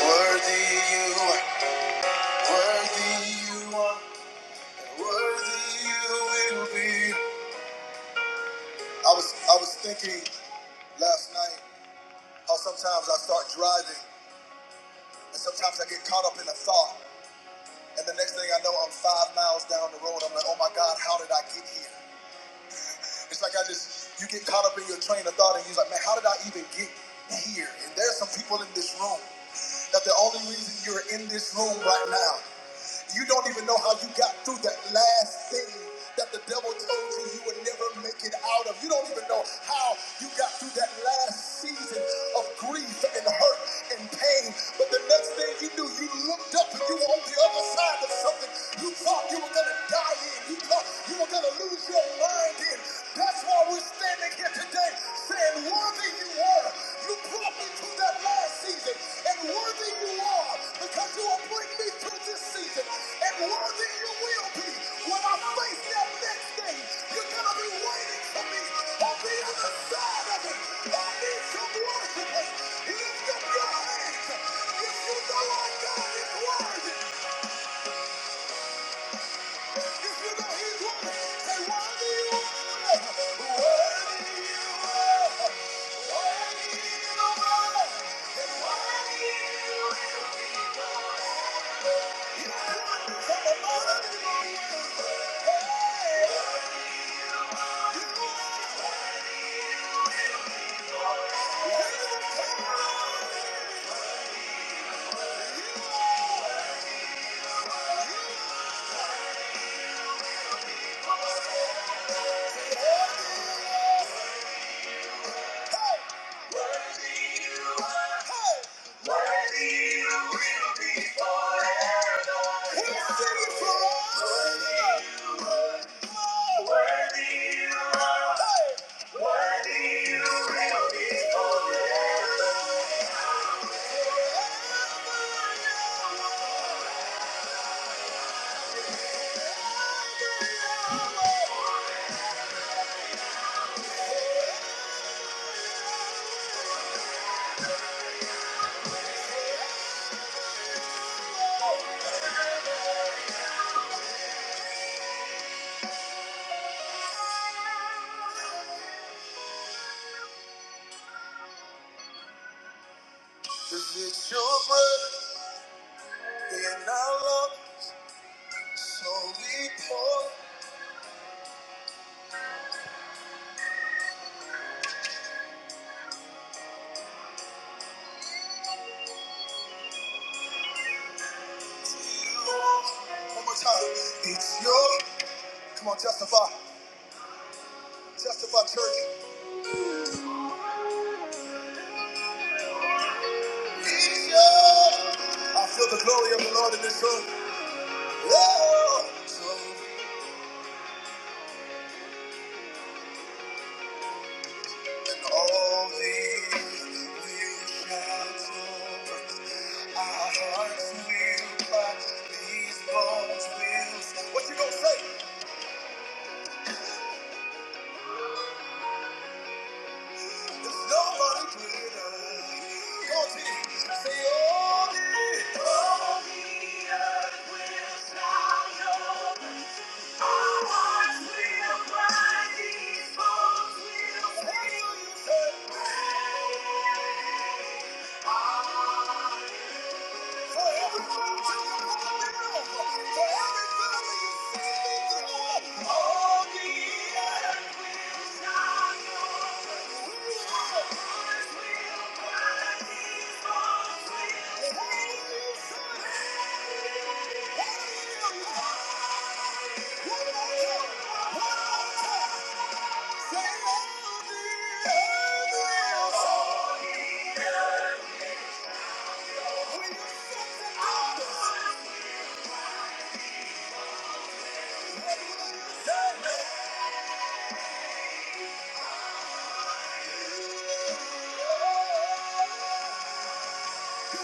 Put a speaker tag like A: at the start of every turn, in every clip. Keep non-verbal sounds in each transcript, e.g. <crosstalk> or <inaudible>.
A: Worthy you are, worthy you are, worthy you will be. I was I was thinking last night how sometimes I start driving and sometimes I get caught up in a thought and the next thing I know I'm five miles down the road. I'm like, oh my God, how did I get here? It's like I just, you get caught up in your train of thought and you're like, man, how did I even get here? And there's some people in this room that the only reason you're in this room right now, you don't even know how you got through that last thing that the devil told you you would never make it out of. You don't even know how you got through that last season of grief and hurt and pain. But the next thing you knew, you looked up and you were on the other side of something you thought you were going to die die in. You, thought you were going to lose your mind in. That's why we're standing here today saying, Worthy you are. You brought me through that last season. And worthy you are because you will bring me through this season. And worthy you will be when I face that next thing. You're going to be waiting for me on the other side of it. I need some worshipers. Lift up your hands. If you know our God is worthy. Thank you. It's your breath in our love, so we pour. One more time. It's your. Come on, testify. Testify, church. I feel the glory of the Lord in this room. Oh, so when all these will shout over, our hearts will cry, these bones will sing. What you gonna say? There's nobody greater. Go on, T. Say all these. Our hearts will cry, these bones will sing. What do you say? Praise. For every mountain you call a miracle, for every valley you see me through, all the earth is thine. Hallelujah. Yeah.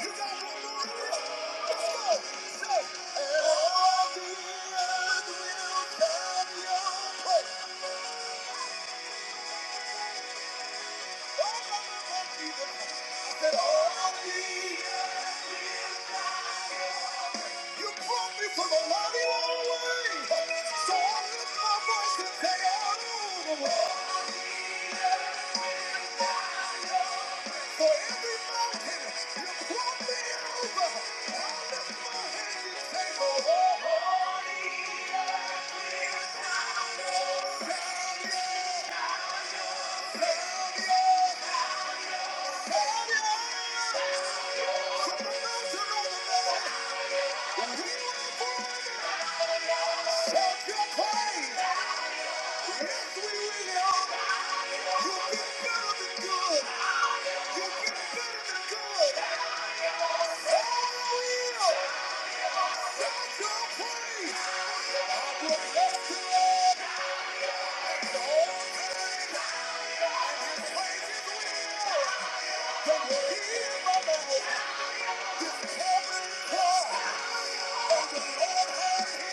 A: You got one more to do. Let's go. Say, "Oh, the earth will love your praise." Oh, Lord, Jesus. I said, "Oh, the earth." You brought me from a mighty long way. So I lift my voice and say, "Oh." For every mountain you brought me over, I lift my hands and say, "Oh." Down, down, down, down. Thank you.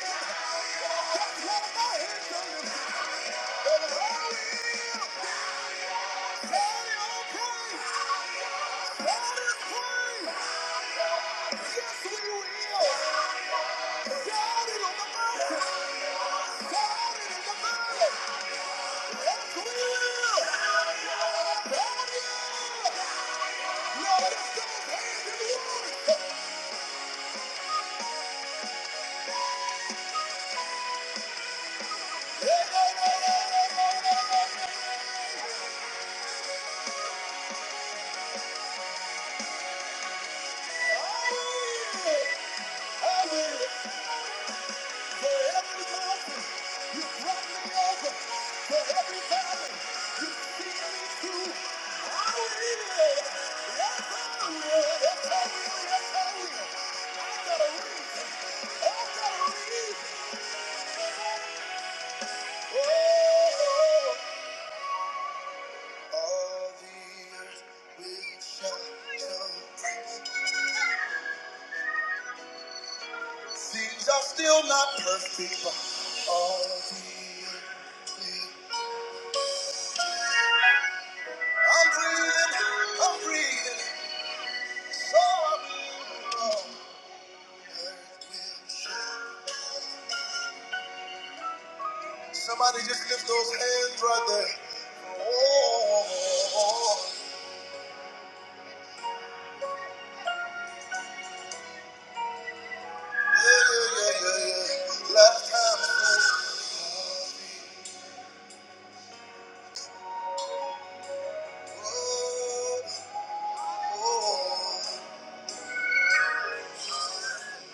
A: Yeah. For every mountain, you brought me over. For every valley, you see me through. I will. Yes, I will. Yes, I will. Yes, I will. I got a reason. I got a reason. Oh, all the earth will shout your Things are still not perfect, but all the earth will. I'm breathing. I'm breathing. So I'm Somebody just lift those hands right there. Oh, oh, oh. yeah, yeah, yeah, yeah, yeah. Last time it says, oh, oh,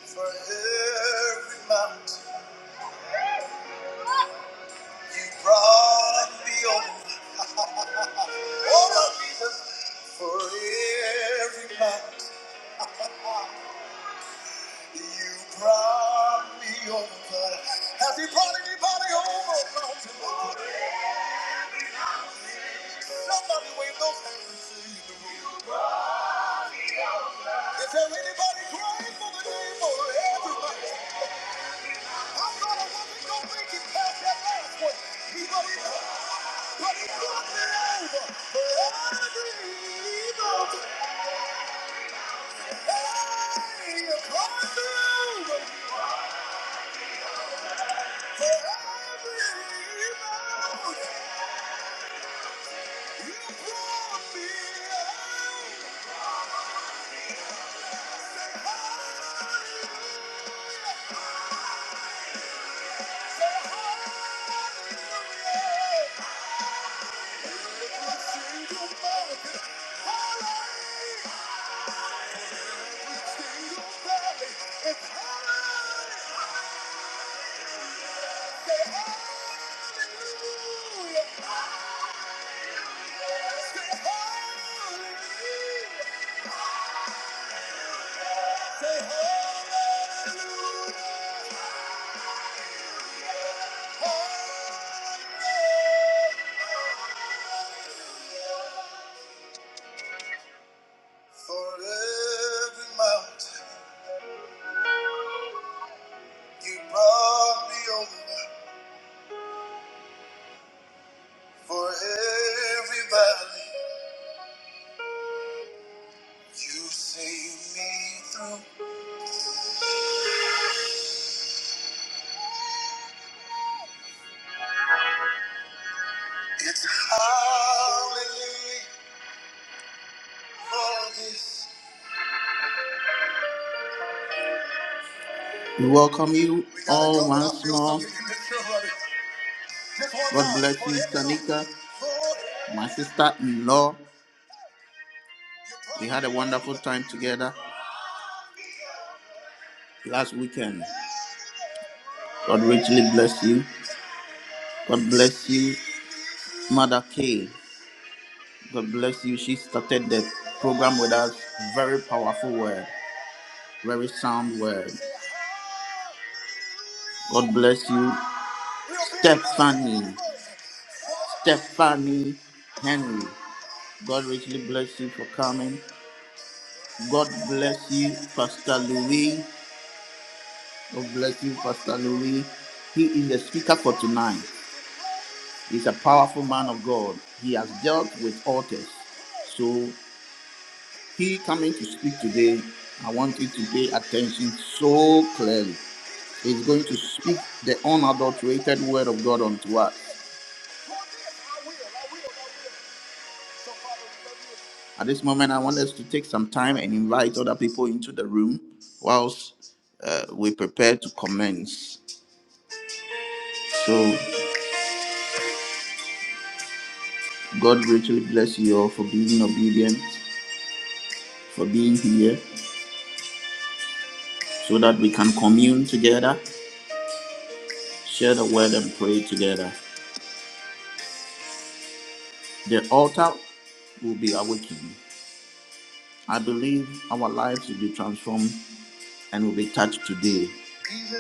A: for every mountain you brought me over. Oh, my Jesus, for every mountain you brought me over. Has he brought anybody over? No. Somebody wave those hands in the room. Is there anybody grateful today for everybody? I'm not a woman, don't make it past that last one. He wrote it up, but he put me over. Every evil, hey, you come through. For every evil, you brought me over. Say hallelujah, say hallelujah. Every single moment, hallelujah. For every mountain you brought me over, for every valley you saved me through. It's hallelujah for this. We welcome you all once more. God bless you, Tanika, my sister in law. We had a wonderful time together last weekend. God richly bless you. God bless you, Mother K. God bless you. She started the program with us. Very powerful word, very sound word. God bless you, Stephanie. Stephanie Henry. God richly bless you for coming. God bless you, Pastor Louis. God bless you, Pastor Louis. He is the speaker for tonight. He's a powerful man of God. He has dealt with altars. So he coming to speak today. I want you to pay attention so clearly. He's going to speak the unadulterated word of God unto us. At this moment, I want us to take some time and invite other people into the room whilst uh, we prepare to commence. So. God richly bless you all for being obedient, for being here, so that we can commune together, share the word, and pray together. The altar will be awakened. I believe our lives will be transformed and will be touched today. Even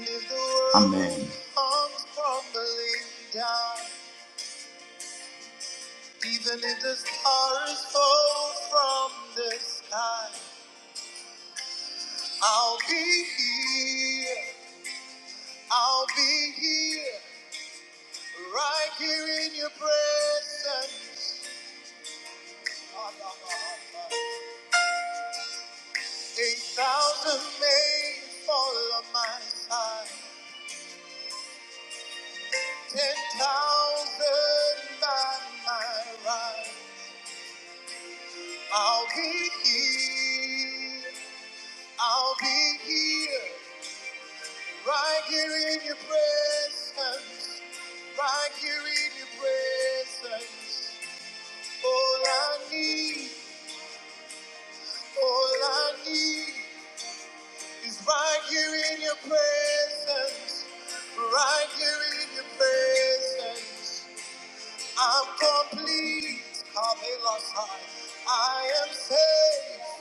A: if the world Amen. comes tumbling down, even if the stars fall from the sky, I'll be here. I'll be here. Right here in your presence, eight thousand may fall on my side, ten thousand by my right. I'll be here, I'll be here, right here in your presence, right here in your presence. All I need, all I need is right here in your presence. Right here in your presence, I'm complete. Come in, Lord, I am safe.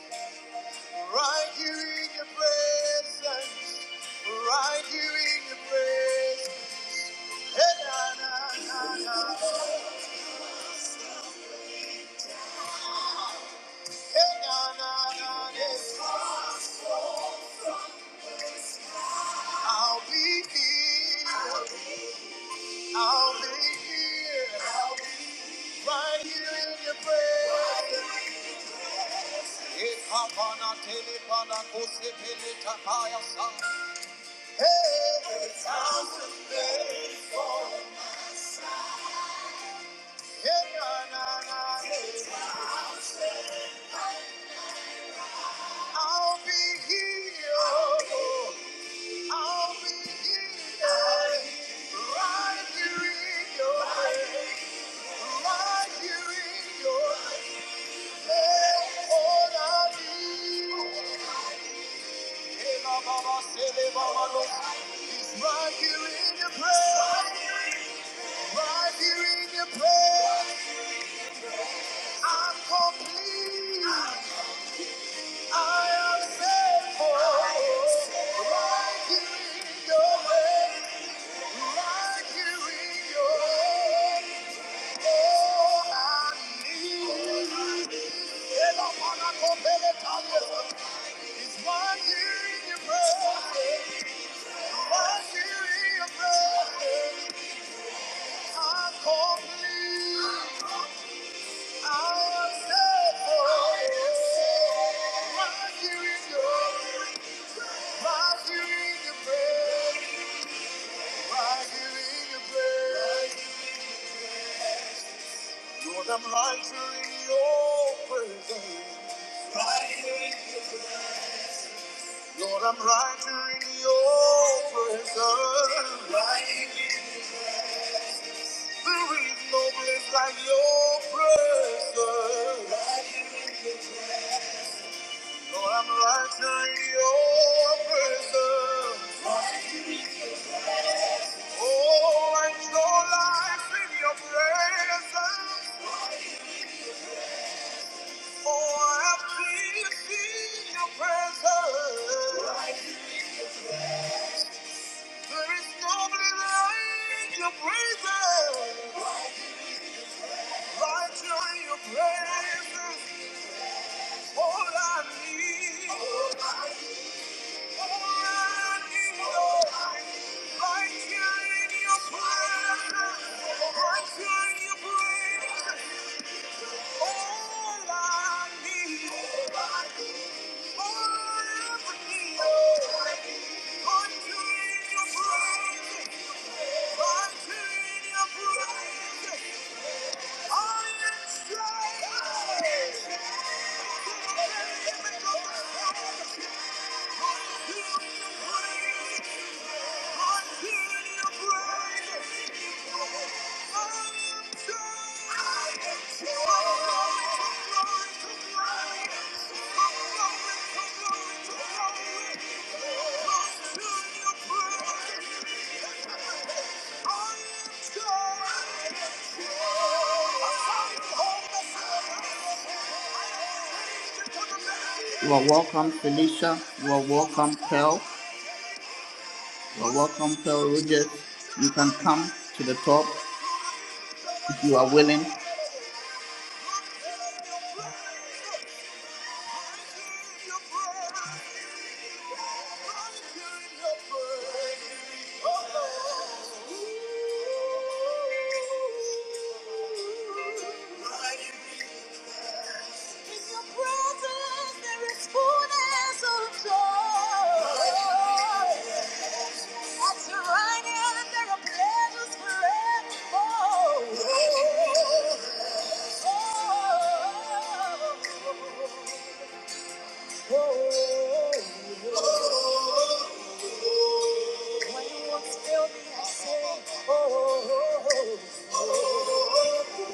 A: Right here in your presence, right here in your presence. Hey, na, na, na, na. Hey, na, na, na, na. I'll be here. I'll be here. I'll be Right here in your presence. Hey, Papa, na, tele, pa, na, kose, pele, takaya, sa. I'll be healed. I'll be healed. Right here in your hand. Right here in your hand. That's all I need. Ela baba sele baba lo. It's right here in your prayer. Right here in your prayer. I'm complete. I am thankful. Like you in your way. Like you in your way. Oh, I need you. Ela mana kopele taliesa. It's like you in your presence. Like you in your presence. I'm complete. I am thankful. Like you in your way. Like you in your bed, like you in your bed. Lord, I'm right here in your presence. Lord, I'm right here in your presence. There is no place like your presence. Lord, I'm right here in your presence. Oh, I know life in your presence. Oh, I have peace in your presence. There is nobody like your presence, Right here in your praises. All I need. All I need, Lord. Right here in your presence, Right here in your presence, All I need. All I need. All I ever need. Right here in your presence, Right here in your presence. Thank you. You are welcome, Felicia. You are welcome, Pearl. You are welcome, Pearl Rogers. You can come to the top if you are willing. Oh, When you want to tell me, I say, oh, oh, oh, oh, oh, oh. oh,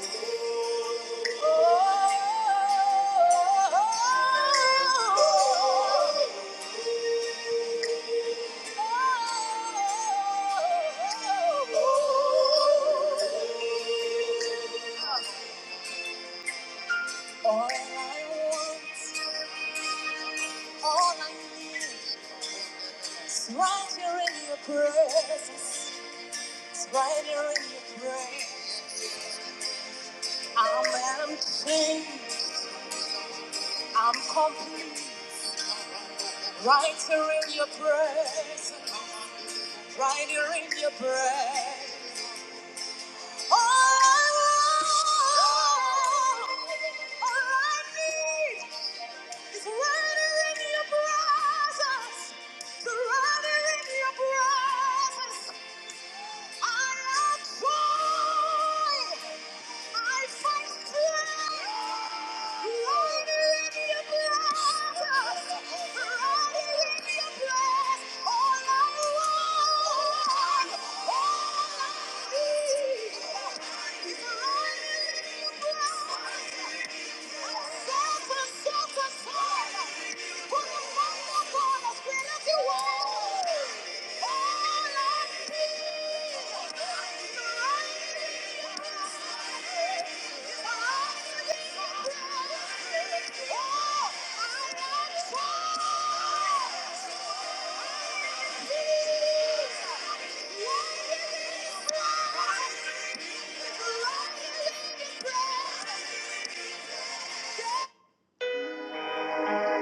A: All I want, all I need is right here in your presence. It's right here in your presence. I'm empty, I'm complete. Right here in your presence, right here in your presence. All I want, all I need is right here in your presence, right here in your presence. I, I find strength. Suffer, suffer, suffer. Put a fire upon us.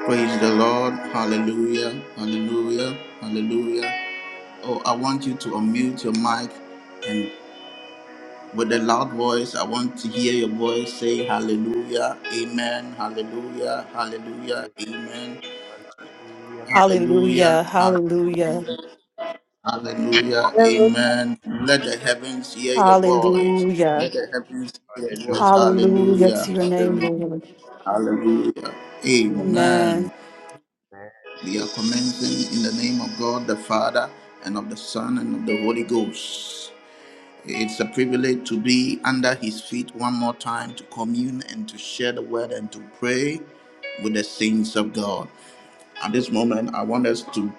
A: Praise the Lord. Hallelujah. Hallelujah. Hallelujah. Oh, I want you to unmute your mic and with a loud voice, I want to hear your voice say hallelujah, amen, hallelujah, hallelujah, amen, hallelujah,
B: Hallelujah,
A: hall-
B: hallelujah,
A: hallelujah,
C: Hallelujah.
A: amen. Let the heavens hear your voice.
B: hallelujah,
A: Let the heavens hear your voice.
B: hallelujah to
A: Hallelujah,
B: your name,
A: hallelujah,
B: Lord.
A: hallelujah,
D: Hallelujah.
B: Amen.
A: amen. We are commencing in the name of God the Father and of the Son and of the Holy Ghost. It's a privilege to be under his feet one more time to commune and to share the word and to pray with the saints of God. At this moment, I want us to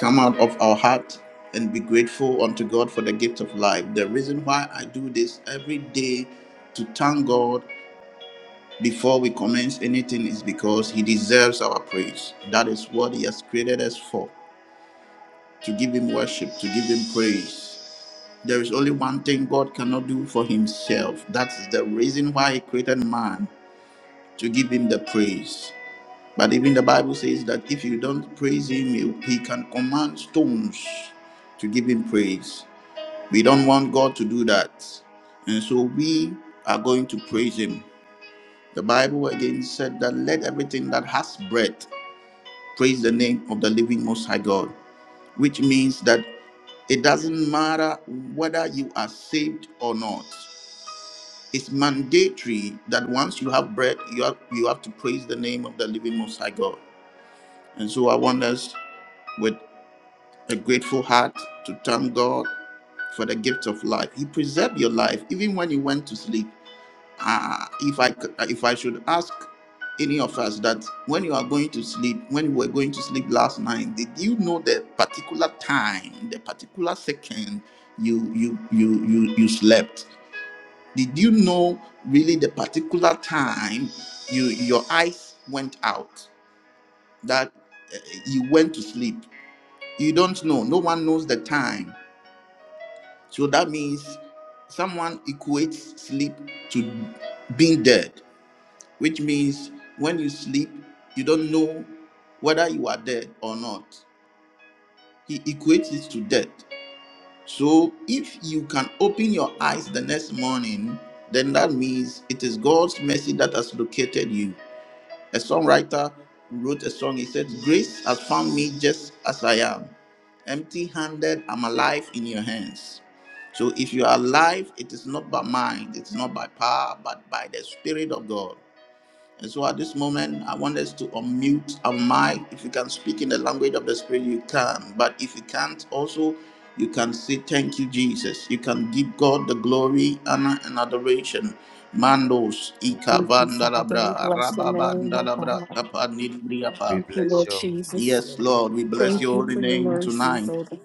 A: come out of our heart and be grateful unto God for the gift of life. The reason why I do this every day to thank God before we commence anything is because he deserves our praise. That is what he has created us for to give him worship, to give him praise. There is only one thing God cannot do for himself. That's the reason why he created man to give him the praise. But even the Bible says that if you don't praise him, you- he can command stones to give him praise. We don't want God to do that. And so we are going to praise him. The Bible again said that let everything that has breath praise the name of the living Most High God, which means that it doesn't matter whether you are saved or not. It's mandatory that once you have bread, you have you have to praise the name of the living Most High God. And so I want us with a grateful heart to thank God for the gift of life. He preserved your life even when you went to sleep. Ah, if I c- if I should ask any of us that when you are going to sleep, when you were going to sleep last night, did you know the particular time, the particular second you you you you you slept? Did you know really the particular time you your eyes went out that uh, you went to sleep? You don't know. No one knows the time. So that means someone equates sleep to being dead, which means when you sleep, you don't know whether you are dead or not. He equates it to death. So if you can open your eyes the next morning, then that means it is God's mercy that has located you. A songwriter wrote a song. He said, Grace has found me just as I am. Empty handed, I'm alive in your hands. So if you are alive, it is not by mind, it's not by power, but by the Spirit of God. And so at this moment, I want us to unmute our mic. If you can speak in the language of the Spirit, you can. But if you can't, also, you can say, Thank you, Jesus. You can give God the glory, honor, and adoration. Mandos,
B: Thank you, Father. We
A: Ikavandalabra,
B: bless your name, oh
A: Rababandalabra,
B: God.
A: Kapanibriapa.
B: Thank you, Lord Jesus.
A: Yes, Lord, we bless
B: Thank
A: your
B: you
A: holy
B: for your
A: name
B: mercies,
A: tonight.
B: oh God.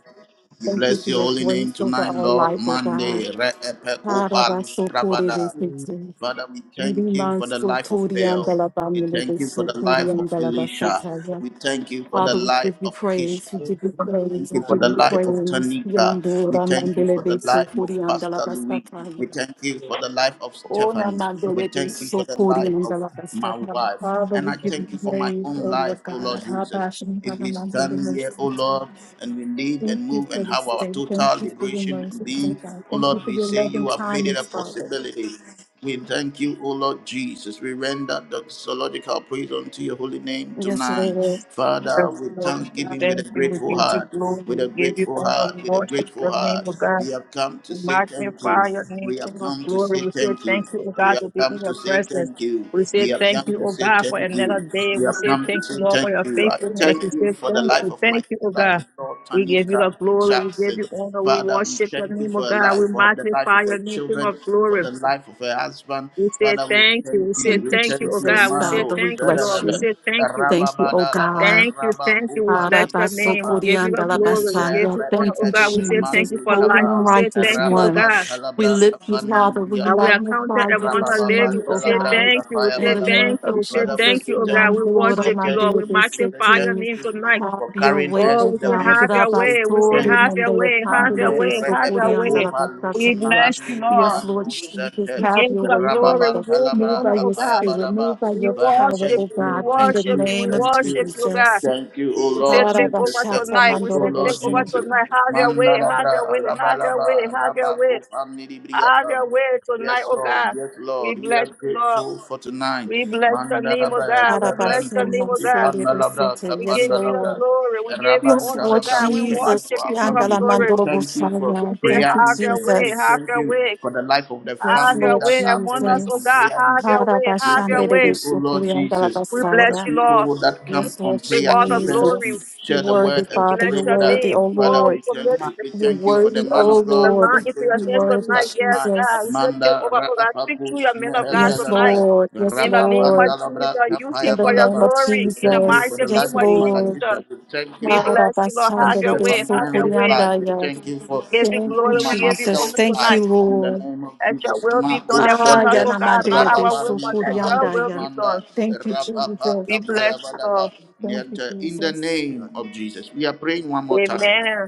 A: We
B: Thank you
A: bless
B: for
A: your
B: your
A: holy name
B: grace over
A: tonight,
B: our
A: Lord.
B: life, oh God.
A: Mande, Reepeco Palus Pravada.
D: Hallelujah.
B: Harabasokorebesete,
A: Father, we thank you for the life of Bell. We thank you for the life of Elisha.
B: limansotoriandalabamilebesotoriandalabasataya.
A: We thank you
D: In the
A: for
D: name
A: the
D: of
B: Father, we
A: life
B: give you
A: of Kisha.
B: praise, we
D: Jesus,
B: give you
A: We
B: praise,
A: thank you
B: we
D: God,
A: for
B: give
A: the
B: you
D: that is
A: life of
B: praise.
A: Tanika. We
B: Yandora
A: thank you for
B: mandele be
A: the
D: the truth.
B: so
A: life of
B: kuri
A: Pastor
B: andala
A: Louis. We
B: bastataya.
A: thank you
D: In
A: for the life of
B: Ona
A: Stephanie. We
B: mandele be
A: thank you for
B: so
A: the
B: kuri
A: life of
B: andala
A: my
B: bastataya.
A: wife.
B: Father,
A: And I
B: we
D: the
B: give you
A: thank you for my
B: praise,
A: own
B: O
A: life,
B: Lord
A: O Lord
B: God. Ha
A: Jesus.
B: passion, ha
A: If we
B: mandele
A: stand
B: be
A: here, O
B: sataya.
A: Lord, and we live
B: Thank
A: and
B: you
A: move
B: for
A: and
B: this
A: have our
B: day. Thank
A: total
B: you for your
A: liberation and
B: mercy, O
A: being,
B: God.
A: O
B: Thank you
A: Lord,
B: for
A: we
B: your
A: say
B: loving
A: you have made it a
B: kindness, Father.
A: possibility. We thank you, O Lord Jesus. We render doxological praise unto your holy name
B: Yes,
A: tonight.
B: Lord.
A: Father,
E: Bless
A: with
E: the Lord. We say
A: thanksgiving, with
E: thank
A: a
E: you. We
A: grateful
E: give you
A: heart,
E: glory.
A: with a
E: We give you
A: grateful
E: honor. We
A: heart, with a
E: worship
A: grateful
E: the name
A: heart,
E: of God.
A: we have come to
E: We
A: say thank you.
E: magnify your name,
A: We have
E: King of
A: come to say
E: glory. We say
A: thank you.
E: thank you, O
A: We
E: God,
A: have
E: to be
A: come
E: in
A: to
E: your
A: say
E: presence.
A: thank you.
E: We
A: We
E: say
A: have
E: thank
A: come
E: you,
A: to
E: O
A: say
E: God, for
A: thank
E: another
A: you.
E: day.
A: We
E: We
A: have
E: say
A: come to
E: thank you,
A: say
E: Lord, for
A: thank
E: your
A: you. I
E: faithfulness. We
A: thank
E: say
A: you for the
E: thank
A: life
E: you.
A: of my
E: Thank you, O
A: sister
E: God.
A: in law,
E: We give you
A: Tanika
E: the glory. We give
A: Jackson.
E: you honor. We
A: Father, we
E: worship your
A: thank you
E: name, O
A: for a
E: God.
A: life,
E: We
A: for the life of
E: magnify your
A: our
E: name, King
A: children
E: of
A: for
E: glory.
A: the life of her husband.
E: We say
A: Father, we
E: thank you.
A: thank
E: We
A: you.
E: say
B: Thank
A: We
B: you,
E: thank
A: thank
E: you, O
A: you.
B: Jesus.
E: God. We say
A: Mando,
B: Father, we
E: thank you,
B: bless
E: Lord. We
A: Shadalada,
B: you.
E: say thank you.
B: Thank you, O
A: Rababadalaba,
B: God.
E: Thank you, thank you. We bless your name. We
A: Rabakupandibriapa,
E: give you the glory. We
A: Mente,
E: give
B: Arabasokoriandalabasaya.
E: you honor,
B: Thank
E: oh
B: you,
E: God. We
A: Reebedus,
E: say thank
B: Jesus,
A: Mandi
E: you for
B: holy
E: life.
B: and
E: We
A: Kapa,
E: say
B: righteous
E: thank you, oh
B: one.
A: Rababan
E: God.
B: We
A: Talabra,
B: lift you, Father. We
E: And we
A: Kapandibriapa.
E: are counted
B: magnify you
E: among the
B: this
A: Rabababa,
E: living.
B: morning,
E: We
B: O
E: say
A: Talabra,
B: God.
E: thank you. We
A: Kafaya
B: In
E: say
B: the
A: Balaba.
B: name
E: thank you.
B: of
E: We say
A: Father, we
E: thank
B: Jesus,
A: say
E: you, oh God.
A: thank you,
E: We
A: we say
E: worship you,
A: thank
E: Lord. We
A: you, we say
E: magnify
A: thank
E: your
B: Yandora
E: name
A: you
E: tonight.
A: for
B: have your
A: carrying
B: way,
A: us
E: Oh,
B: O
A: to
E: we
A: the
E: say
B: God.
A: wings
E: have
A: of
E: your way.
A: safety.
E: We say
A: Thank
B: Rabasore
E: have
A: you
E: your
B: mandele
E: way. Have
A: Mande
B: pandele
E: your
B: de
E: way. Have
A: reepe
E: your way.
A: kupa lus
E: We
B: sokoriandalabasataya.
E: bless you,
A: mahandi
E: Lord.
B: Yes,
A: mahandu
B: Lord Jesus,
A: sete
E: We
B: have
E: give you
B: your
E: the
B: way,
A: rababa
E: glory. We
B: Father.
E: give you
A: kalabra
B: Move by
E: honor, oh
B: your
A: kapaya
E: God.
B: spirit,
A: balaba.
B: move by
E: We
B: your
A: Father,
B: power,
E: worship
A: thank
B: O
E: you. We
A: you,
B: God, in the
A: thank
E: worship
A: you,
E: you. We
B: name of
A: thank
E: worship
A: you,
E: you, oh God.
B: Jesus.
A: thank you, O
E: We say,
A: Lord
E: take
A: Jesus,
E: over
A: thank
B: Arabashata
E: tonight.
A: you,
E: We
A: O
E: say, take
A: Lord
B: mandorobosha.
E: over
A: Jesus.
E: tonight. Have your way, have your
A: Mandalabra
E: way, have your
A: alabalaba
E: way, have
A: raba
E: your way,
A: kupa
E: have
A: pam.
E: your way tonight,
A: Yes,
E: oh
A: Lord.
E: God.
A: Yes,
E: We
A: Lord. We are
E: bless you, Lord.
A: grateful for tonight.
E: We bless your name, oh
A: Mandalaba,
E: God. We bless your
A: Rabantus,
E: name,
B: Arabasama
E: oh God.
B: sore
A: Ipanalabra,
B: besete.
E: We
B: Yes,
E: give you the
A: Tapandalabra,
B: Lord.
E: glory. We give you
B: Yes,
E: honor, oh
B: Lord
A: Rabantalabra.
E: God.
A: We
E: We
A: thank you
B: Jesus.
A: for
E: worship you,
A: our
E: King of
A: families.
B: Piandala
E: glory.
A: We thank you for
E: We
B: mandorobosaya.
E: say,
B: Thank
A: prayer
B: you,
E: have your
A: incense.
E: way,
A: We
B: Jesus.
E: have
A: thank
E: your
A: you
E: way,
A: for the life of the
B: Yes,
E: have
A: family
E: your
B: Lord
A: that
E: way
A: are
E: among us,
A: present
E: oh
A: on
B: Jesus.
E: God.
A: prayer
E: Have your
A: incense.
E: way,
A: We
E: have your
A: thank
E: way.
A: you, O Lord Jesus,
E: We
A: for the
E: bless
B: Arabashanderebesukuriandalabasaya.
E: you, Lord.
A: people that come
B: Yes,
A: on
B: Lord
E: Take
A: prayer
E: all
D: name of
E: the
A: incense
E: glory.
A: to
B: Jesus. You're
A: share the
B: worthy,
A: word
E: We
A: and to
B: Father.
A: pray
E: bless
B: You're
E: your
A: with us.
B: worthy,
E: name.
B: O
A: Father,
E: Oh,
A: we
B: Lord.
E: we
A: thank
E: commit.
D: my
A: you. We
B: You're
A: thank you for the
B: worthy,
A: man
E: um,
B: O
A: of
E: the
A: God
B: Lord.
A: who
E: line
A: is
E: into
A: going
E: your
B: You're
A: to
E: hands
B: worthy,
A: minister
E: tonight. Yes,
A: tonight.
D: God,
E: God. We
B: Jesus.
E: say, take
A: Manda
E: over, oh God. Speak to
A: Rapakus
E: your men of
D: you
E: God
D: will
B: Yes,
E: tonight.
A: Mehendalabre.
B: Lord. Yes,
E: In the name
B: Lord.
E: of
A: Rapapandalabra
E: Jesus,
D: be
E: use
B: In
E: him
A: Kapaya
B: the
E: for your
B: name of
A: Balaba.
E: glory.
A: We
E: In the
A: thank you for
B: Jesus,
E: mighty
A: the
E: name
B: yes,
A: life
E: of
A: of Mother
B: Lord.
E: Jesus,
A: Kisha. We thank you
E: we
A: of
E: bless you, Lord.
A: for
E: Have your way.
A: Stephanie
E: Have your
A: Henry's
E: way.
A: life. We
B: Harabashandelebesokoreandaya.
A: thank you for
E: We give you
B: Thank you,
E: glory. We
A: Mama
E: give you
B: Jesus.
A: Pell's
E: honor
B: Thank
A: life.
E: tonight.
B: you,
A: In the
B: Lord.
A: name of
E: Let your
A: Jesus,
E: will be done
A: Mako
B: Ah,
E: among us,
A: Shante,
E: oh God. Not our will, but
A: Rababani
E: let your
A: Mahalus
E: will be
B: yanamandelebesokoreandaya.
E: done.
A: Manda,
B: Thank you,
A: Rapapa
B: Jesus.
E: We bless
D: thankful.
A: Kapaya
E: you, Lord.
A: Balaba,
B: Thank you,
A: Niente. In the
B: Jesus.
A: name of Jesus, we are praying one more time
E: Amen.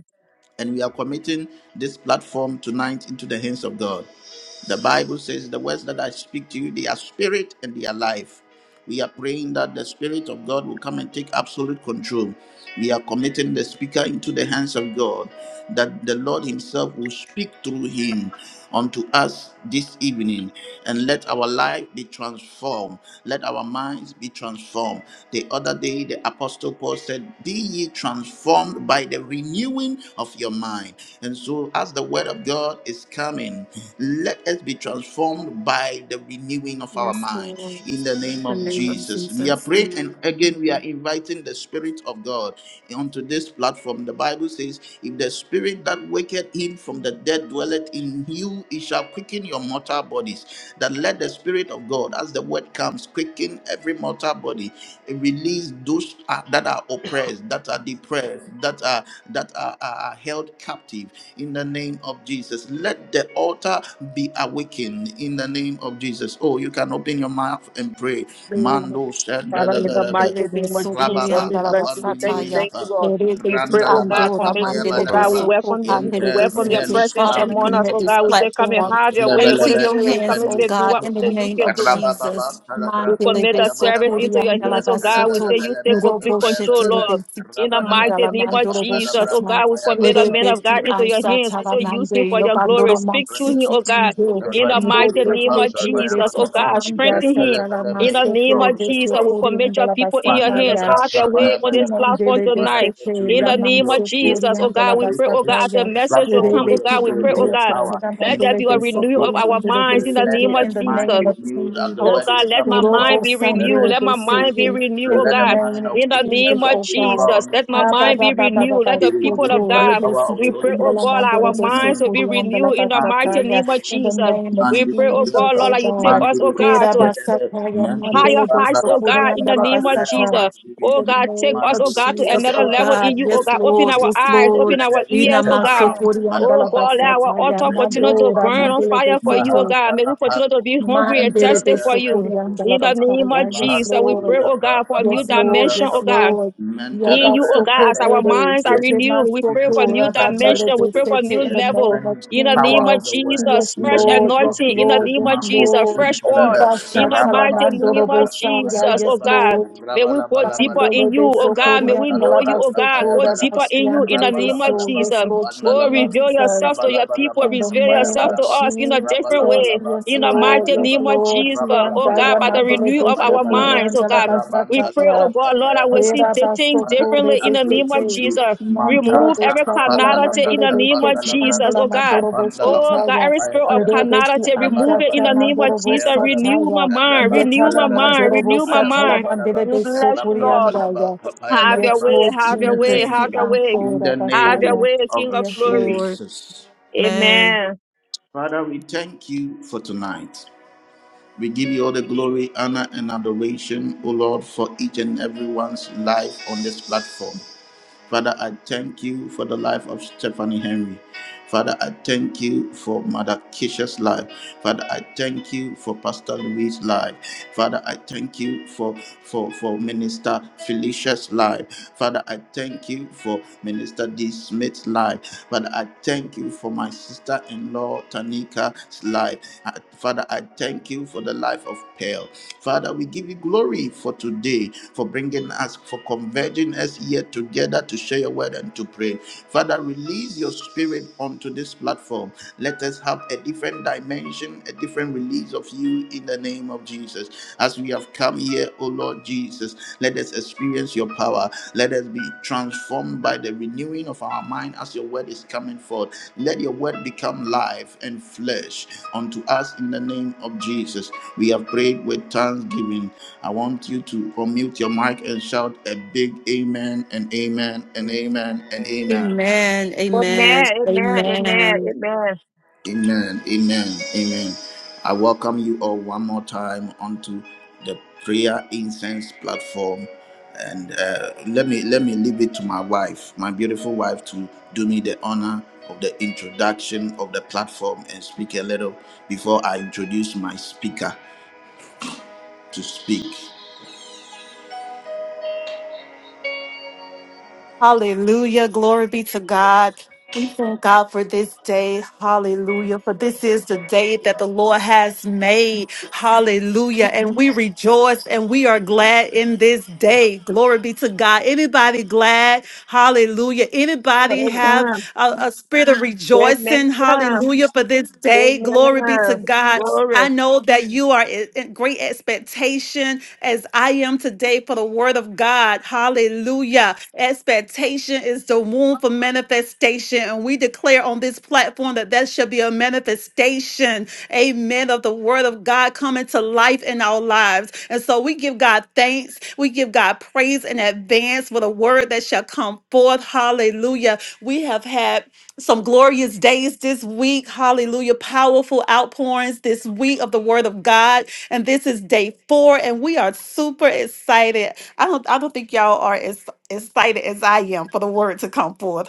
A: and we are committing this platform tonight into the hands of God. The Bible says, The words that I speak to you, they are spirit and they are life. We are praying that the Spirit of God will come and take absolute control. We are committing the speaker into the hands of God, that the Lord Himself will speak through him unto us this evening, and let our life be transformed. Let our minds be transformed. The other day, the Apostle Paul said, Be ye transformed by the renewing of your mind. And so, as the word of God is coming, let us be transformed by the renewing of our
B: Yes,
A: mind.
B: Lord.
A: In the name
B: The
A: of
B: name of
A: Jesus, we are
B: Jesus.
A: praying, and again, we are inviting the Spirit of God onto this platform. The Bible says, If the Spirit that waketh him from the dead dwelleth in you, he shall quicken your mortal bodies. That let the Spirit of God, as the word comes, quicken every mortal body release those uh, that are oppressed, that are depressed, that are that are, are are held captive in the name of Jesus. Let the altar be awakened in the name of Jesus. Oh, you can open your mouth and pray.
B: Lord,
A: Mando
E: Father, in the
B: Do
E: mighty
B: they be
E: name of
B: so poorly
E: Jesus,
D: In the
B: and
A: Rababa
E: we
D: name of
E: bless
A: kapan
E: you. We thank you,
B: Arabasataya?
E: thank
A: minibriyapa.
E: you, Lord. We pray,
A: Randa
E: oh
A: laba
E: God, for
B: Andora
E: making
A: kapaya
E: you, oh
B: Mandele
A: bana
B: be
E: God, we
A: laba.
B: so poor,
E: welcome you. We
B: Pandele
A: Yente
B: be
E: welcome your
D: Jesus,
B: city.
A: mehelus
E: presence
B: Father,
A: pan
B: we
E: among us,
B: commit
E: oh
B: this
E: God.
A: minibriyapa.
E: We say, come and
B: platform
A: Yente
E: have your
D: God,
A: lebe
E: way,
B: into
E: Holy
A: lebe
B: your
E: Spirit. We
B: hands,
E: come and
B: oh
E: say,
A: kepenus
E: do
B: God,
E: what
B: in the
A: manda.
E: only you
B: name
E: can
B: of
E: do.
A: Rababa ba
B: Jesus.
E: We
A: kalabra
B: Mandele
E: commit
B: be
E: our
A: kapaya
B: so
A: bana
E: service
A: laba.
B: poorly
E: into your
B: and
E: hands, oh
A: Yente
E: God.
A: lebe
E: We
B: Arabasoto.
E: say
A: lebe
E: you
A: lebe
E: take complete
A: kapaya
E: control,
A: bana laba.
E: Lord. In the
A: Rabada
E: mighty
A: laba
B: Mandala
E: name of
B: mandoro
A: kapana
E: Jesus,
A: labra
E: oh
B: boshata,
E: God, we
A: kapaya bana
E: commit the
B: rede
A: laba.
E: man of
B: besi
E: God into your
B: amsa
E: hands. We
B: tala
E: say use
B: mande,
E: him for
B: yo
E: your glory.
B: bandoro
E: Speak to him,
D: what
B: mansiki
E: oh God.
B: ando,
E: In the
B: miro
E: mighty name
B: besi
E: of
B: tele
E: Jesus,
B: besi
E: oh
B: si
E: God,
D: you get.
B: anda
A: Yes,
E: strengthen him.
B: satala
E: In the
B: manse
E: name
B: tele
E: of
A: Lord. Yes,
B: besi
E: Jesus,
A: Lord.
E: we
B: okori
E: commit your
B: andala
E: people in your
A: Mandala
E: hands.
B: basataya,
E: Have
A: Brata
E: your way
A: Paya
E: on
B: iku
E: this
A: Balaba.
E: platform
B: mandele besi
A: Father,
E: tonight.
B: te
E: In
B: la
E: the
A: saturate
E: name
A: your,
E: of
B: manse
A: your
B: okori
E: Jesus, oh
B: andala
E: God, we
A: saturate
E: pray, oh God, as
A: this
E: the
B: basataya,
E: message will
A: platform
B: rede
E: come,
A: with
E: oh
A: your
B: besi
E: God, we
A: spirit,
E: pray,
A: with
E: oh
A: your
B: ando
E: God.
A: power.
B: satala
E: Let
A: In
E: there
A: the
B: mandele
E: be a
A: name
B: besi
A: of
E: renewal of
B: okori
A: Jesus,
E: our
B: andele
E: minds in
B: besi te,
E: the
A: let
B: in
E: name
A: the
E: of
B: the
A: mind
E: Jesus.
A: be
B: name of
A: renewed as the
E: Oh
A: word
B: Jesus,
E: God,
A: is
E: let
A: coming
E: my
B: miro
A: forth.
E: mind be
A: In the
E: renewed.
B: bosandele
A: name
E: Let my
A: of
B: besi
E: mind
B: te,
E: be
A: Jesus,
E: renewed,
B: in
E: oh
B: the
A: let the
E: God.
B: name
A: mind of
B: of
E: In the
A: each and
B: Jesus,
E: name
A: every
E: of
B: oh
A: individual
B: God.
A: on
E: Jesus,
A: this
E: let my
B: Ah, ba
E: mind
A: platform
B: ba
E: be
B: ba ba ba
E: renewed.
B: ba.
E: Let
A: be
E: the
B: So
E: people
A: renewed
E: of
B: to
A: by the
E: God,
B: rebe
A: power of the
E: we
B: siti
E: pray,
A: Holy
E: oh
B: andala
A: Ghost.
E: God,
A: And
B: mandelo
E: our
A: in
B: de
A: the
B: so
E: minds
A: name
E: will
B: kuri
E: be
A: of Jesus,
B: andala
E: renewed in the mighty name
B: basataya.
A: Mark,
E: of
B: In the
E: Jesus.
B: name of
E: We pray, oh
B: Jesus,
E: God,
A: Mandibiyapa,
E: Lord,
B: oh
E: that you take
B: God.
E: us, oh God,
B: Rera
E: to
A: Mandibiyapa,
B: basataya
A: Mento
B: mandele
E: higher
A: Sanda
E: heights,
B: beso
E: oh
A: Labra
E: God, in the
A: Sapa,
B: kuriandala
E: name of
A: let our
B: basata.
E: Jesus.
A: minds be
B: In
E: Oh
B: the
A: renewed.
E: God, take
B: name
E: us,
B: of
E: oh God, to
B: Jesus,
A: Mandibiyapa,
E: another
B: oh
E: level
A: let
B: God.
A: there
E: in you,
A: be
E: oh
A: a
B: Yes,
E: God. Open
B: Lord.
E: our
B: Yes,
A: transformation,
E: eyes,
B: Lord.
E: open
A: let
E: our
A: there be a
B: Ina
E: ears, oh God.
B: maso
A: turnaround. By the
E: Oh
B: kuriandala
A: power of
E: God,
A: the
E: let
A: Holy
E: our
B: basataya.
A: Ghost,
E: altar
A: in the
E: continue
A: name
E: to
A: of
B: Mandora
E: burn on
A: Jesus,
B: mandele
E: fire for you, oh
B: beso.
E: God. May we
A: Maha,
E: continue to be hungry and
A: and
B: Mandele
E: thirsty for
B: beso
A: the
E: you.
B: kuriandala
E: In the
A: Rebuscapa,
E: name
B: basaya.
E: of
B: Yes,
E: Jesus, we
B: Lord.
E: pray, oh
A: Mahabriyapa,
E: God, for a new
A: upon
B: Yes,
A: the
B: Lord.
E: dimension,
B: Yes,
E: oh
A: Labrapa,
E: God.
B: Lord.
E: In
A: Mentalabra,
E: you, oh God,
B: Yabasoko
E: as our
A: Rebelebe.
B: Bere,
E: minds are
A: Let
B: Sete
A: us
E: renewed, we
B: Masoko,
E: pray
A: experience
E: for
A: a
E: new
A: different
E: dimension. We
B: Rabamelode
E: pray
A: dimension,
E: for new
B: Sete, in
A: a
B: the
E: level.
B: name of
A: different
E: In the
A: power
E: name of
A: of the
B: Jesus.
A: word.
B: Yes,
E: Jesus,
A: In the
E: fresh
B: Lord.
A: name
B: Yes,
A: of
E: anointing. In the
A: Jesus,
B: Lord.
E: name
B: Yes,
E: of
A: Marcos,
E: Jesus,
B: Lord.
E: fresh oil.
B: Ibasha
E: In the
A: Rababa,
E: mighty name
B: Talamandorobo
E: of
A: Talabra,
B: Saya.
E: Jesus,
B: Yes,
E: oh
A: Tapayabalaba,
E: God.
B: Lord.
E: May we go deeper
A: Rabalabalaba,
B: Mandele
E: in you,
B: de
E: oh God. May we
B: Sokorian,
E: know you,
A: Rapandalabra,
E: oh God.
B: Galabasoko,
E: Go
A: Tapayabalaba,
E: deeper in you
B: Rabashian,
E: in
B: Dele
E: the
B: de
E: name of
B: So.
A: Rabalabalaba,
B: Yes,
E: Jesus.
B: Lord
E: Oh,
A: Rapandalaba,
E: reveal yourself
B: Jesus.
E: to your people.
A: Rabalabalaba,
B: In the
E: Reveal
B: name
E: yourself
B: of
E: to
A: Tapayabalaba,
E: us in a different
B: Jesus,
E: way.
A: Rabalabalaba,
B: yes,
E: In the
A: Papaya
B: Lord,
E: mighty
B: yes,
A: Balaba,
E: name of
B: Lord,
E: Jesus, oh
B: Tianda
E: God, by the
A: Rabalabalabalaba,
B: Yamandele
E: renewal of
A: Papaya
B: Beso
E: our
A: Balaba,
E: minds, oh
B: Purianda La
E: God.
A: Raban
E: We pray,
A: talabra,
E: oh
B: Basataya,
E: God, Lord,
A: Papaya
E: I will see
A: Balaba,
B: Vera
E: di- things
B: Basso
A: Father,
B: Pure
A: King,
E: differently in the name
A: absolute
E: of
B: Besete,
A: control.
E: Jesus.
B: Mandoro
A: Manta,
E: Remove every
B: Bostata La
E: carnality in
A: Rapandalabra,
B: Mandele
E: the name of
B: Beseki
A: Papandalabra,
E: Jesus,
B: Andala
E: oh God.
B: Mandoro
A: Rapandalabra,
E: Oh God,
B: Bostataya,
E: every
A: Papaya
E: spirit of
A: Balaba,
B: Rebeki
E: carnality, remove it in
B: Andata
E: the
A: Rabalabalaba,
E: name of
B: Mandoro
A: Papaya
E: Jesus.
A: Balaba,
E: Renew my
B: Bostataya,
E: mind, renew
B: Yetana
E: my
A: Rabantalabalaba,
E: mind,
B: Mandoro
E: renew my
A: Papaya
B: Bostatala
E: mind.
A: Balabalaba,
B: Mandele
E: We
B: Beso
E: bless you, Lord.
A: Rapalabalaba,
B: Puriandaya,
A: Papaya
E: Have your
B: yes,
A: Balaba,
E: way,
B: Lord
E: have
A: in
E: your
A: the
E: way,
B: Jesus,
E: have
B: Ki
E: your
A: name,
E: way,
A: in
B: Ancora
A: the
E: have your
A: name
B: Basaya,
E: way,
A: of
E: King of
B: yes,
E: glory.
B: Lord.
A: Jesus.
E: Amen.
A: Father, we thank you for tonight. We give you all the glory, honor, and adoration, O Lord, for each and everyone's life on this platform. Father, I thank you for the life of Stephanie Henry. Father, I thank you for Mother Kisha's life. Father, I thank you for Pastor Louis' life. Father, I thank you for, for, for Minister Felicia's life. Father, I thank you for Minister D. Smith's life. Father, I thank you for my sister in law Tanika's life. I- Father, I thank you for the life of Pearl. Father, we give you glory for today, for bringing us, for converging us here together to share your word and to pray. Father, release your spirit onto this platform. Let us have a different dimension, a different release of you in the name of Jesus. As we have come here, O Lord Jesus, let us experience your power. Let us be transformed by the renewing of our mind as your word is coming forth. Let your word become life and flesh unto us in the name of Jesus. We have prayed with thanksgiving. I want you to unmute your mic and shout a big amen and amen and amen and amen.
B: Amen. Amen.
E: Amen, amen, amen,
B: Amen.
E: amen.
A: Amen. Amen. Amen. I welcome you all one more time onto the prayer incense platform. And uh, let me let me leave it to my wife, my beautiful wife, to do me the honor of the introduction of the platform and speak a little before I introduce my speaker to speak.
B: Hallelujah. Glory be to God. We thank God for this day. Hallelujah. For this is the day that the Lord has made. Hallelujah. And we rejoice and we are glad in this day. Glory be to God. Anybody glad? Hallelujah. Anybody have
E: Amen.
B: a, a spirit of rejoicing?
E: Amen.
B: Hallelujah. For this day. Glory be to
E: Amen.
B: God.
E: Glory.
B: I know that you are in in great expectation as I am today for the word of God. Hallelujah. Expectation is the womb for manifestation. And we declare on this platform that that shall be a manifestation, amen, of the word of God coming to life in our lives. And so we give God thanks. We give God praise in advance for the word that shall come forth. Hallelujah. We have had some glorious days this week. Hallelujah. Powerful outpourings this week of the word of God. And this is day four, and we are super excited. I don't I don't think y'all are as excited as I am for the word to come forth.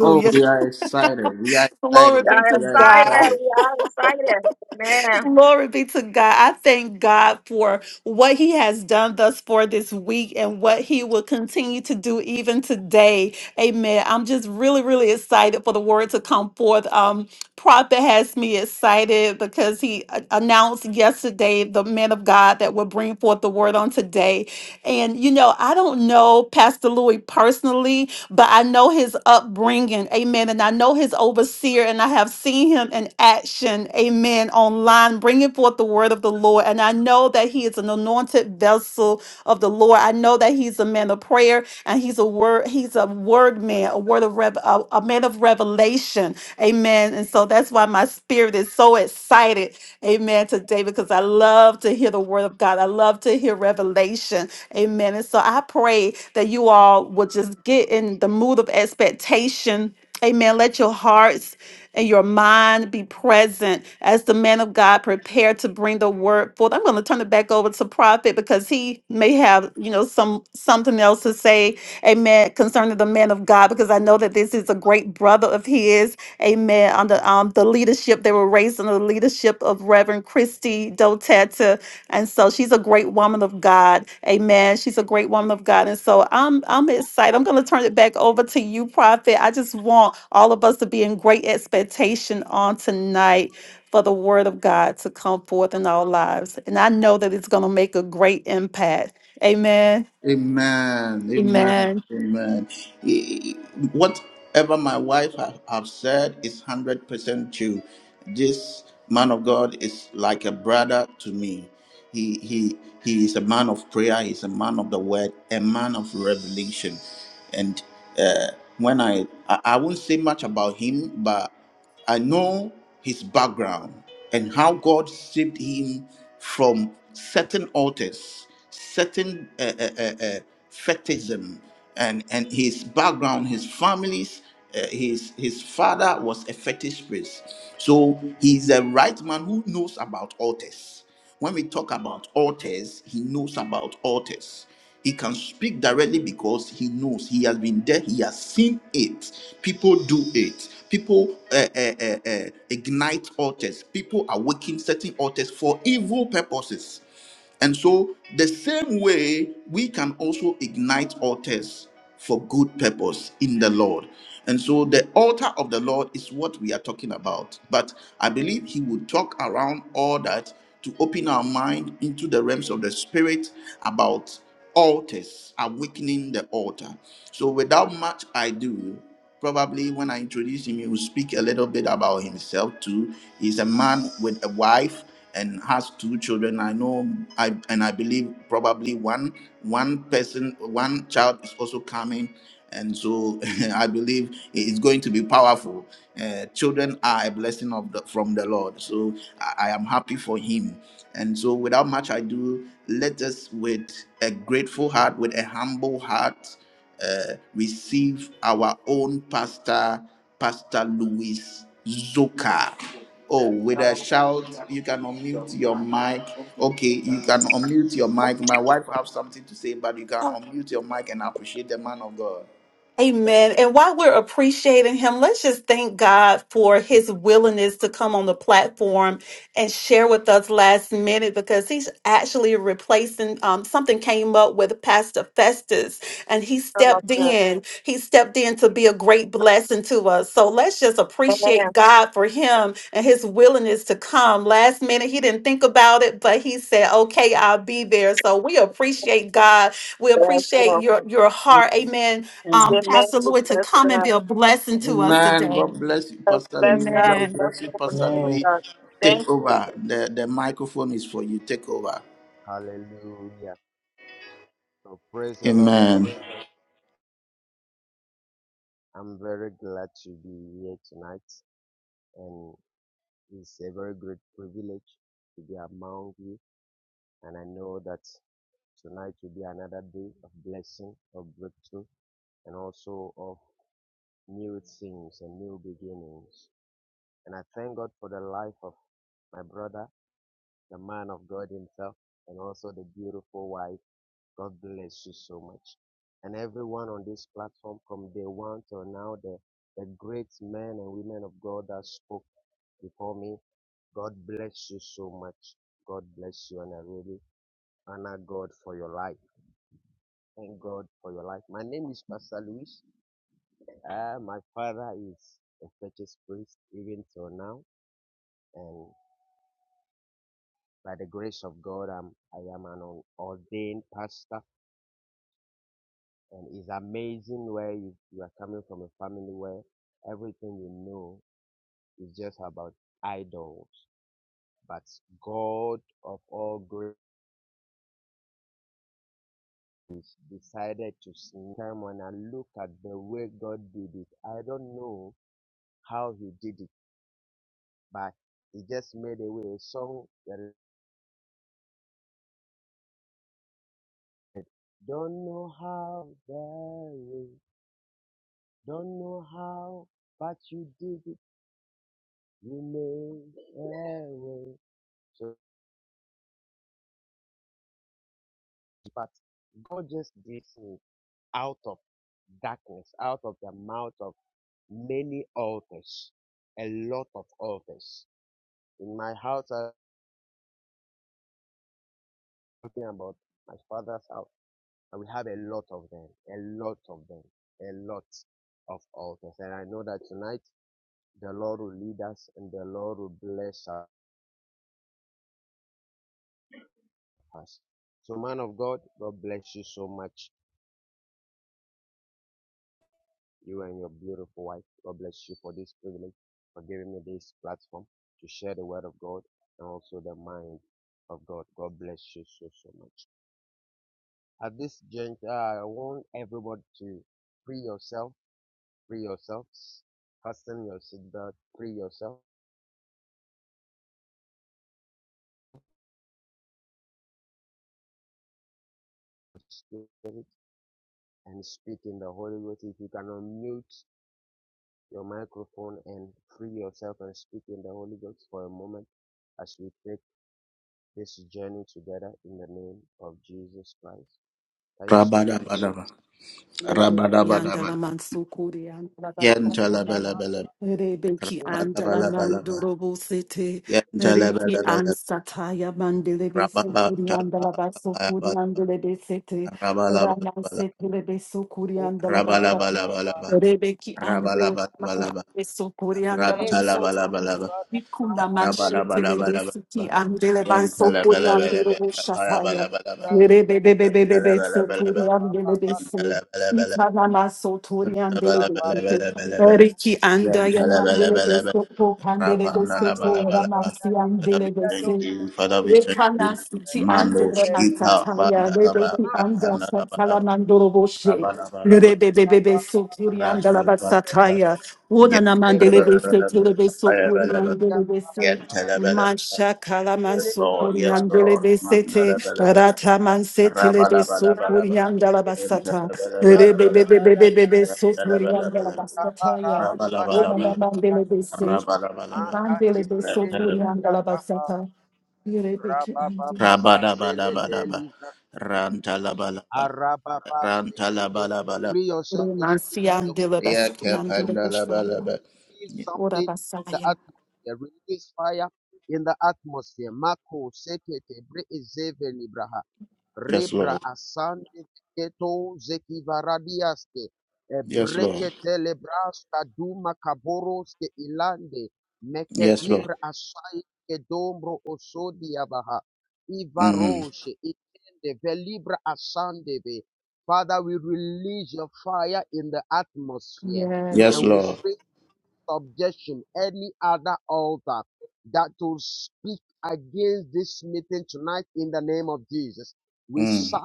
A: Oh, we are excited. We are
B: <laughs> Glory
A: excited.
E: Y'all
B: be to
A: We are
B: God.
A: excited.
E: excited. We are excited. Man.
B: Glory be to God. I thank God for what He has done thus far this week and what He will continue to do even today. Amen. I'm just really, really excited for the word to come forth. Um, Prophet has me excited because he a- announced yesterday the man of God that will bring forth the word on today. And you know, I don't know Pastor Louis personally, but I know his upbringing, amen. And I know his overseer, and I have seen him in action, amen, online, bringing forth the word of the Lord. And I know that he is an anointed vessel of the Lord. I know that he's a man of prayer, and he's a word, he's a word man, a word of rev, a, a man of revelation, amen. And so that's why my spirit is so excited Amen. Today, because I love to hear the word of God. I love to hear revelation. Amen. And so I pray that you all would just get in the mood of expectation. Amen. Let your hearts and your mind be present as the man of God prepared to bring the word forth. I'm going to turn it back over to prophet because he may have, you know, some something else to say, amen, concerning the man of God because I know that this is a great brother of his Amen. Under um, the leadership, they were raised under the leadership of Reverend Christy Dotetta. And so she's a great woman of God. Amen. She's a great woman of God. And so I'm I'm excited. I'm gonna turn it back over to you, Prophet. I just want all of us to be in great expectation on tonight for the word of God to come forth in our lives. And I know that it's gonna make a great impact. Amen.
A: Amen. Amen.
B: Amen.
A: Amen. E- Whatever my wife have, have said is hundred percent true. This man of God is like a brother to me. He he he is a man of prayer. He's a man of the word. A man of revelation. And uh, when I, I I won't say much about him, but I know his background and how God saved him from certain altars, certain uh, uh, uh, uh, fetishism, and and his background, his family's, uh, his his father was a fetish priest, so he's a right man who knows about altars. When we talk about altars, he knows about altars. He can speak directly because he knows he has been there, he has seen it. People do it. People uh, uh, uh, uh, ignite altars. People awaken certain altars for evil purposes. And so, the same way, we can also ignite altars for good purpose in the Lord. And so, the altar of the Lord is what we are talking about. But I believe He will talk around all that to open our mind into the realms of the Spirit about altars, awakening the altar. So, without much ado, Probably when I introduce him, he will speak a little bit about himself too. He's a man with a wife and has two children. I know, I and I believe probably one one person, one child is also coming, and so <laughs> I believe it's going to be powerful. Uh, children are a blessing of the, from the Lord, so I, I am happy for him. And so, without much ado, let us with a grateful heart, with a humble heart uh, receive our own pastor, Pastor Louis Zoka. Oh, with a shout, you can unmute your mic. Okay, you can unmute your mic. My wife have something to say, but you can unmute your mic and appreciate the man of God.
B: Amen. And while we're appreciating him, let's just thank God for his willingness to come on the platform and share with us last minute because he's actually replacing um, something came up with Pastor Festus and he
E: Oh,
B: stepped
E: good.
B: in. He stepped in to be a great blessing to us. So let's just
E: Man.
B: appreciate God for him and his willingness to come last minute. He didn't think about it, but he said, okay, I'll be there. So we appreciate God. We
E: Bless
B: appreciate
E: you.
B: your, your heart. Amen
D: Amen.
B: um,
E: Amen.
B: Pastor
E: We
B: Louis to
E: Bless
B: come and
E: God.
B: be a blessing to us
A: Amen.
B: today.
A: God bless you,
E: Bless
A: Pastor
E: bless
A: Louis.
E: God. We
B: Amen.
A: God
E: bless
A: bless
E: you
A: you,
E: for the
A: Pastor
E: good of
A: Louis.
E: God. Thank
A: Take
E: you.
A: over. The the microphone is for you. Take over. Amen. Rabadabadaba.
B: Lebe
A: Rabadabadaba.
B: yandala mansukuri yandala basakaya.
A: Yentalabelebele.
B: Rebe ki andala
A: Rabalabalaba.
B: mandorobo sete. Riki
A: Yantalabalaba,
B: ansataya mandelebe
A: rababa,
B: sukuri yandala basukuri yandelebe sete.
A: Rababantalabalaba.
B: Rama
A: Rabalabalabalaba.
B: sete lebe sukuri yandala basakaya.
A: Rabalabalabalaba.
B: Rebe ando
A: Rabalabalabalaba.
B: mandelebe sukuri yandala basakaya.
A: Rantalabalabalabalaba.
B: Rikunda manshete lebe
A: Rabalabalabalaba.
B: siki andele basukuri
A: Yantalabalabalaba.
B: yandorobo shasaya.
A: Rabalabalaba.
B: Rebe bebe bebe bebe
A: Yantalabalabalaba.
B: sukuri yanda
F: Arababa,
B: lebe
A: Yantalabalabalaba.
B: Riki
A: Rabalabalabalabalaba.
B: anda ya mandele de
A: Yantalabalabalaba.
B: sopo pandele de sopo
A: Rabanalabalaba.
B: ramansi
A: Father, we
B: andele de
A: thank
B: se.
A: you. Father, we thank you.
B: Rekana siti
A: Mando
B: andele na
A: Shika
B: sataya
A: Bandalaba
B: rebeki anda satala
A: Apandalabalaba
B: mandoro boshe.
A: Rabalabalaba
B: Rebebebebe sokuri anda la
A: Rantalabalaba
B: basataya. Wona na mandele de se tele de sokuri
A: Yantalabalaba
B: mandele
A: Yantalabalaba
B: Mashakalaman
A: Yes Lord, yes
B: Sukurian
A: Lord
B: Delebesete,
A: Mandalabalaba
B: Rataman Setelebe
A: Rabalabalabalaba
B: Sukurian Dalabasata,
A: Yantalabalabalabalaba
B: Rebebebebebebe Sukurian
A: Yantalabalaba
B: Dalabastataya,
A: Rabalabalaba.
B: Womanaman Delebese,
A: Rabalabalaba.
B: Mandelebe
A: Rantalaba.
B: Sukurian Dalabasata, Yerebeki Andu,
A: Rabadabadabadaba. Rantalabalaba. Rantalabalabalaba.
F: free yourself and speak in
B: Romansian
F: the Holy
B: Delabaskian
F: Spirit.
B: Delebosana,
A: Yakapandalabalaba.
F: feel
B: Ora
F: something in the
B: Basaya.
F: atmosphere, the atmosphere ni
A: Yes, Lord.
F: brasale este
A: Yes, Lord.
F: basta tu makaboros ke ilan meke
A: Yes, Lord.
F: dibra asai dombro osodi abaha
A: Mm.
F: ivaroshe itende velibra asandeve. Father, we release your fire in the atmosphere
A: Yes,
B: Yes,
F: and we
A: Lord.
F: bring up
A: Mm.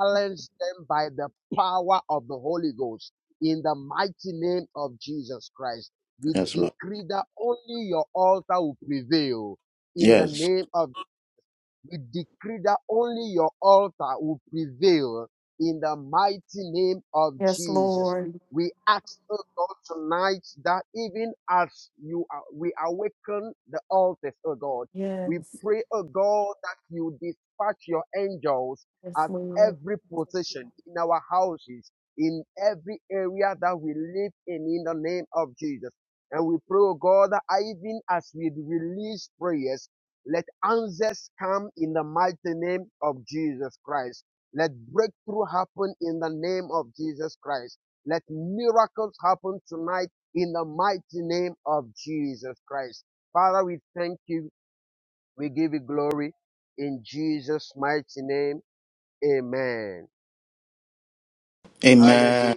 A: Yes, Lord. Yes.
B: yes, Lord. Yes, yes, Lord.
A: Amen.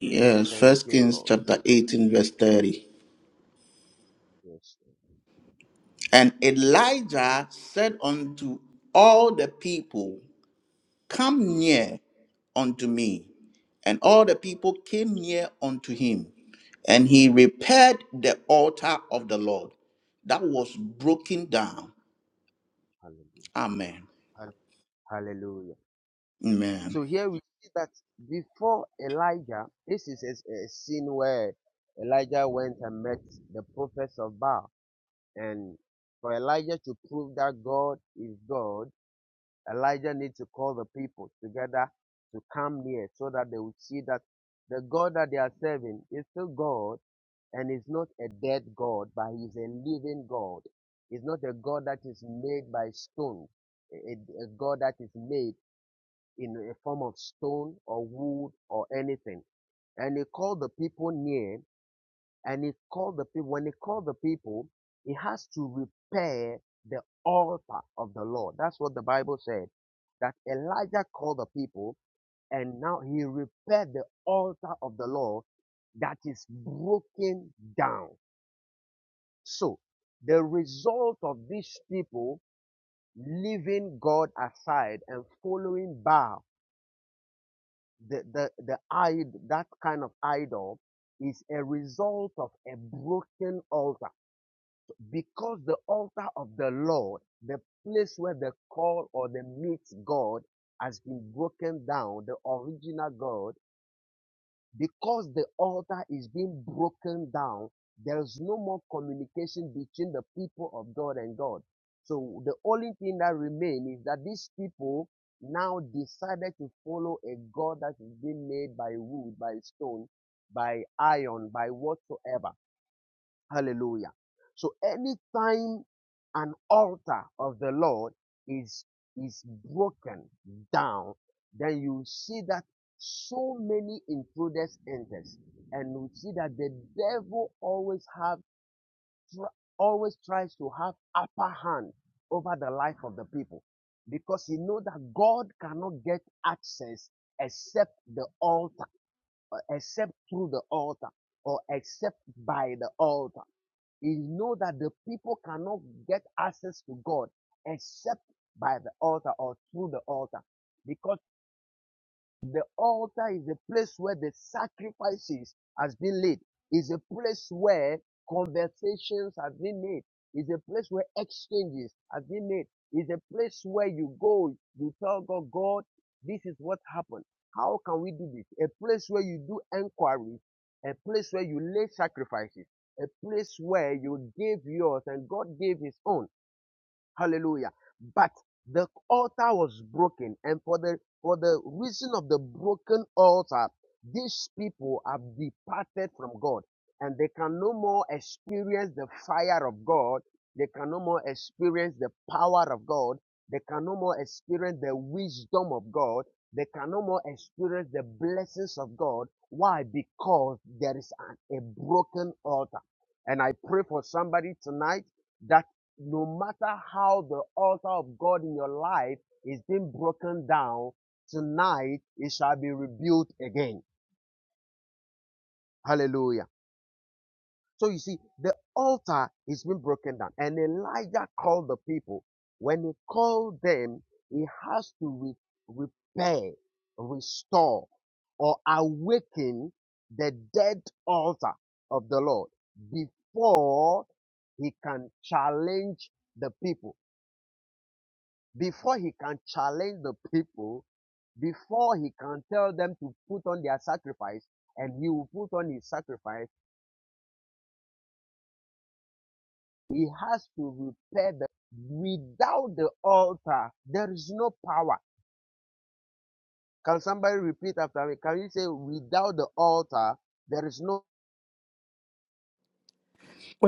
A: Yes. First Kings chapter 18, verse 30. And Elijah said unto all the people, Come near unto me. And all the people came near unto him. And he repaired the altar of the Lord that was broken down. Amen. Amen.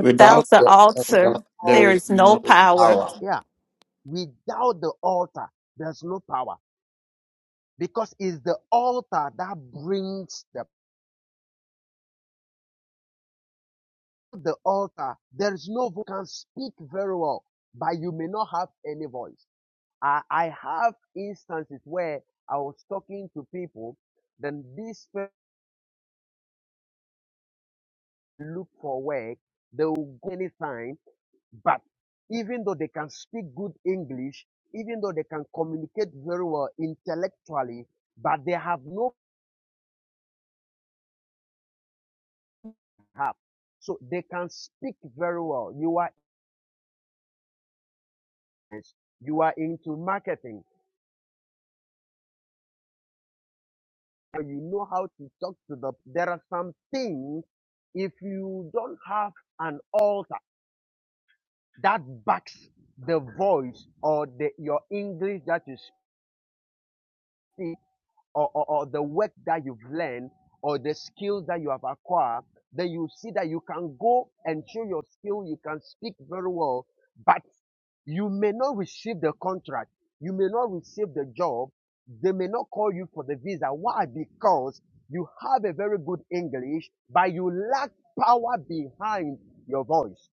A: Without
B: the
A: the altar,
B: altar,
A: there
B: there
A: is
B: is
A: no
B: no power.
A: power.
F: the voice or the, your English that you speak or, or, or the work that you've learned or the skills that you have acquired, then you see that you can go and show your skill, you can speak very well, but you may not receive the contract, you may not receive the job, they may not call you for the visa. Why? Because you have a very good English, but you lack power behind your voice.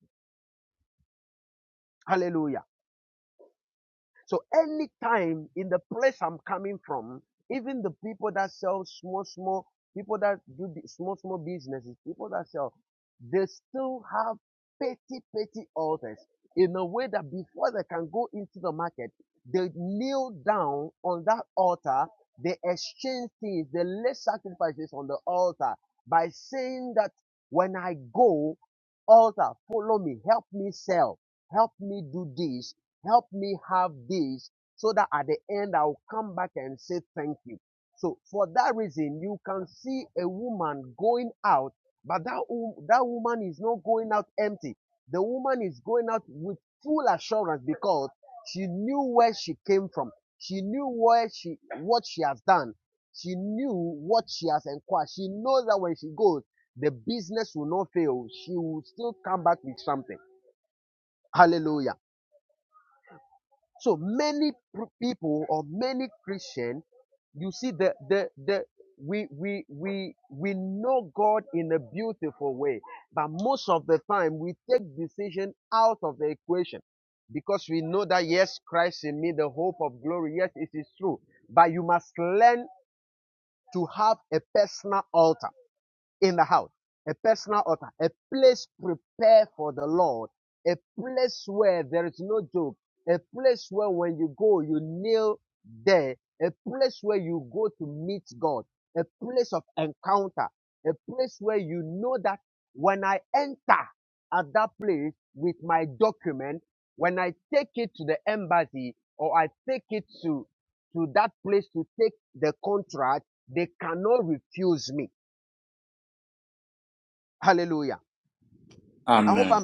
A: Amen.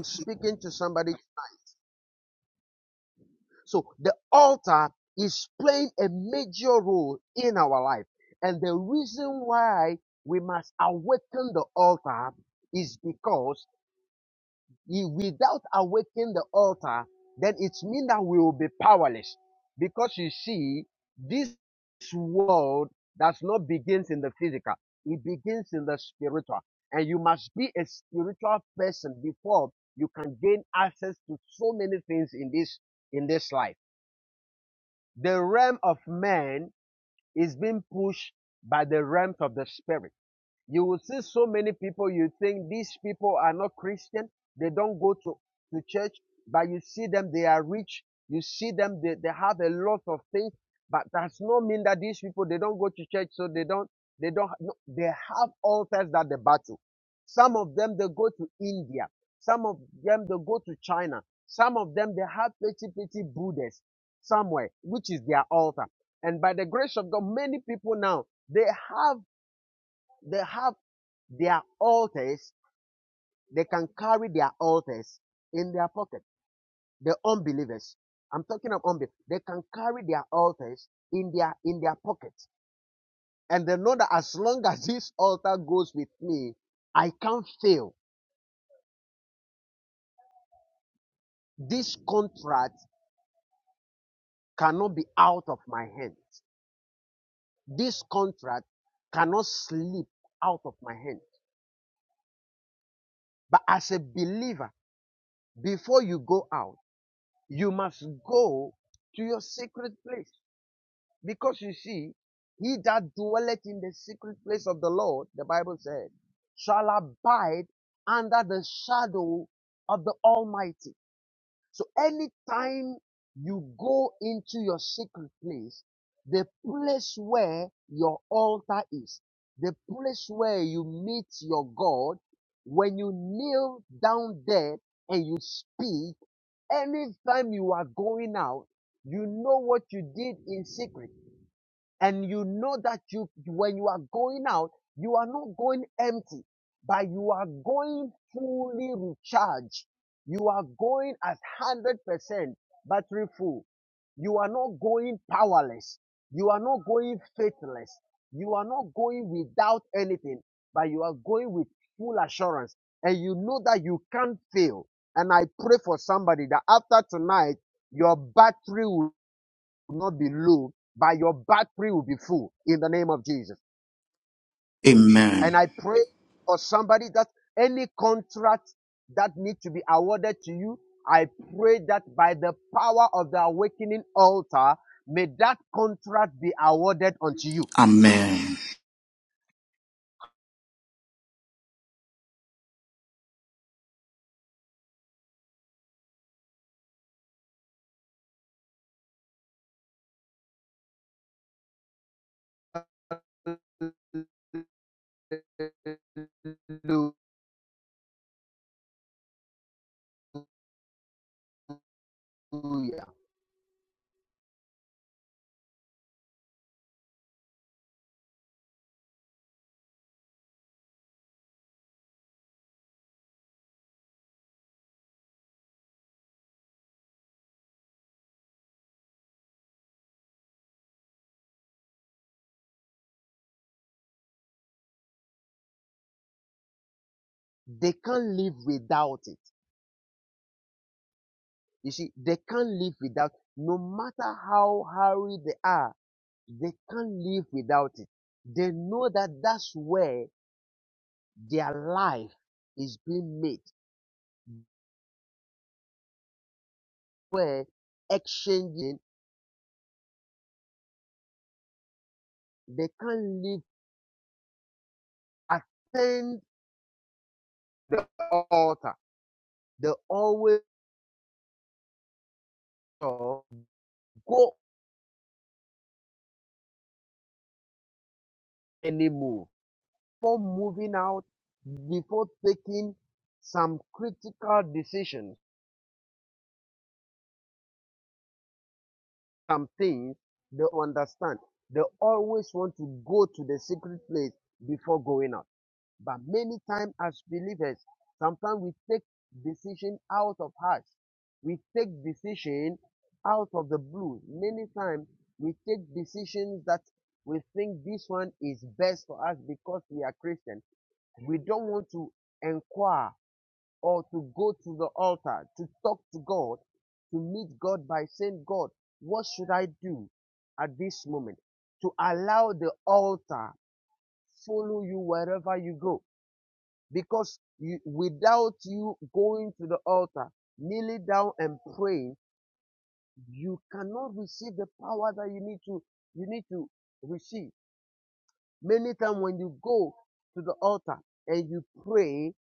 F: Please. the place where your altar is, the place where you meet your God, when you kneel down there and you speak, anytime you are going out, you know what you did in secret. And you know that you, when you are going out, you are not going empty, but you are going fully recharged. You are going at 100% so that you feel back in the name of Jesus.
A: Amen.
F: And I pray for somebody that Any contract that needs
A: Amen.
F: talk to God, to meet God by God, altar, follow you go. Because you, without you going to the altar, kneeling down and praying, you cannot receive the power that you need to need to receive. Many times when you go to the altar and you pray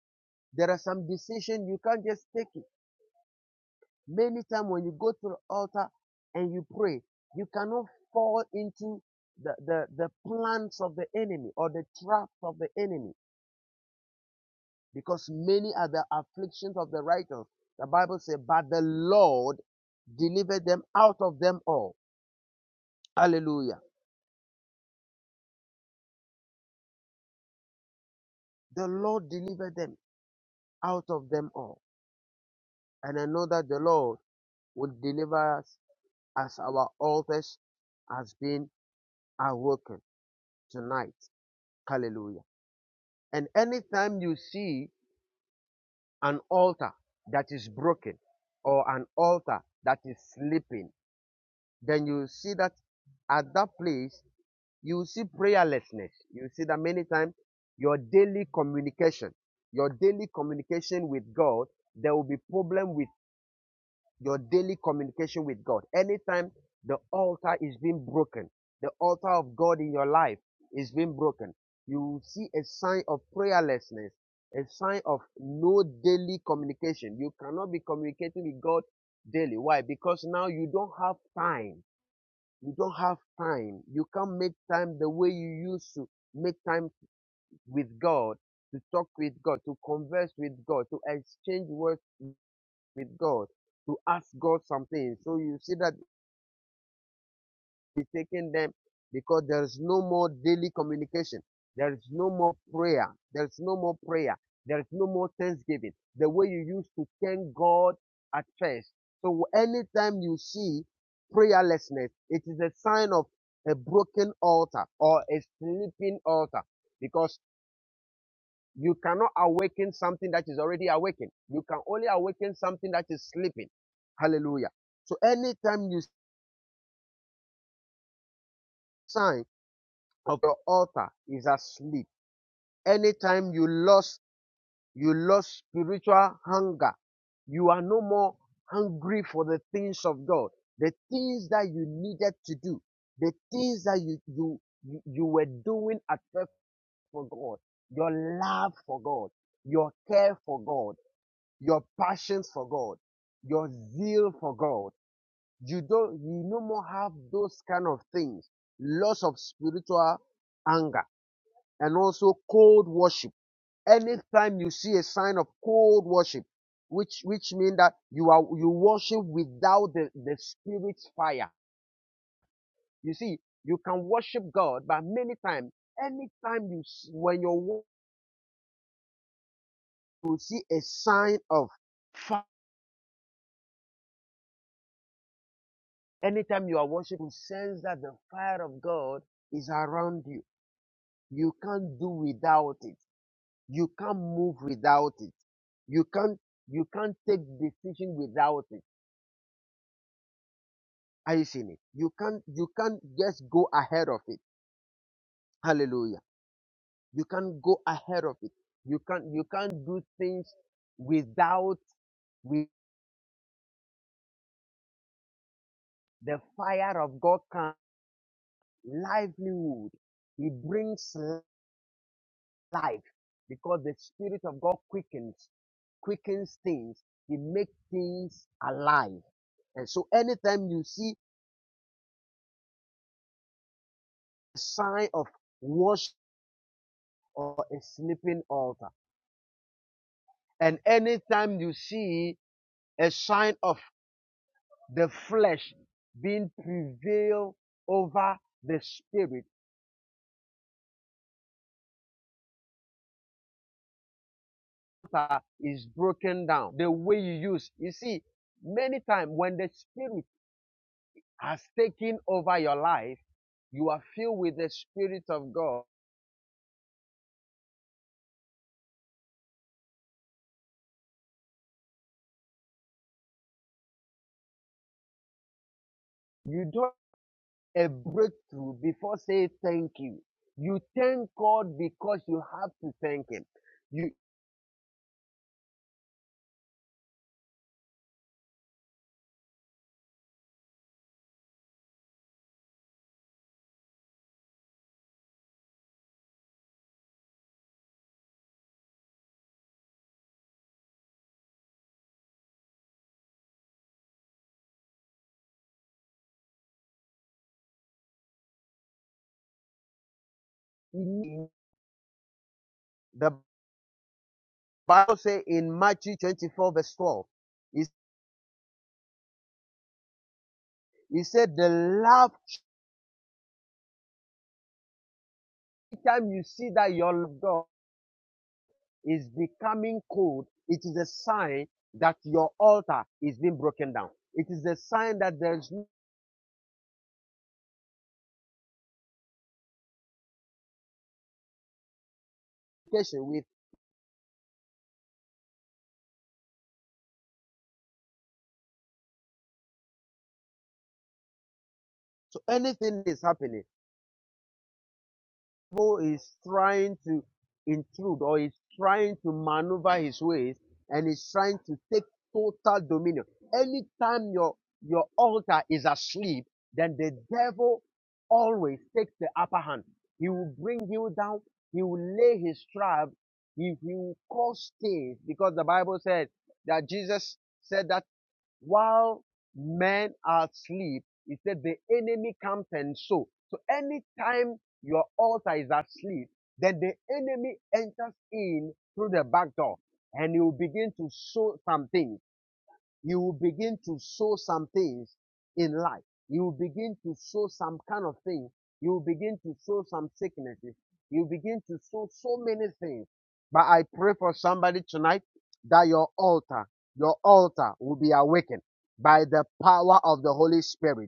F: by the power of the Holy Spirit,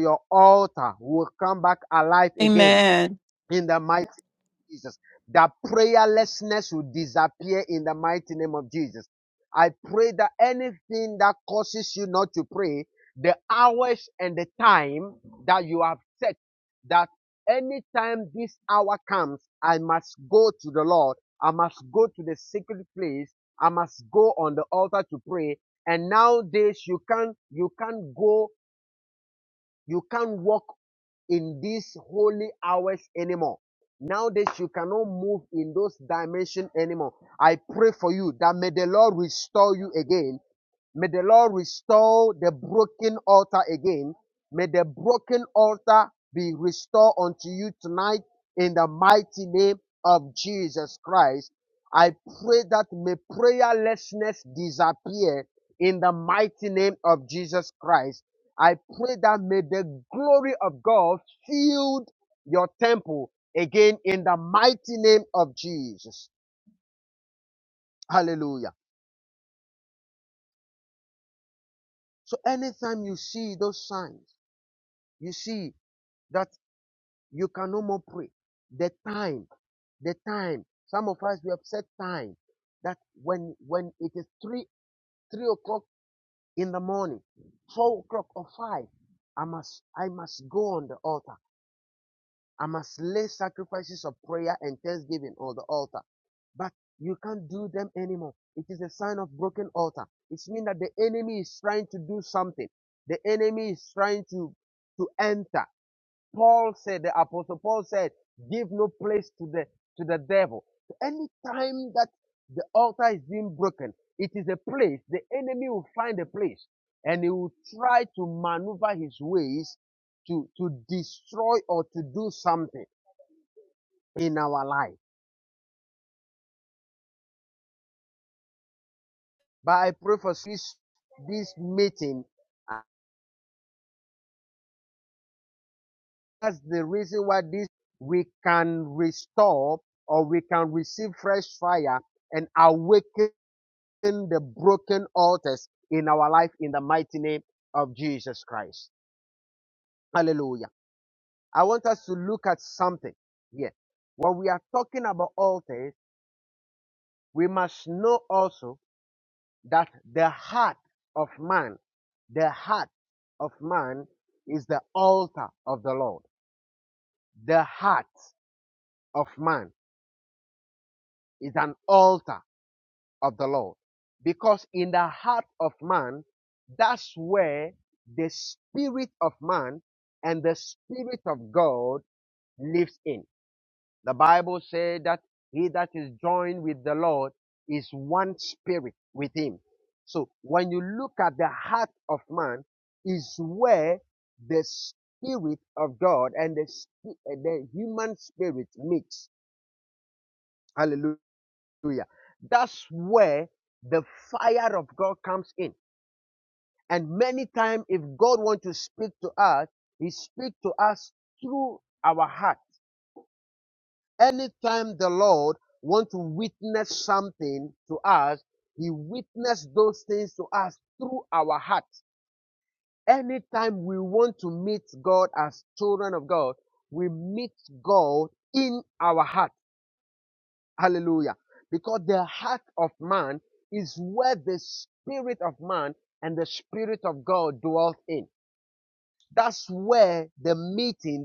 F: your altar will come back alive again
B: Amen.
F: in the mighty Jesus. That Carelessness will disappear in the mighty name of Jesus. I pray that anything that causes you not to pray, hours and the time that you have set, that any time this hour comes, I must go to the Lord. I must go to the secret place. must go on the altar to pray. And nowadays you can't, you can't go, you can't walk in these holy hours anymore. Nowadays, you cannot move in those dimensions anymore. I pray for you that may the Lord restore you again. May the Lord restore the broken altar again. May the broken altar be restored unto you tonight in the mighty name of Jesus.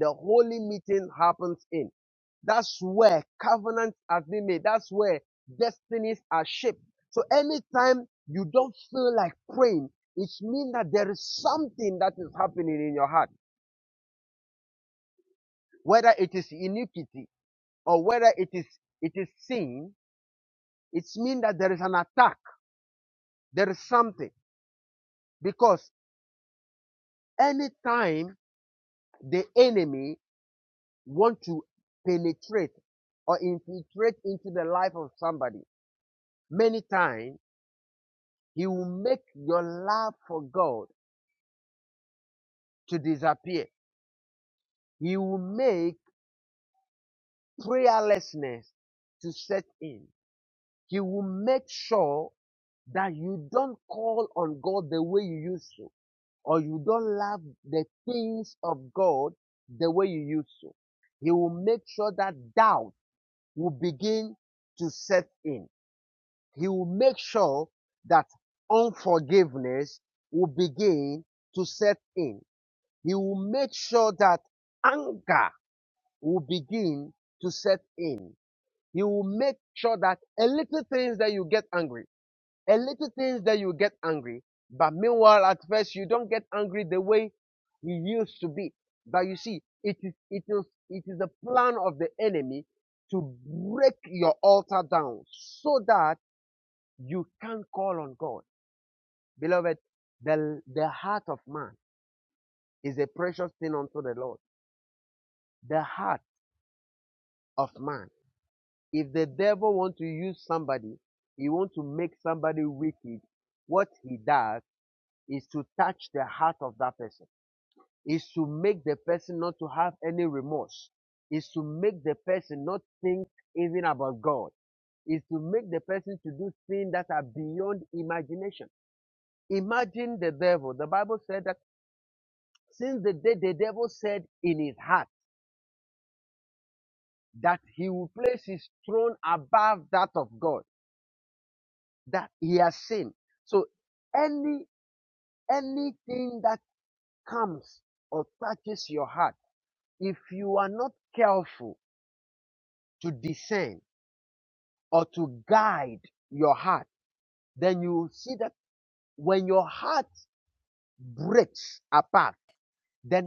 F: The holy meeting happens in. That's where covenants has been made. That's where destinies are shaped. So anytime you don't feel like praying, it means that there is something that is happening in your heart, whether it is iniquity or whether it is it is sin. It means that there is an attack. There is something because to make God disappear. He will make prayerlessness to set in. will make sure that you don't call on God the way you used to. or you don't love the things of God the way you used to. He will make sure that doubt will begin to set in. He will make sure that unforgiveness will begin to set in. He will make sure that anger will begin to set in. He will make sure that a little things that you get angry, little things that you get angry, but meanwhile at first you don't angry the way you used to. be. But you see, it is it is is the plan of the enemy to break your altar down so that you can call on God. Beloved, the heart of man is a precious thing unto the Lord. The heart of man that has the remote is the even about God to make the person to do things that are beyond imagination. Imagine the devil. The Bible said that since the day the devil said in his heart, he will place his trust of anything comes touches your heart careful to discern to guide your heart, then you see that when your heart breaks apart, then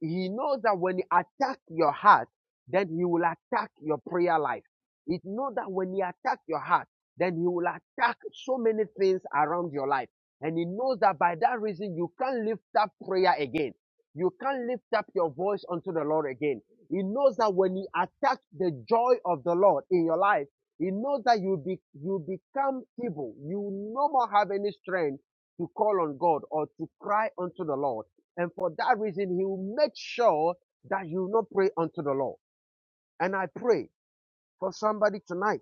F: So he knows that when he attacks your heart, then he will attack your prayer life. He knows that when he attacks your heart, then he will attack so many things around your life. And he knows that by that reason, you can't lift up prayer again. You can't lift up your voice unto the Lord again. He knows that when he attacks the joy of the Lord in your life, he knows that you be, you become feeble. You no more have any strength to call on God or to cry unto the Lord. And for that reason, he will make sure that you will not pray unto the Lord. And I pray for somebody tonight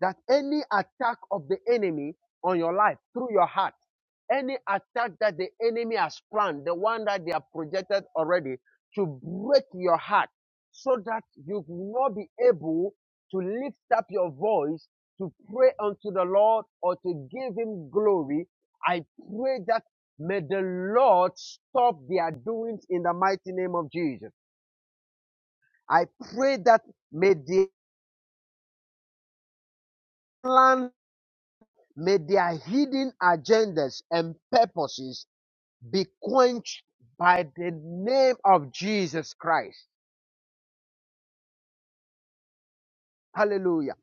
F: that any attack of the enemy on your life through your heart, any attack that the enemy has planned, the one that they have projected already to break your heart so that you will not be able to lift up your voice to pray unto the Lord or to give him glory by the name. Hallelujah.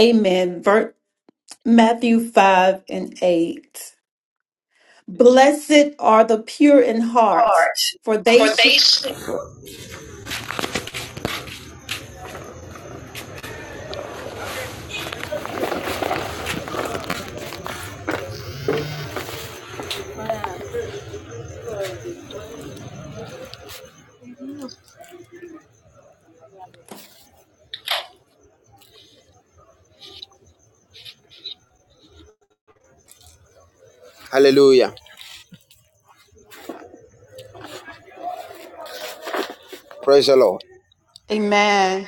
B: Amen. Ver- Matthew 5 and 8. Blessed are the pure in heart,
F: heart.
B: for they
F: for
B: should.
F: they
B: Amen.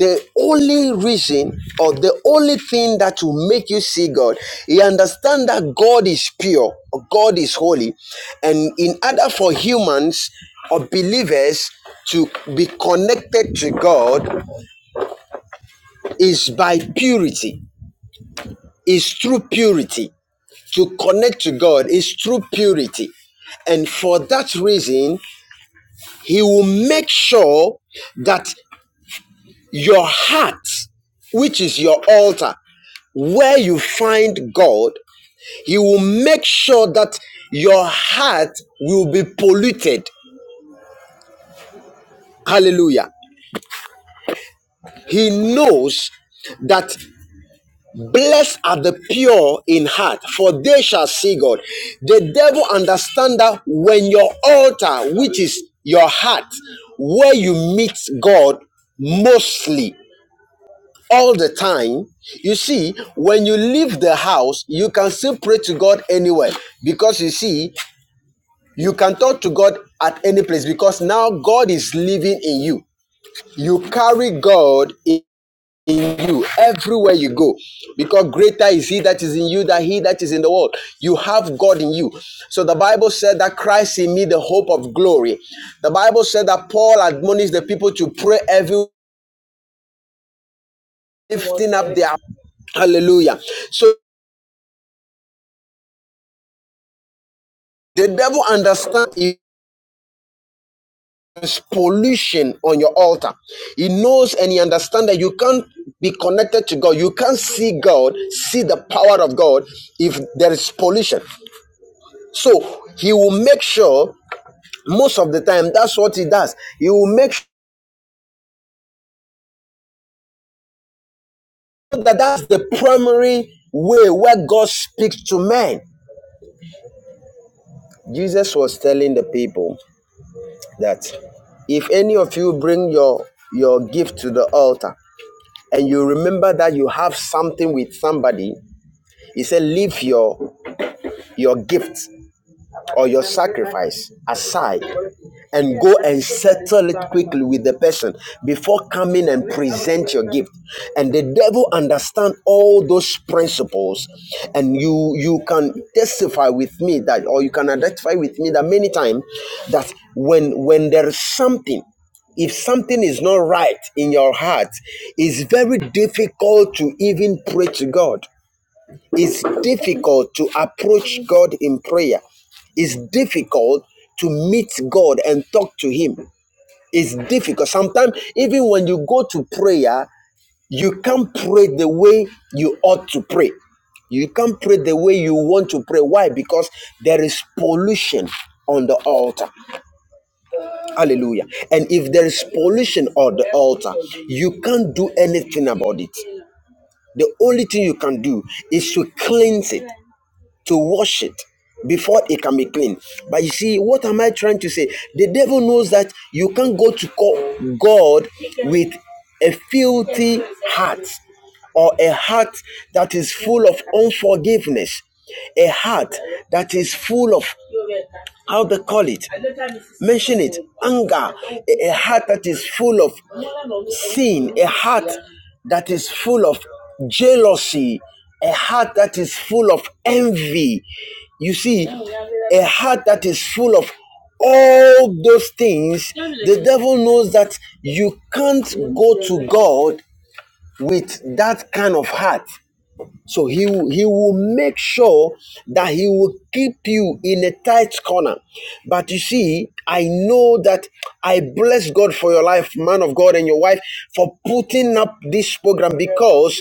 F: The only reason or the only thing that will make you see God, you understand that God is pure, God is holy. And in order for humans or believers to be connected to God is by purity, is through purity. To connect to God is through purity. And for that reason, He will make sure that your heart which is your altar. where you find God, He will make sure that your heart will be polluted. Hallelujah. He knows that blessed are the pure in heart, for they shall see God. The devil understands that when your altar, which is your heart, where you meet God mostly all the time, you see, when you leave the house, you can still pray to God anywhere because you see, You can talk to God at any place because now God is living in you. You carry God in you everywhere you go because greater is he that is in you than he that is in the world. You have God in you. So the Bible said that Christ in me, the hope of glory. The Bible said that Paul admonished the people to pray every lifting up their hallelujah. So the devil understands pollution on your altar. He knows and he understands that you can't be connected to God. You can't see God, see the power of God if there is pollution. So he will make sure most of the time that's what he does. He will make sure that that's the primary way where God speaks to man. Jesus was telling the people that if any of you bring your your gift to the altar and you remember that you have something with somebody He said, Leave your, your gift or your sacrifice aside and go and settle it quickly with the person before coming and present your gift and the devil understand all those principles and you you can testify with me that or you can identify with me that many times that when when there is something if something is not right in your heart it's very difficult to even pray to god it's difficult to approach God in prayer. It's difficult to meet God and talk to Him. It's difficult. Sometimes, even when you go to prayer, you can't pray the way you ought to pray. You can't pray the way you want to pray. Why? Because there is pollution on the altar. Hallelujah. And if there is pollution on the altar, you can't do anything about it. The only thing you can do is to cleanse it. to wash it before it can be clean. But you see, what am I trying to say? The devil knows that you can't go to call God with a filthy heart or a heart that is full of unforgiveness, a heart that is full of how they call it mention it anger a, a heart that is full of sin a heart that is full of jealousy a heart that is full of envy you see a heart that is full of all those things the devil knows that you can't go to god with that kind of heart so he, he will make sure that he will keep you in a tight corner. But you see, I know that I bless God for your life, man of God, and your wife for putting up this program because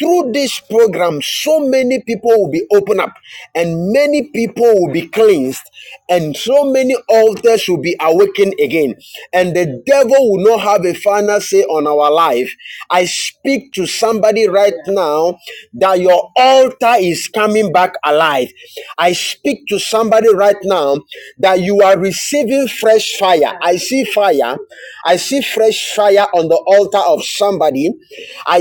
F: through this program, so many people will be opened up and many people will be cleansed and so many altars will be awakened again and the devil will not have a final say on our life. I speak to somebody right now that your altar is coming back alive. I speak to somebody right now that you are receiving fresh fire. I see fire. I see fresh fire on the altar of somebody. I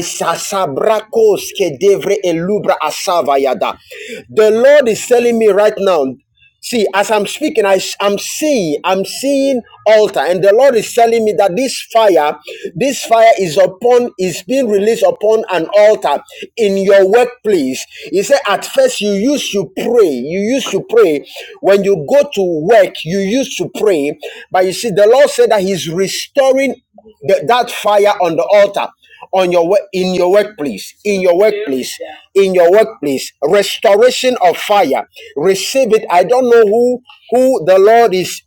F: The Lord is telling me right now See, as I'm speaking, I, i am seeing, I'm seeing altar, and the Lord is telling me that this fire, this fire is upon, is being released upon an altar in your workplace. He said, at first you used to pray, you used to pray. When you go to work, you used to pray. But you see, the Lord said that He's restoring the- that fire on the altar on your work in your workplace in your workplace in your workplace restoration of fire receive it i don't know who who the lord is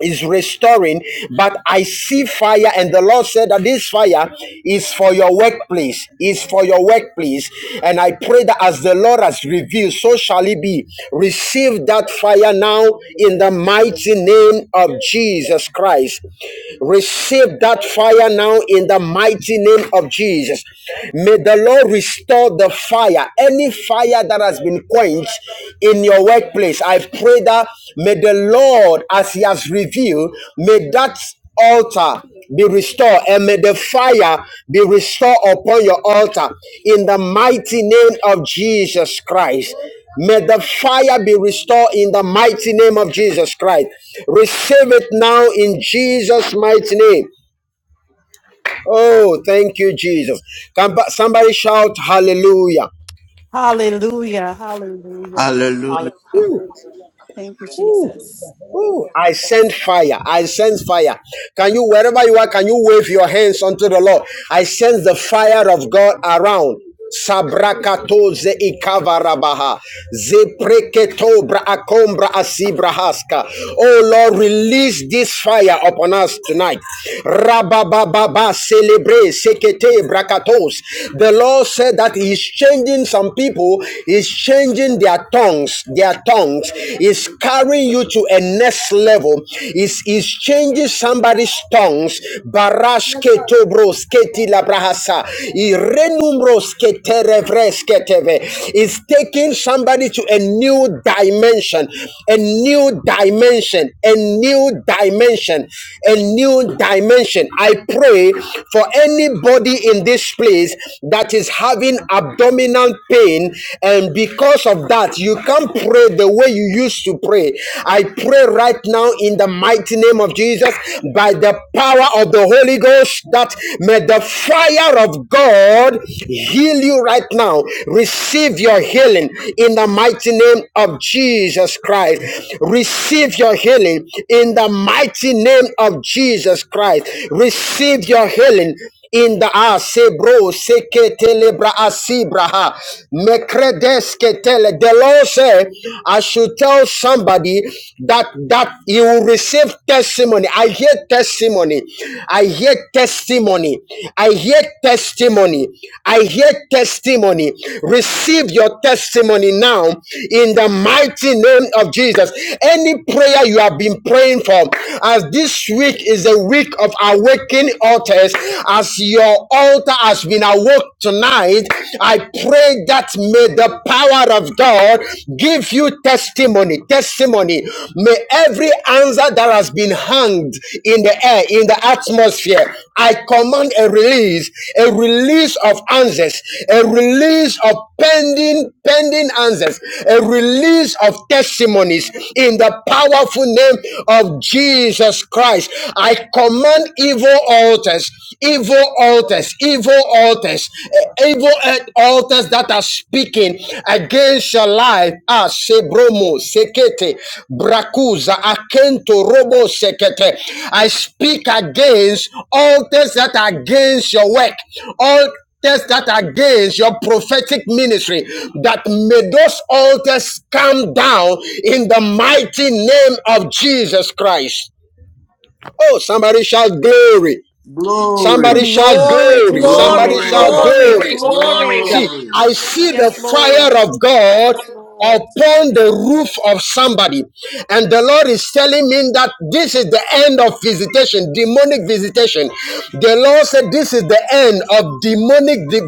F: is restoring, but I see fire, and the Lord said that this fire is for your workplace, is for your workplace. And I pray that as the Lord has revealed, so shall it be. Receive that fire now in the mighty name of Jesus Christ. Receive that fire now in the mighty name of Jesus. May the Lord restore the fire. Any fire that has been quenched in your workplace. I pray that may the Lord, as He has revealed, may that altar be restored and may the fire be restored upon your altar in the mighty name of Jesus Christ. May the fire be restored in the mighty name of Jesus Christ. Receive it now in Jesus' mighty name. Oh, thank you, Jesus. somebody shout hallelujah.
B: Hallelujah. Hallelujah.
D: Hallelujah.
A: Hallelujah.
B: Thank you, Jesus.
F: Ooh, I send fire. I sense fire. Can you, wherever you are, can you wave your hands unto the Lord? I sense the fire of God around. Sabrakato ze ikavarabaha. Ze preketo bra asibrahaska. Oh Lord, release this fire upon us tonight. Rabababa celebre sekete brakatos. The Lord said that He's changing some people, He's changing their tongues, their tongues strength is carrying you to a next level. Is is changing somebody's tongues. Barash ketobros keti labrahasa. Irenumbros keterevres keteve. Is taking somebody to a new dimension, a new dimension, a new dimension, a new dimension. I pray for anybody in this place that is having abdominal pain and be because of that, you can't pray the way you used to pray. I pray right now in the mighty name of Jesus by the power of the Holy Ghost that may the fire of God heal you right now. Receive your healing in the mighty name of Jesus Christ. Receive your healing in the mighty name of Jesus Christ. Receive your healing in the a sebro Seketelebra, telebra asibraha mekredeske tele the Lord said I should tell somebody that that you will receive testimony I hear testimony I hear testimony I hear testimony I hear testimony receive your testimony now in the mighty name of Jesus any prayer you have been praying for as this week is a week of awakening broken altars, as your altar has been awoke tonight, I pray that may the power of God give you testimony. Testimony. May every answer that has been hung in the air, in the atmosphere, I command a release, a release of answers, a release of pending, pending answers, a release of testimonies in the powerful name of Jesus Christ. I I command evil altars, evil altars, evil altars, eh, evil eh, altars that are speaking against your life. Ah, Sebromo, Sekete, Brakuza, Akento, Robo, Sekete. I speak against altars that are against your work. All altars that are against your prophetic ministry, that may those altars come down in the mighty name of Jesus Christ. Oh, somebody shout glory. Somebody
A: Glory,
F: shout
B: Glory,
F: glory. Somebody
B: glory,
F: Glory, shout
A: glory,
B: glory,
D: Hallelujah.
F: glory.
B: glory.
F: See,
A: glory.
F: I see the
B: Yes, Lord.
F: fire of God
B: Yes, Lord.
F: upon the roof of somebody. And the Lord is telling me that this is the end of visitation, demonic visitation. The Lord said this is the end of demonic di-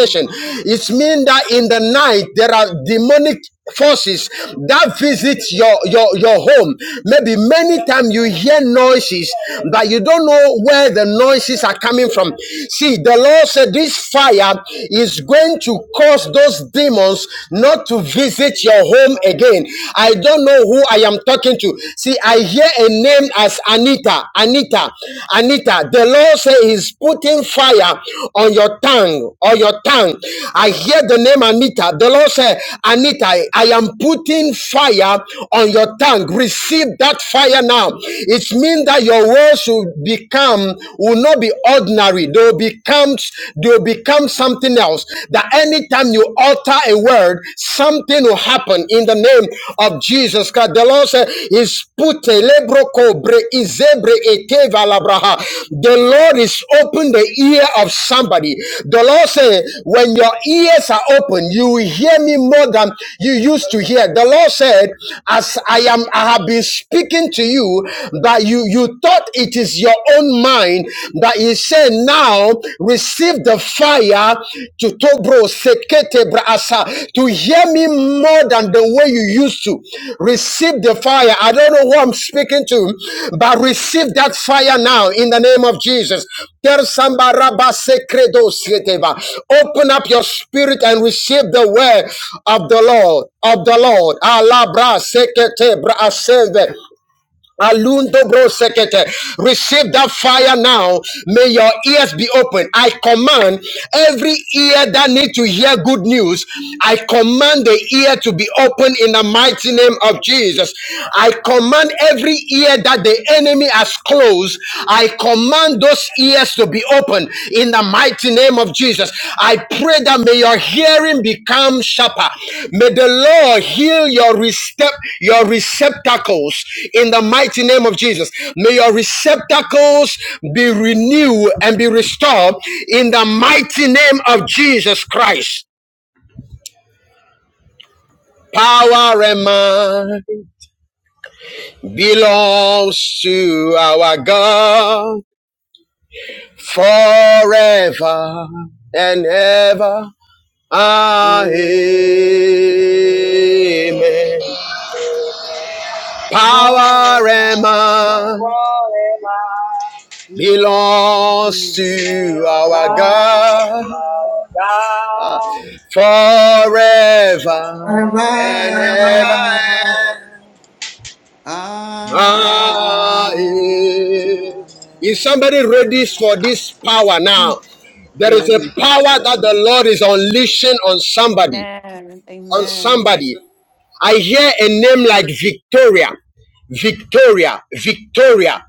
B: Thank you. Jesus.
F: It means that in the night there are demonic forces that visit your your your home maybe many times you hear noises but you don't know where the noises are coming from see the the Lord said, This fire is going to cause those demons not to visit your home again. I don't know who I am talking to. See, I hear a name as Anita. Anita. Anita. The Lord said He's putting fire on your tongue, on your tongue. I hear the name Anita. The Lord said, Anita, I am putting fire on your tongue. Receive that fire now. It means that your words should become will not be ordinary. They will become, they will become something else. That anytime you utter a word, something will happen in the name of Jesus. Christ. The Lord said, is pute lebroko bre izebre eteva labraha. The Lord is open the ear of somebody. The Lord said, when your ears are open, you will hear me more than you used to hear. The Lord said, as I am, I have been speaking to you, that you, you you thought it is your own mind, but he said, now receive the fire to tobro sekete brasa to hear me more than the way you used to. Receive the fire. I don't know who I'm speaking to, but receive that fire now in the name of Jesus. Tell somebody, Rabba Sekredo Seketeba. Open up your spirit and receive the word of the Lord, of the Lord. Alabra Sekete Braseve. Alundo bro sekete. Receive that fire now. May your ears be open. I command every ear that need to hear good news. I command the ear to be open in the mighty name of Jesus. I command every ear that the enemy has closed. I command those ears to to be open in the mighty name of Jesus. I pray that may your hearing become sharper. May the Lord heal your recep- your receptacles in the mighty name of Jesus. May your receptacles be renewed and be restored in the mighty name of Jesus Christ. Power and might belongs to our God forever and ever. Amen.
G: Amen. What
F: Power
G: am
F: and
G: I
F: might
G: beyond to
F: belongs to
G: our
F: our
G: God
F: God forever
G: forever
A: Ever
G: and
F: and ever.
A: and
G: ever?
A: ever.
F: Amen.
G: Amen.
A: Aye.
F: Is somebody ready for this power
G: Hmm.
F: now? There is a
D: Hallelujah.
F: power that the Lord is unleashing on somebody.
B: Amen.
F: On
B: Amen.
F: somebody. I hear a name like Victoria, Victoria, Victoria.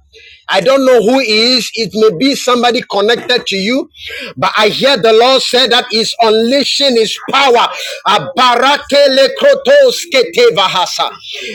F: I don't know who he is. It may be somebody connected to you, but I hear the Lord say that He's unleashing His power. Abarakele ketevahasa.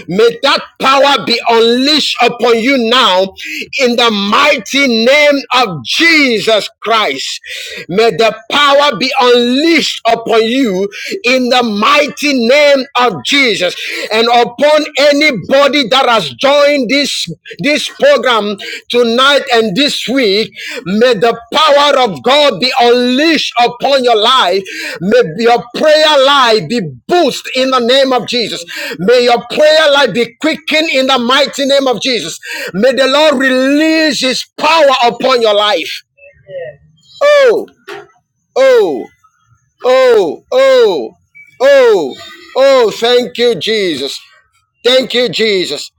F: May that power be unleashed upon you now in the mighty name of Jesus Christ. May the power be unleashed upon you in the mighty name of Jesus. And upon anybody that has joined this this program tonight and this week, may the power of God be unleashed upon your life. May your prayer life be boosted in the name of Jesus. May your prayer life be quickened in the mighty name of Jesus. May the Lord release his power upon your life. Oh, oh, oh, oh, oh, oh, thank you, Jesus. Thank you, Jesus.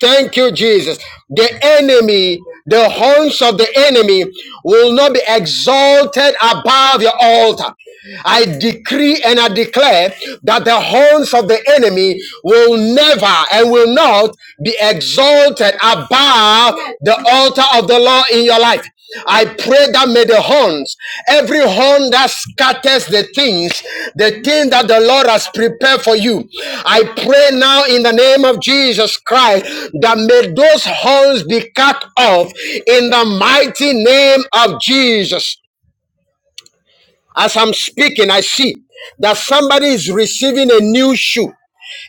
F: Thank you, Jesus. The enemy, the horns of the enemy will not be exalted above your altar. I decree and I declare that the horns of the enemy will never and will not be exalted above the altar of the law in your life. I pray that may the horns, every horn that scatters the things, the thing that the Lord has prepared for you, I pray now in the name of Jesus Christ that may those horns be cut off in the mighty name of Jesus. As I'm speaking, I see that somebody is receiving a new shoe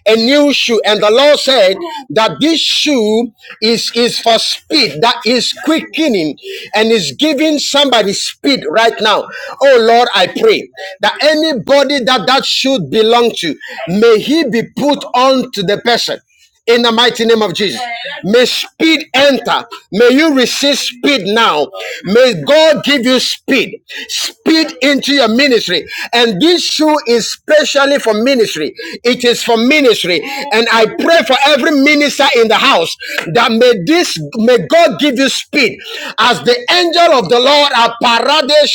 F: a new shoe. And the Lord said that this shoe is, is for speed, that is quickening and is giving somebody speed right now. Oh Lord, I pray that anybody that that should belong to, may he be put on to the person in the mighty name of Jesus. May speed enter. May you receive speed now. May God give you speed. Speed into your ministry. And this shoe is specially for ministry. It is for ministry. And I pray for every minister in the house that may this may God give you speed as the angel of the Lord are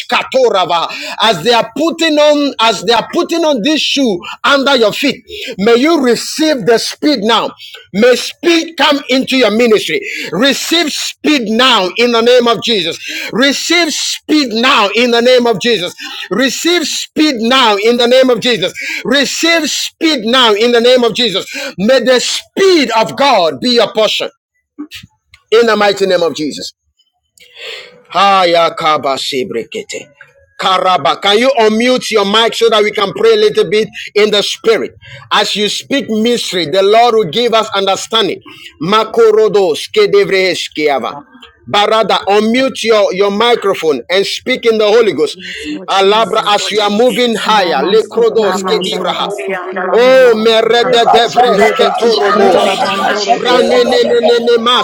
F: katorava as they are putting on as they are putting on this shoe under your feet may you receive the speed now may speed come into your ministry receive speed now in the name of jesus receive speed now in the name of jesus receive speed now in the name of jesus receive speed now in the name of jesus may the speed of god be your portion in the mighty name of jesus Haya kaba shebrekete. Karaba. Can you unmute your mic so that we can pray a little bit in the spirit? As you speak mystery, the Lord will give us understanding. Makorodos kedevreheskiava. Barada, unmute your, your microphone and speak in the Holy Ghost.
B: Yes,
D: Hallelujah.
B: Lord
F: Alabra,
B: Jesus.
F: as you are moving higher.
H: So somehow
F: Lekrodos
H: I
B: Ramansukuri and
H: not
F: kedivraha.
B: Alabasukuri and
F: Oh,
H: able
B: Alabasuka.
F: merede
H: to
F: devreske
I: Rebashakata,
B: Rebeki and
F: torobos.
I: Rapa
A: Yantalabalabala.
B: Alabandoro
I: Shakata,
H: expect me
B: Bosati.
F: Ranenenenema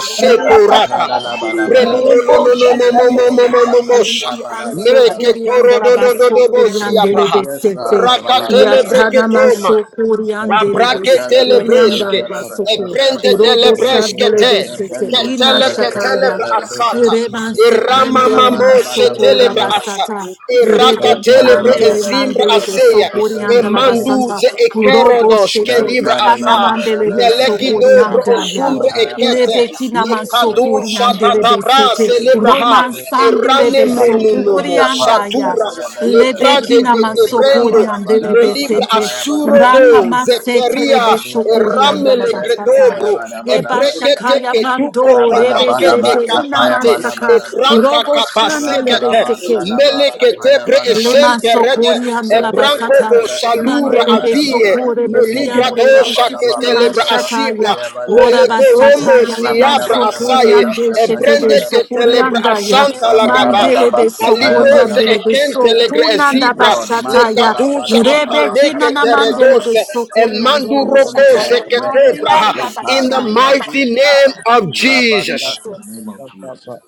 H: in
F: sekorata.
I: Rapapa,
H: that
D: Hallelujah.
H: way
F: Renuno
A: Radalabalabalaba.
F: no
I: Rebo
F: no no mo mo
H: in
F: mo
I: Shakata,
H: a
F: mo mo mo mo sha.
B: Rebeki and
F: Mereke
A: Rabalabalabala.
B: Sotori and
F: toro do do do do bo
B: Alabasukuri
F: si
B: and
F: abraha.
H: breaking
A: Yes,
H: you
A: God.
B: Delebesete.
H: are the
F: Rakatele
A: Rabalabalaba.
B: Yatana
H: machine
F: breketoma.
B: Mansukuri and
F: Abrakete
B: Delebesukuri and
F: lebreske,
H: eleven of
A: Yantalabalabalabalaba.
B: Alabasuku.
F: ebrende de
B: Urobo
F: lebreske te,
B: Savmelebesete.
A: Yantapendo
B: Ina
F: ketele ketele
B: Shakaya.
A: shalabalabalaba.
F: asata.
B: Rebansi and
F: Iramamamoshe
B: Delemansoku
F: telebre
A: Rabalabalabalaba.
F: asa.
B: basata.
H: the
F: Iraka
B: Rebeji
F: telebre
B: andele
F: esimbra
B: mandele de
A: Yantalabalabalabalaba.
F: aseya.
B: sopori andala basanta
F: Emanduze
B: urobo
F: ekerodos
B: shete
F: kedibra
B: ikana
F: asa.
B: mandele de
A: Yantarabalabalaba.
F: Meleki
B: sopori
F: dobro
B: andaya.
F: osumbre ekete.
A: Rapapatarabalaba.
B: Lebeki naman sopori
F: Lekadusha
B: andele
H: manufacturing
F: tatabra
B: besete
F: celebra ha.
B: roman
A: Rabba
B: sandele be sopori
F: Eranemrenunomo
B: andaya.
F: satura.
H: Yes, yes, yes.
F: Lekrade
B: Lebeki
F: de
B: naman
F: debrendo.
B: sopori andele
F: Melibra
B: besete
F: asuro do
B: rakaman sete
F: zeferia.
B: lebe
H: Well,
B: sopori andala
F: Eramele
B: basanta.
F: kretobro.
B: Reba
F: Ebrekete
B: Shakaya
F: ketuko
B: Mando, Rebe Sete,
A: Rabalabalaba,
F: kobakete
B: Inaman
F: kapate
B: Saka,
F: e
A: tapayabalabalaba,
F: branca
B: Robo Shandele
F: capasekete
A: radalaba,
B: Beseke,
A: talaba,
F: melekete bre e
A: tapayabalaba,
B: Lema
F: semperede
B: sokori
F: e
B: andala
F: branco
B: basata
A: rebedebedebe,
F: salura
B: mandele be
F: avie
A: tapayabalabalaba,
B: sokore be
F: meligra
B: siandele be
F: dosha che
B: siki
F: telebra
A: rabalabalabalaba,
F: asibra
B: mashataya
A: tapayabalaba,
B: ora
F: melego romo
B: basataya lema
F: siabra
B: sotori
F: asaye
A: rabadabalabalaba,
B: ande
F: e
B: shete be
F: brende
A: tapayabalaba,
F: che
B: sokori
F: telebra
B: andaya
F: asanta la gaba
B: mandele
A: rabadabalaba,
B: be sokori
F: alibrose
A: tapayabalaba.
F: e
B: andele be
F: kente legre e
A: Yes,
B: sokunanda
F: zibra
A: Lord,
F: le
B: bashataya
A: mantara
F: cadusa
B: rebe
A: badabadaba,
F: aprande
B: kina
F: che
B: na mandele
A: kapayabadaba,
B: be
F: teredose e
B: sokori andolo
F: manduro
A: yente,
B: moshataya
F: cose che
B: father the
A: reepe,
F: tebra
B: anda
A: upa,
F: in the
A: ruba,
B: bashaya
F: mighty
A: dinta,
F: name of Jesus
H: I've
A: rabata,
H: been-
B: Jesus
A: name of Jesus.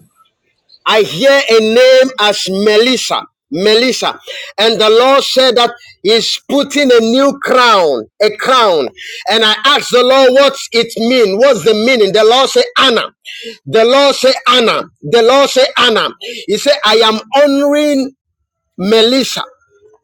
F: I hear a name as Melissa. Melissa. And the Lord said that He's putting a new crown, a crown. And I asked the Lord what's it mean. What's the meaning? The Lord said Anna. The Lord said Anna. The Lord said Anna. He said, I am honoring Melissa,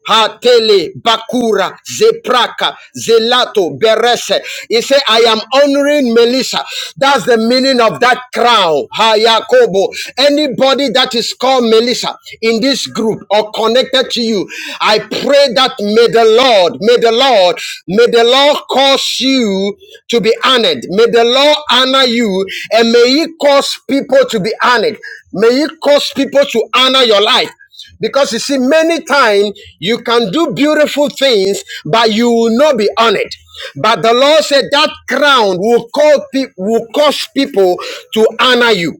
F: Hatele, Bakura, Zepraka, Zelato, Berese. He said, I am honoring Melissa. That's the meaning of that crown. Hayakobo. Anybody that is called Melissa in this group or connected to you, I pray that may the Lord, may the Lord, may the Lord cause you to be honored. May the Lord honor you and may he cause people to be honored. May he cause people to honor your life. Because you see, many times you can do beautiful things, but you will not be honored. But the Lord said that crown will call pe- will cause people to honor you.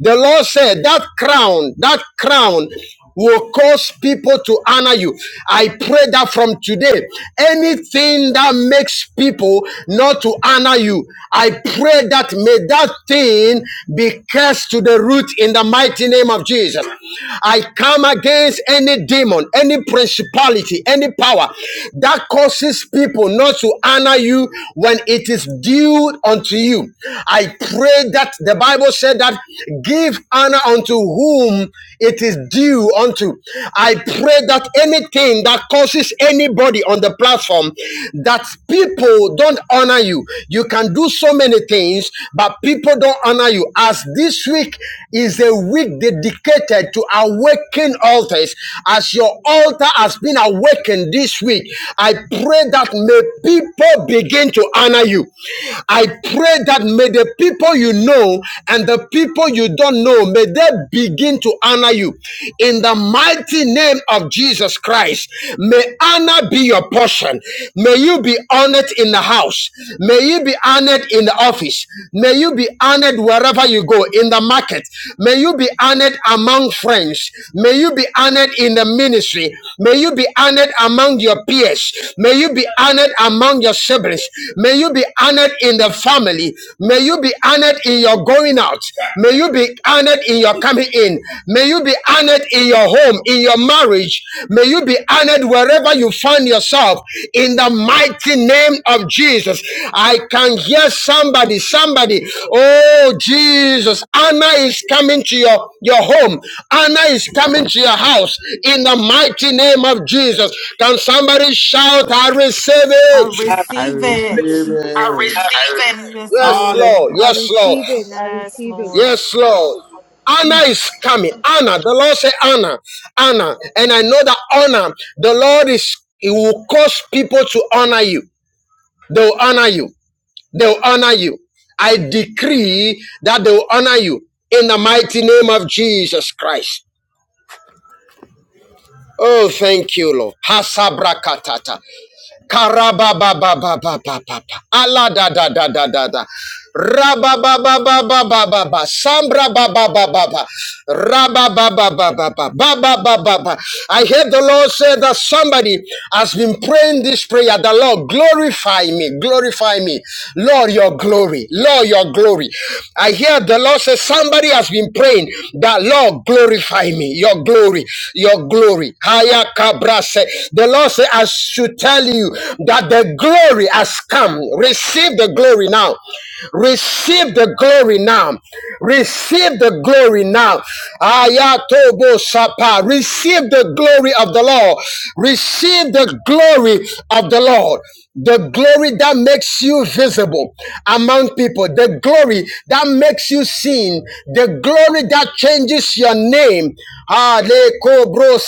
F: The Lord said that crown, that crown will cause people to honor you. I pray that from today, anything that makes people not to honor you, I pray that may that thing be cursed to the root in the mighty name of Jesus. I come against any demon, any principality, any power that causes people not to honor you when it is due unto you. I pray that that the Bible said that give honor unto whom it is due unto. I pray that anything that causes anybody on the platform that people don't honor you, you can do so many things, but people don't honor you. As this week is a week dedicated to awaken altars, as your altar has been awakened this week, I pray that may people begin to honor you. I pray pray that may the people you know and the people you don't know, may they begin to honor you. In the mighty name of Jesus Christ, may honor be your portion. May you be honored in the house. May you be honored in the office. May you be honored wherever you go, in the market. May you be honored among friends. May you be honored in the ministry. May you be honored among your peers. May you be honored among your siblings. May you be be honored in the family. May you be honored in your going out. May you be honored in your coming in. May you be honored in your home, in your marriage. May you be honored wherever you find yourself in the mighty name of Jesus. I can hear somebody, somebody. Oh, Jesus. Honor is coming to your, your home. Honor is coming to your house in the mighty name of Jesus. Can somebody shout, I receive
B: I
F: it?
A: I
B: receive it
A: receive
F: I receive
A: it.
F: it.
B: yes
F: Yes,
D: Hallelujah.
B: Lord
F: Lord.
G: I
F: Yes, Lord.
G: receive it. I
B: yes
G: receive it.
B: Lord
F: Yes, Lord. Anna
G: Mm.
F: is coming. Anna, the Lord said Anna, Anna, and I know that honor. The Lord is. It will cause people to honor you. They will honor you. They will honor you. I decree that they will honor you in the mighty name of Jesus Christ. Oh, thank you, Lord. Hasabrakatata. Karabababababababa. Allah da da da da da da. Rabababababababa. Sambra bababababa. Rababababababa. Bababababa. I hear the Lord say that somebody has been praying this prayer. The Lord glorify me, glorify me, Lord your glory, Lord your glory. I hear the Lord say somebody has been praying that Lord glorify me, your glory, your glory. Haya kabrase. The Lord Lord said, I should tell you that the glory has come. Receive the glory now. Receive the glory now. Receive the glory now. Ayatobo Sapa. Receive the glory of the Lord. Receive the glory of the Lord. The glory that makes you visible among people, the glory that makes you seen, the glory that changes your name. Ah, le kobro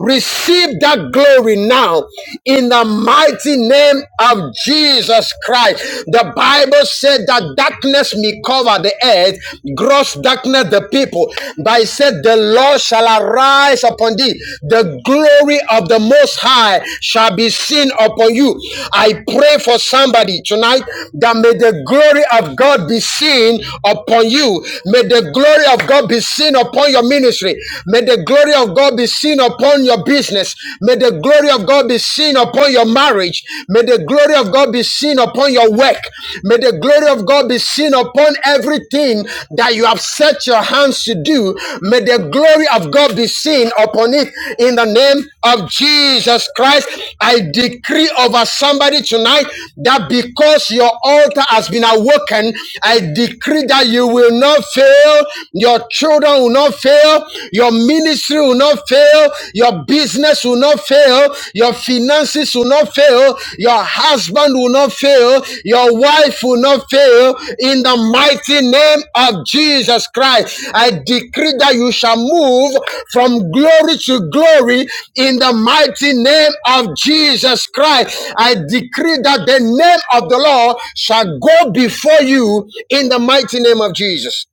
F: Receive that glory now in the mighty name of Jesus Christ. The Bible said that darkness may cover the earth, gross darkness the people, but it said the Lord shall arise upon thee. The glory of the Most High shall be seen upon you. I pray for somebody tonight that may the glory of God be seen upon you. May the glory of God be seen upon your ministry. May the glory of God be seen upon your business. May the glory of God be seen upon your marriage. May the glory of God be seen upon your work. May the glory of God be seen upon everything that you have set your hands to do. May the glory of God be seen upon it in the name of Jesus Christ. I decree over somebody tonight that because your altar has been awoken, I decree that you will not fail, your children will not fail, your ministry will not fail, your business will will not fail. Your finances will not fail. Your husband will not fail. Your wife will not fail. In the mighty name of Jesus Christ, I decree that you shall move from glory to glory in the mighty name of Jesus Christ. I decree that the name of the Lord shall go before you in the mighty name of Jesus.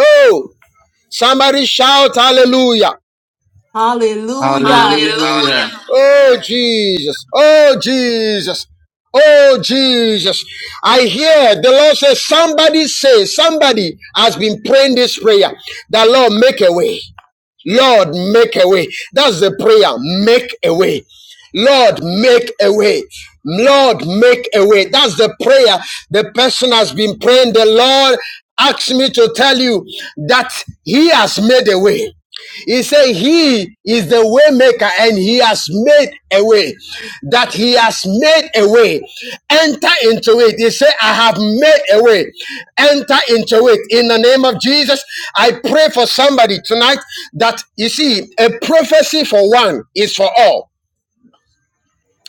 F: Oh, somebody shout hallelujah.
B: Hallelujah.
F: Hallelujah.
A: Hallelujah.
F: Oh, Jesus. Oh, Jesus. Oh, Jesus. I hear the Lord says, somebody say, somebody has been praying this prayer. The Lord make a way. Lord, make a way. That's the prayer. Make a way. Lord, make a way. Lord, make a way. That's the prayer the person has been praying. The Lord asked me to tell you that He has made a way. He said, He is the way maker and He has made a way. That He has made a way. Enter into it. He said, I have made a way. Enter into it. In the name of Jesus, I pray for somebody tonight that you see, a prophecy for one is for all.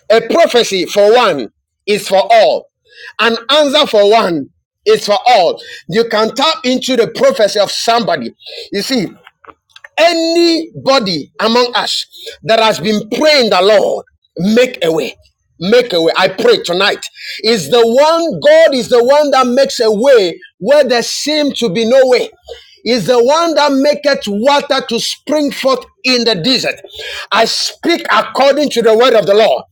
F: A prophecy for one is for all. An answer for one is for all. You can tap into the prophecy of somebody. You see, Anybody among us that has been praying the Lord, make a way. Make a way. I pray tonight. Is the one God is the one that makes a way where there seem to be no way is the one that maketh water to spring forth in the desert. I speak according to the word of the Lord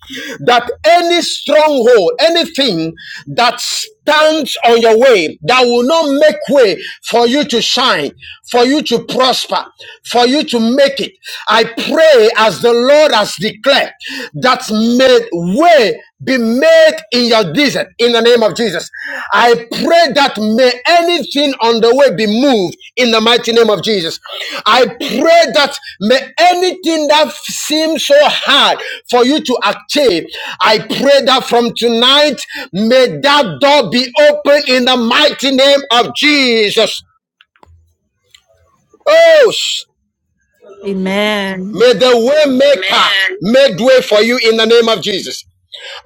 F: that any stronghold, anything that stands on your way, that will not make way for you to shine, for you to prosper, for you to make it. I pray as the Lord has declared that may said, way be made in your desert in the name of Jesus. I pray that may anything on the way be moved in the mighty name of Jesus. I pray that may anything that seems so hard for you to achieve, I pray that from tonight may that door be open in the mighty name of Jesus. Oh,
B: Amen.
F: may the way maker make way for you in the name of Jesus.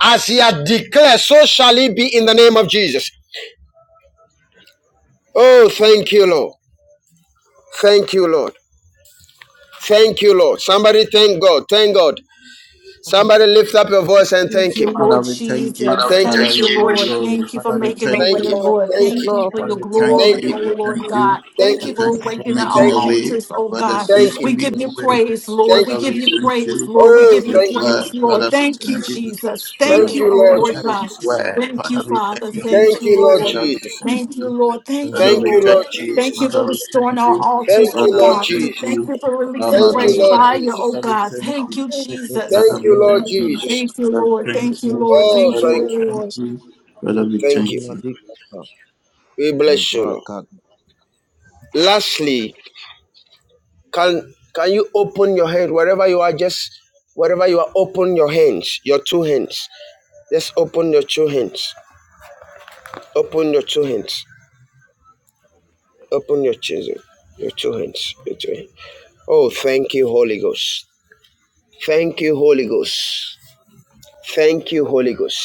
F: As he had declared, so shall it be in the name of Jesus. Oh, thank you, Lord. Thank you, Lord. Thank you, Lord. Somebody thank God. Thank God. Somebody lift up your voice and
B: Thank
F: thank
B: you,
F: Him.
A: Father,
B: Lord
A: we thank you.
B: Jesus.
F: Thank Him.
A: Father,
B: Thank
A: we
B: you,
A: give you
B: Lord.
A: glory.
B: Thank you for
A: Father, we
B: making a
E: Thank
A: thank
E: you,
B: way,
F: Thank
A: you.
F: Him.
E: Lord.
B: Lord.
E: Thank you,
F: Thank
B: Thank
F: Him.
B: you
E: Lord,
B: for
E: for
A: Father,
B: your
A: we
E: making up
A: thank
E: for
B: glory,
F: Thank
A: you.
E: you.
F: Him.
B: oh
A: We
E: Thank
B: Lord
A: thank
E: you.
B: God.
A: you.
F: Thank
B: Thank
A: We
F: Him.
B: you for
A: thank you for
B: waking
A: making
B: our
F: Thank
A: a
F: Him.
A: way
B: altars, oh
A: where there
B: God.
A: seems
F: Thank Him.
A: to
B: We
A: be
B: give you
A: no way.
B: praise, Lord.
F: Thank
B: We
A: Father,
B: give
F: you.
A: we
B: you
A: thank
B: praise,
A: you
B: Lord. We
F: Oh,
B: give
A: for your
B: you
F: thank you.
B: praise,
A: word.
B: Lord.
A: Father, we
B: Thank you,
A: thank you
B: Jesus.
A: for
B: Thank
A: your
F: Thank
B: you,
F: you,
B: oh
F: Lord
B: Lord
F: Jesus.
B: God.
A: heaven's word.
B: Thank you,
A: Father, we
B: Father.
A: thank you.
B: Thank
F: Thank
B: you,
F: you, Lord
B: Lord.
A: Father, we
F: Jesus.
A: thank
B: Thank you,
A: you.
B: Lord. Thank
A: Father,
B: you,
F: Thank
A: we
F: you,
A: thank
B: Lord.
F: Lord
A: you.
B: Thank
F: Jesus.
B: you for
A: Father, we
B: restoring
A: thank
B: our
A: you.
F: Thank
B: altars, oh
F: you,
A: Father,
F: Lord
A: we
B: God.
A: thank
F: Jesus.
B: Thank
A: you.
B: you for releasing
F: Thank you,
B: fresh
F: Lord
A: Father,
B: fire, oh
F: Jesus.
A: we
B: God.
A: thank you.
B: Thank you, Jesus.
A: Father,
F: Thank
A: we
F: you, Lord
A: thank you.
F: Jesus.
B: Thank you,
A: Father, we
B: Lord.
A: thank
B: Thank you,
A: you.
B: Lord.
F: Oh,
B: Thank you,
A: Father,
F: thank
A: we
F: you.
A: thank
B: Lord.
A: you. Father, we
F: Thank you.
A: thank you.
F: We bless you, Lord. Lastly, can can you open your hand wherever you are? Just wherever you are, open your hands, your two hands. Just open your two hands. Open your two hands. Open your chisel. Your two hands. Your two hands. Oh, thank you, Holy Ghost. Thank you, Holy Ghost. Thank you, Holy Ghost.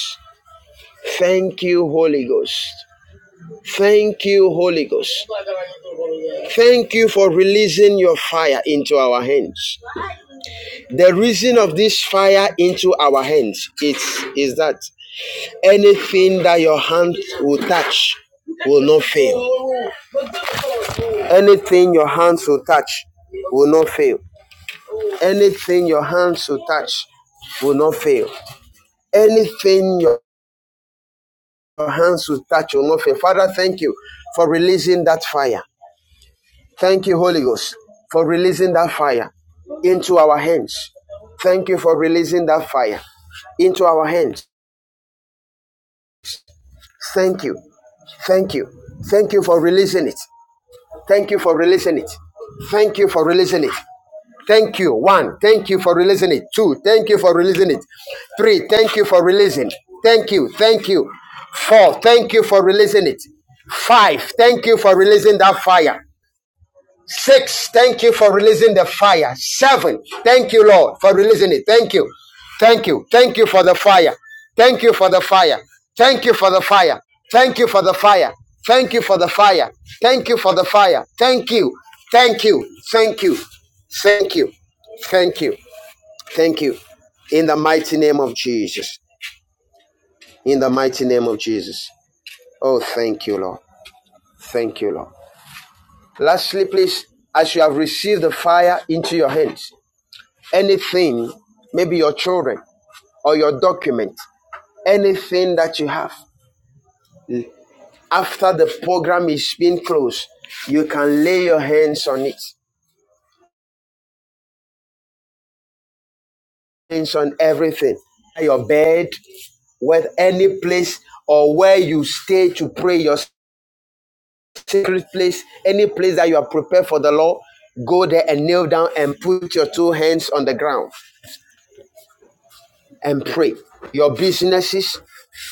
F: Thank you, Holy Ghost. Thank you, Holy Ghost. Thank you for releasing your fire into our hands. The reason of this fire into our hands is, is that anything that your hand will touch will not fail. Anything your hands will touch will not fail. Anything your hands will touch will not fail. Anything your your hands will touch will not fail. Father, thank you for releasing that fire. Thank you, Holy Ghost, for releasing that fire into our hands. Thank you for releasing that fire into our hands. Thank you Thank you. Thank you for releasing it. Thank you for releasing it. Thank you for releasing it. Thank you. One, thank you for releasing it. Two, thank you for releasing it. Three, thank you for releasing. Thank you. Thank you. Four, thank you for releasing it. Five, thank you for releasing that fire. Six, thank you for releasing the fire. Seven, thank you, Lord, for releasing it. Thank you. Thank you. Thank you for the fire. Thank you for the fire. Thank you for the fire. Thank you for the fire. Thank you for the fire. Thank you for the fire. Thank you. Thank you. Thank you. Thank you. Thank you. Thank you. In the mighty name of Jesus. In the mighty name of Jesus. Oh, thank you, Lord. Thank you, Lord. Lastly, please, as you have received the fire into your hands, anything, maybe your children or your document, anything that you have. After the program is being closed, you can lay your hands on it, hands on everything, your bed, with any place or where you stay to pray, your secret place, any place that you are prepared for the Lord, go there and kneel down and put your two hands on the ground and pray. Your businesses,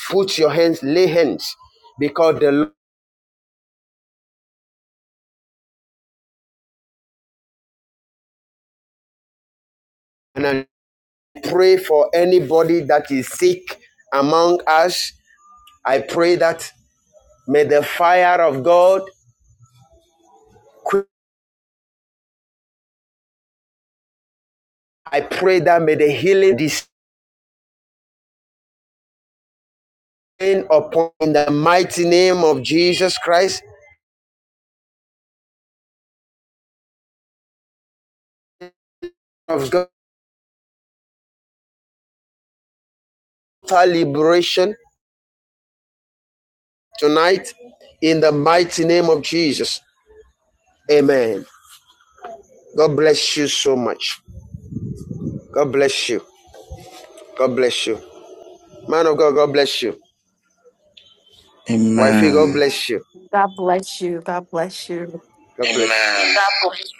F: put your hands, lay hands, because the Lord pray for anybody that is sick among us. I pray that may the fire of God, I pray that may the healing descend upon in the mighty name of Jesus Christ of God total liberation tonight in the mighty name of Jesus. Amen. God bless you so much. God bless you. God bless you. Man of God, God bless you. Wifey, God
A: Amen.
F: bless you.
B: God bless you. God bless you.
F: God bless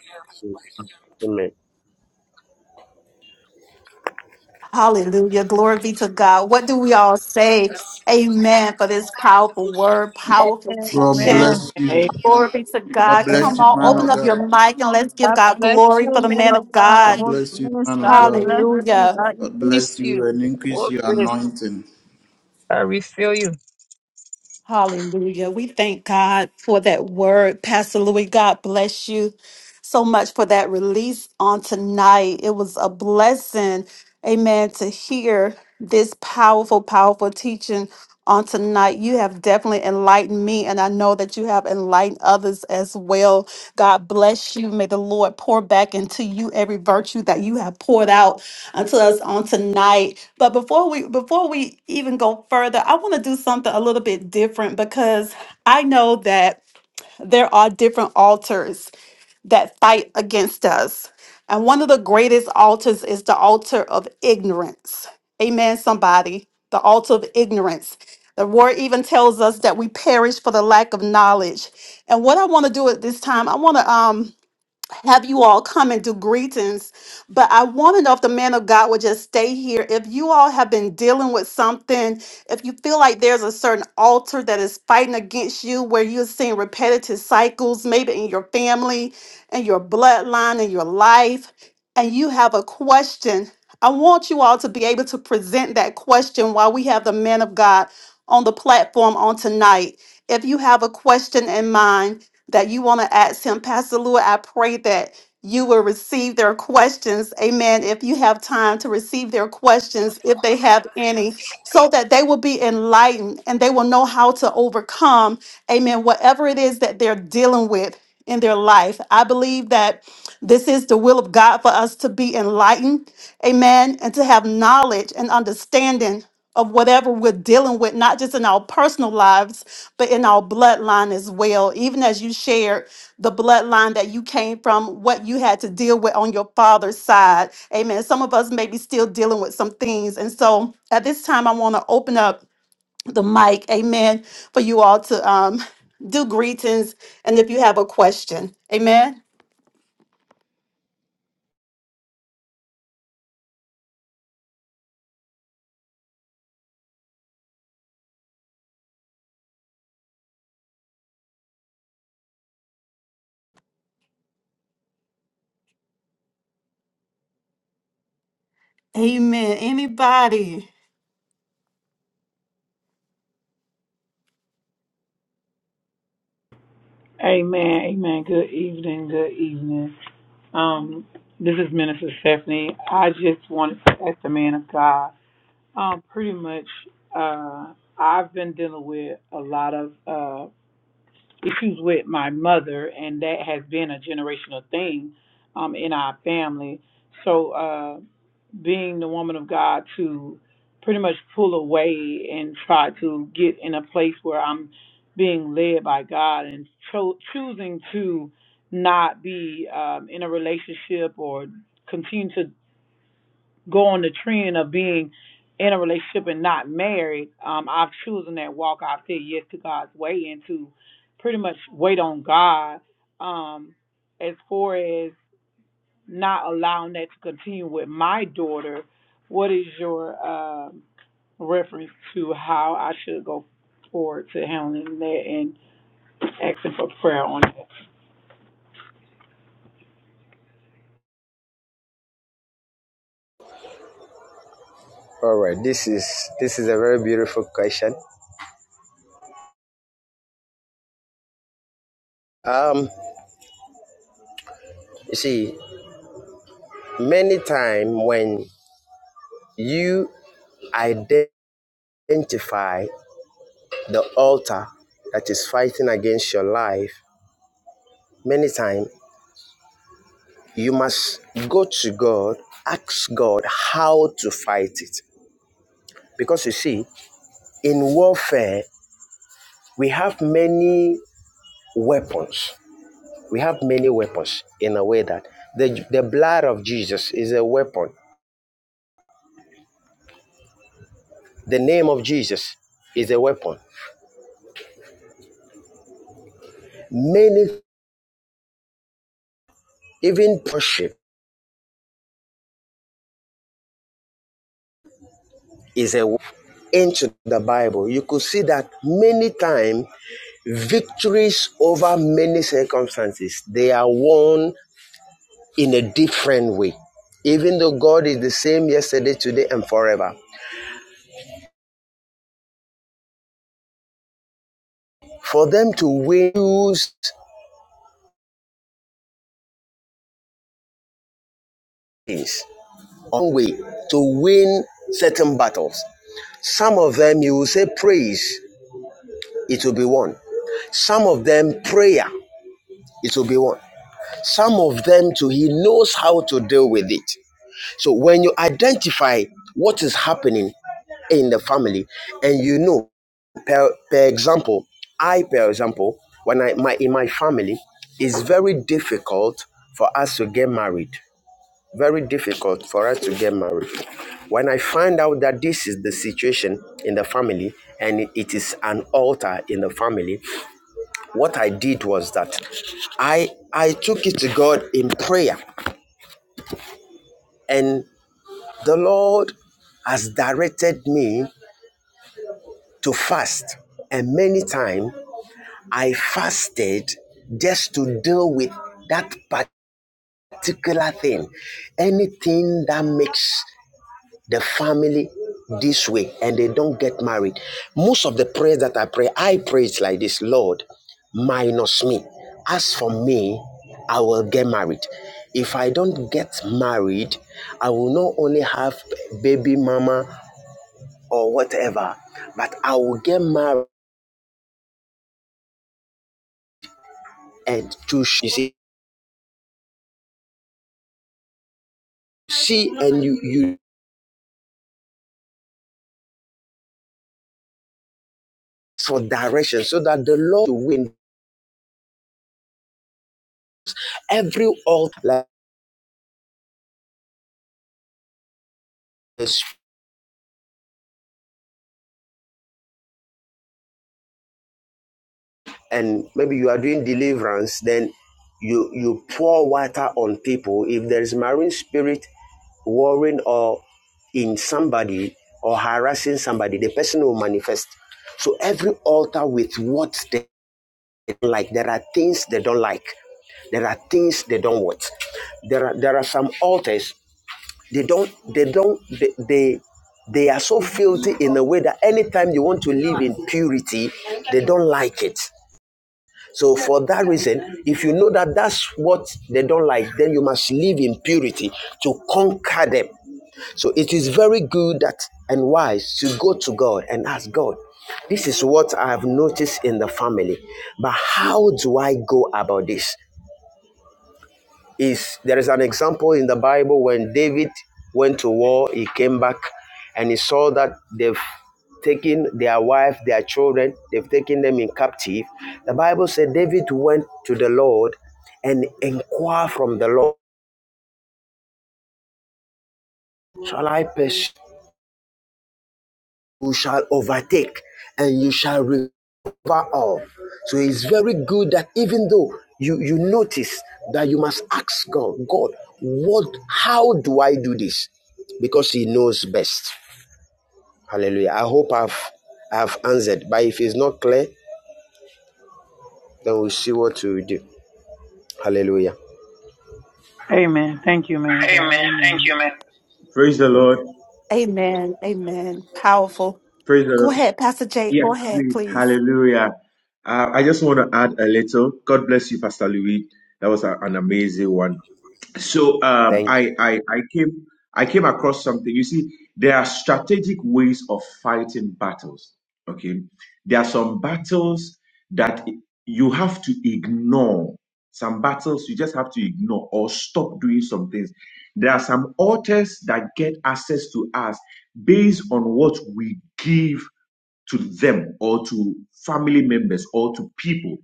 B: Hallelujah. Glory be to God. What do we all say? Amen for this powerful word, powerful
A: God
B: teaching.
E: Amen.
A: bless you.
D: Amen.
B: Glory be to
A: God
B: God.
E: Amen.
A: bless
B: Come
A: you,
B: on,
A: man
E: Amen.
B: open
A: of
B: up
A: God.
B: your mic and let's give
E: God
B: God
E: bless
B: glory
E: you,
B: for the
E: man
B: man
E: of
B: of
E: God.
A: God
B: God.
E: Lord,
A: bless you,
E: bless.
A: man of
E: God
A: God.
E: bless you.
B: Hallelujah.
E: God
A: God bless
E: increase you.
A: you and increase
E: Lord,
A: your
E: bless.
A: anointing.
E: I refill you.
B: Hallelujah. We thank God for that word. Pastor Louis, God bless you so much for that release on tonight. It was a blessing, amen, to hear this powerful, powerful teaching on tonight. You have definitely enlightened me, and I know that you have enlightened others as well. God bless you. May the Lord pour back into you every virtue that you have poured out unto us on tonight. But before we before we even go further, I want to do something a little bit different because I know that there are different altars that fight against us. And one of the greatest altars is the altar of ignorance. Amen somebody, the altar of ignorance. The word even tells us that we perish for the lack of knowledge. And what I want to do at this time, I want to um have you all come and do greetings, but I want to know if the man of God would just stay here. If you all have been dealing with something, if you feel like there's a certain altar that is fighting against you, where you're seeing repetitive cycles, maybe in your family, and your bloodline, and your life, and you have a question, I want you all to be able to present that question while we have the man of God on the platform on tonight. If you have a question in mind, that you want to ask him. Pastor Lua, I pray that you will receive their questions. Amen. If you have time to receive their questions, if
F: you.
B: they have any, so that they will be enlightened and they will know how to overcome, amen, whatever it is that they're dealing with in their life. I believe that this is the will of God for us to be enlightened, amen, and to have knowledge and understanding of whatever we're dealing with, not just in our personal lives but in our bloodline as well. Even as you shared the bloodline that you came from, what you had to deal with on your father's side. Amen. Some of us may be still dealing with some things. And so at this time, I want to open up the mic, amen, for you all to um, do greetings. And if you have a question, amen. Amen. Anybody?
D: Amen. Amen. Good evening. Good evening. Um, this is Minister Stephanie. I just wanted to ask the man of God. Um, pretty much, uh, I've been dealing with a lot of uh, issues with my mother, and that has been a generational thing um, in our family. So, uh, being the woman of God to pretty much pull away and try to get in a place where I'm being led by God and cho- choosing to not be um, in a relationship or continue to go on the trend of being in a relationship and not married, um, I've chosen that walk. I've said yes to God's way and to pretty much wait on God. Um, as far as not allowing that to continue with my daughter, what is your um reference to how I should go forward to handling that and asking for prayer on that?
F: All right, this is this is a very beautiful question. Um, you see, many times when you identify the altar that is fighting against your life, many times you must go to God, ask God how to fight it. Because you see, in warfare, we have many weapons. We have many weapons in a way that the, the blood of Jesus is a weapon The name of Jesus is a weapon. Many, even worship is a weapon. into the Bible. You could see that many times victories over many circumstances they are won in a different way. Even though God is the same yesterday, today, and forever, for them to win things one way to win certain battles. Some of them you will say praise, it will be won. Some of them prayer it will be one. Some of them too, he knows how to deal with it. So when you identify what is happening in the family, and you know, per, per example, I, per example, when I my in my family, it's very difficult for us to get married. Very difficult for us to get married. When I find out that this is the situation in the family and it is an altar in the family, what I did was that I I took it to God in prayer and the Lord has directed me to fast and many times I fasted just to deal with that particular thing anything that makes the family this way and they don't get married. Most of the prayers that I pray, I pray it like this Lord, minus me. As for me, I will get married. If I don't get married, I will not only have baby mama or whatever, but I will get married and to sh- you see, see and you, you for direction so that the Lord will win every altar and maybe you are doing deliverance, then you you pour water on people. If there is marine spirit warring or in somebody or harassing somebody, the person will manifest. So every altar with what they don't like, there are things they don't like. There are things they don't want. There are there are some altars they don't they don't they they, they are so filthy in a way that anytime you want to live in purity, they don't like it. So for that reason, if you know that that's what they don't like, then you must live in purity to conquer them. So it is very good that and wise to go to God and ask God, this is what I have noticed in the family, but how do I go about this? is there is an example in the Bible when David went to war, he came back and he saw that they've taken their wife, their children, they've taken them in captive. The Bible said David went to the Lord and inquired from the Lord, Shall I pursue? you shall overtake and you shall recover all. So it's very good that even though you, you notice that you must ask God, God, what how do I do this? Because he knows best. Hallelujah. I hope I've I've answered. But if it's not clear, then we'll see what to do. Hallelujah.
D: Amen. Thank you, man of God.
F: Amen. Thank
D: Amen.
F: you, man.
J: Praise the Lord.
B: Amen. Amen. Powerful.
J: Praise the
B: Go
J: Lord.
B: ahead, Pastor Jake.
J: Yes,
B: Go ahead,
J: please.
B: please.
J: Hallelujah. Uh, I just want to add a little. God bless you, Pastor Louis. That was a- an amazing one. so um,
F: Thank you.
J: I, I I came I came across something. You see, there are strategic ways of fighting battles. Okay, there are some battles that you have to ignore. Some battles you just have to ignore or stop doing some things. There are some altars that get access to us based on what we give to them or to family members or to people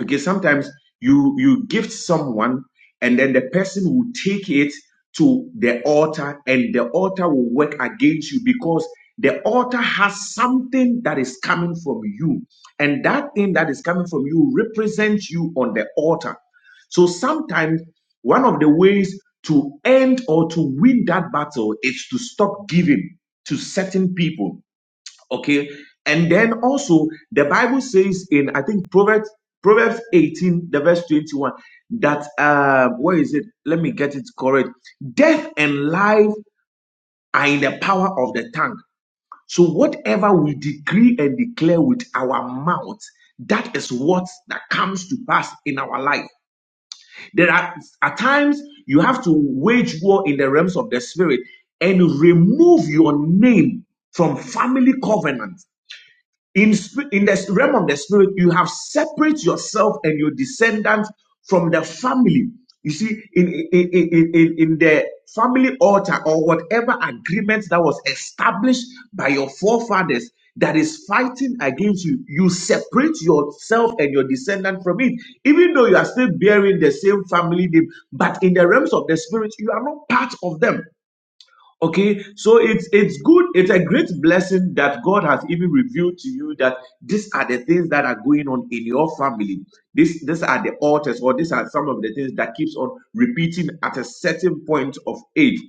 J: Okay, sometimes you you gift someone and then the person will take it to the altar and the altar will work against you because the altar has something that is coming from you and that thing that is coming from you represents you on the altar so sometimes one of the ways to end or to win that battle is to stop giving to certain people okay and then also the bible says in i think proverbs proverbs 18 the verse 21 that uh where is it let me get it correct death and life are in the power of the tongue so whatever we decree and declare with our mouth that is what that comes to pass in our life there are at times you have to wage war in the realms of the spirit and remove your name from family covenant in, in the realm of the spirit, you have separate yourself and your descendants from the family. You see, in, in, in, in in the family altar or whatever agreement that was established by your forefathers that is fighting against you, you separate yourself and your descendant from it. Even though you are still bearing the same family name, but in the realms of the spirit, you are not part of them. Okay, so it's it's good. It's a great blessing that God has even revealed to you that these are the things that are going on in your family. This these are the altars, or these are some of the things that keeps on repeating at a certain point of age.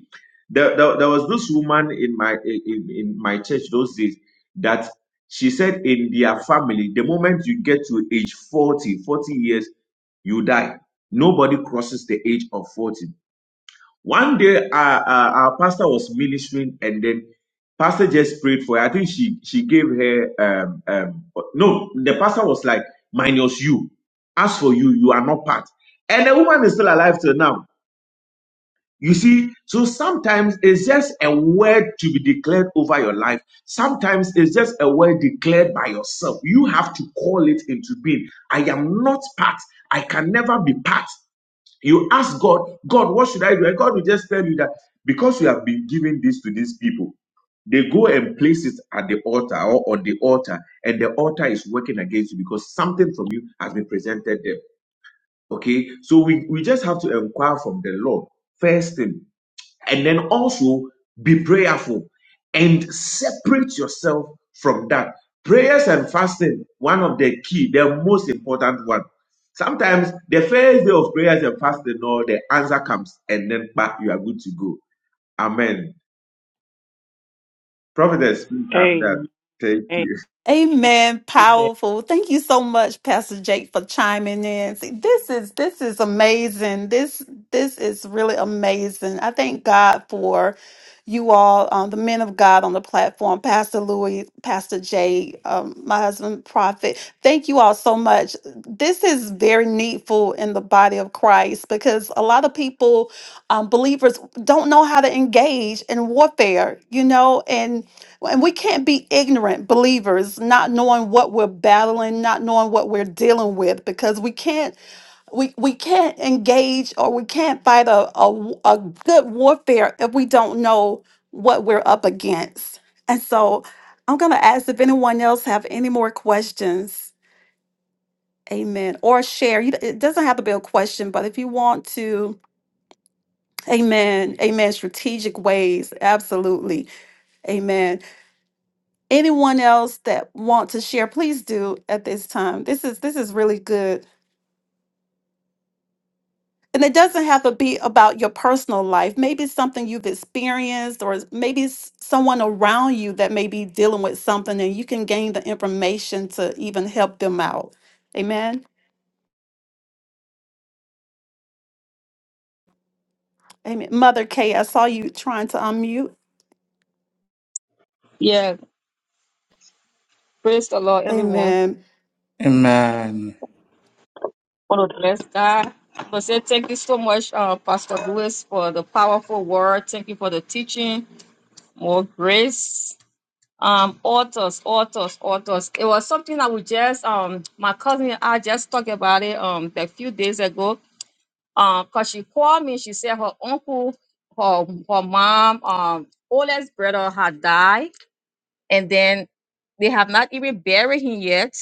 J: There, there, there was this woman in my in, in my church those days that she said in their family, the moment you get to age 40, 40 years, you die. Nobody crosses the age of 40. One day, our, our, our pastor was ministering, and then pastor just prayed for her. I think she she gave her um um no. The pastor was like, "Minus you. As for you, you are not part." And the woman is still alive till now. You see, so sometimes it's just a word to be declared over your life. Sometimes it's just a word declared by yourself. You have to call it into being. I am not part. I can never be part. You ask God, God, what should I do? And God will just tell you that because you have been giving this to these people, they go and place it at the altar or on the altar, and the altar is working against you because something from you has been presented them. Okay, so we, we just have to inquire from the Lord first thing and then also be prayerful and separate yourself from that. Prayers and fasting, one of the key, the most important one. Sometimes the first day of prayers and fasting, no, the answer comes and then back, you are good to go. Amen. Prophetess, please, I'm done.
D: Amen.
J: Thank
D: Amen.
J: you.
D: I
B: Amen.
D: see that.
B: Powerful. Thank you so much, Pastor Jake, for chiming in. See, this is this is amazing. This this is really amazing. I thank God for you all, um, the men of God on the platform, Pastor Louis, Pastor Jake, um, my husband, Prophet. Thank you all so much. This is very needful in the body of Christ because a lot of people, um, believers, don't know how to engage in warfare. You know, well, And we can't be ignorant believers, not knowing what we're battling, not knowing what we're dealing with, because we can't we, we can't engage or we can't fight a, a, w- a good warfare if we don't know what we're up against. And so I'm gonna ask if anyone else have any more questions. Amen. Or share. You- It doesn't have to be a question, but if you want to, amen, amen, strategic ways, absolutely. Amen. anyone else that want to share please do at this time this is this is really good and it doesn't have to be about your personal life maybe it's something you've experienced or it's- maybe it's someone around you that may be dealing with something and you can gain the information to even help them out amen amen mother k i saw you trying to unmute
E: Yeah. Praise the Lord, everyone.
B: amen
A: Amen.
E: Oh, bless God. But say thank you so much, uh, Pastor Lewis, for the powerful word. Thank you for the teaching. More grace. Um, authors, authors, authors. It was something I would just um my cousin and I just talked about it um a few days ago. Um, cause she called me, she said her uncle, her her mom, um, oldest brother had died, and then they have not even buried him yet.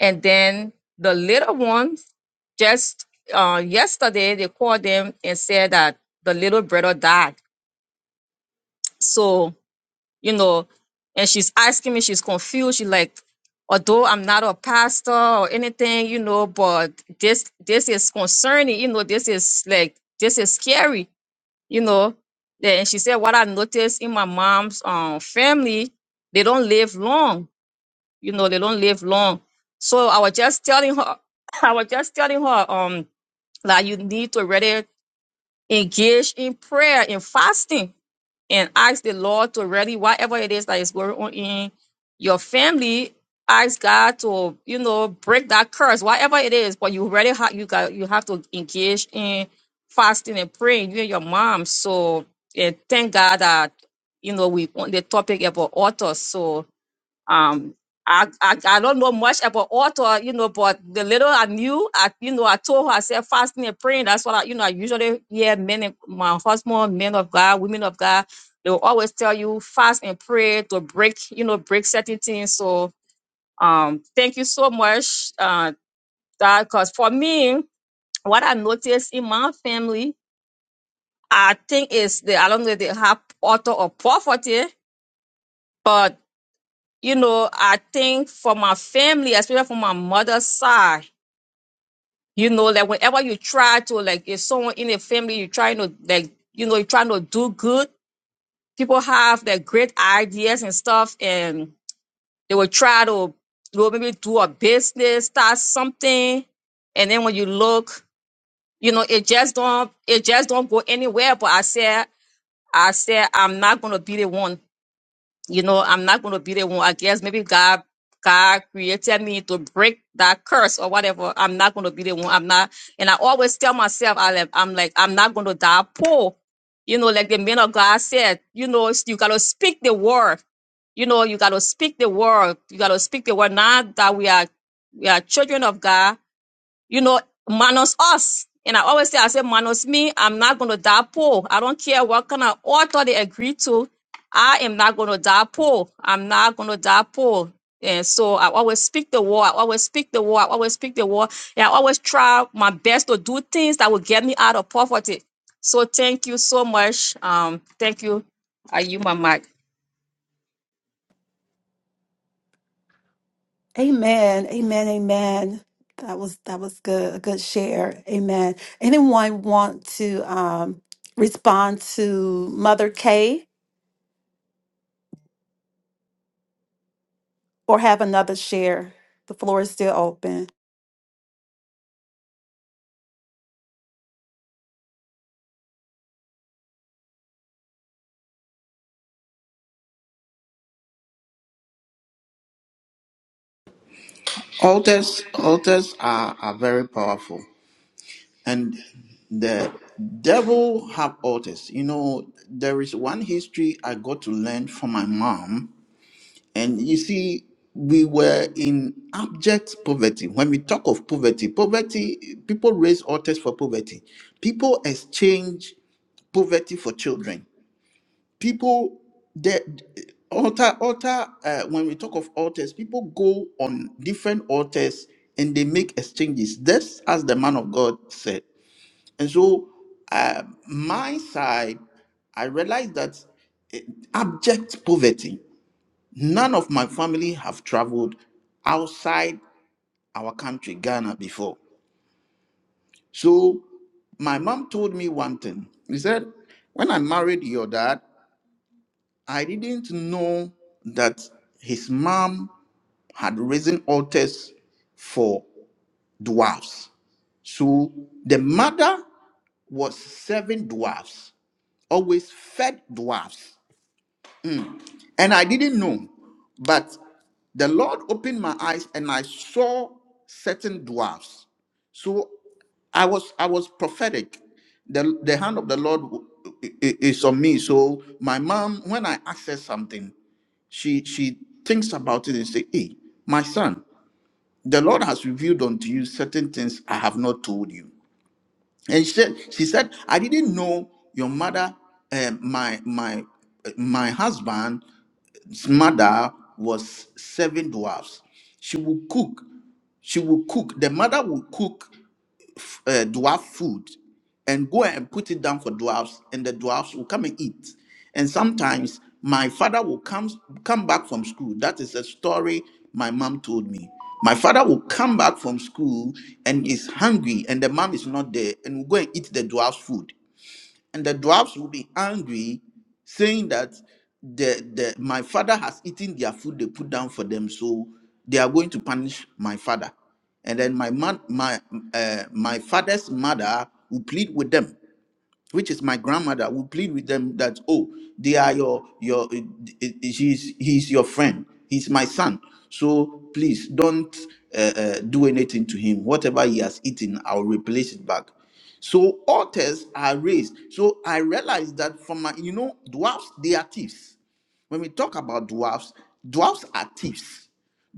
E: And then the little ones, just uh, yesterday, they called them and said that the little brother died. So, you know, and she's asking me, she's confused. She's like, although I'm not a pastor or anything, you know, but this this is concerning, you know, this is like this is scary, you know. Then she said, what I noticed in my mom's um family, they don't live long you know they don't live long so i was just telling her <laughs> <coughs> i was just telling her um that you need to really engage in prayer and fasting and ask the lord to really whatever it is that is going on in your family ask god to you know break that curse whatever it is but you really have you got you have to engage in fasting and praying you and your mom so and thank god that you know we on the topic about authors so um, I, I I don't know much about author, you know, but the little I knew, I you know, I told her I said fasting and praying. That's what I, you know, I usually hear men, and, my husband, men of God, women of God, they will always tell you fast and pray to break, you know, break certain things. So, um, thank you so much, uh, that because for me, what I noticed in my family, I think is the I don't know if they have author of poverty, but you know, I think for my family, especially from my mother's side, you know, like whenever you try to, like, if someone in a family, you're trying to, like, you know, you're trying to do good, people have like great ideas and stuff, and they will try to, you know, maybe do a business, start something, and then when you look, you know, it just don't, it just don't go anywhere. But I said, I said, I'm not gonna be the one. you know, I'm not going to be the one. I guess maybe God, God created me to break that curse or whatever. I'm not going to be the one. I'm not, and I always tell myself, I like, I'm like, I'm not going to die poor. You know, like the man of God said, you know, you got to speak the word. You know, you got to speak the word. You got to speak the word. Not that we are, we are children of God you know, minus us. And I always say, I say, minus me, I'm not going to die poor. I don't care what kind of author they agree to. I am not going to die poor. I'm not going to die poor. And so I always speak the word. I always speak the word. I always speak the word. And I always try my best to do things that will get me out of poverty. So thank you so much. Um, thank you. Are you my mic?
B: Amen. Amen. Amen. That was that was good. A good share. Amen. Anyone want to um, respond to Mother Kay or have another share? The floor is still open.
A: Altars, altars are, are very powerful, and the devil have altars. You know, there is one history I got to learn from my mom And you see, we were in abject poverty. When we talk of poverty, poverty, people raise altars for poverty. People exchange poverty for children. People, the altar, altar. Uh, when we talk of altars, people go on different altars and they make exchanges. Just as the man of God said. And so, uh, my side, I realized that abject poverty None of my family have traveled outside our country, Ghana, before. So my mom told me one thing. He said, When I married your dad, I didn't know that his mom had raised altars for dwarfs. So the mother was serving dwarfs, always fed dwarfs. And I didn't know, but the Lord opened my eyes and I saw certain dwarfs. So I was I was prophetic. The, the hand of the Lord w- i- i- is on me. So my mom, when I ask her something, she she thinks about it and say, Hey, my son, the Lord has revealed unto you certain things I have not told you. And she said, she said, I didn't know your mother, eh, my my my husband his mother was seven dwarfs. She would cook. She would cook. The mother would cook uh, dwarf food and go and put it down for dwarfs, and the dwarfs will come and eat. And sometimes my father will come come back from school. That is a story my mom told me. My father will come back from school and is hungry, and the mom is not there, and will go and eat the dwarf's food and the dwarfs will be angry, saying that the, the my father has eaten their food they put down for them, so they are going to punish my father. And then my man, my uh, my father's mother will plead with them which is my grandmother, will plead with them that, oh, they are your your eh, eh, eh, he's he's your friend, he's my son. So please don't uh, uh, do anything to him. Whatever he has eaten, I'll replace it back. So altars are raised. So I realized that from my, you know, dwarfs, they are thieves. When we talk about dwarfs, dwarfs are thieves.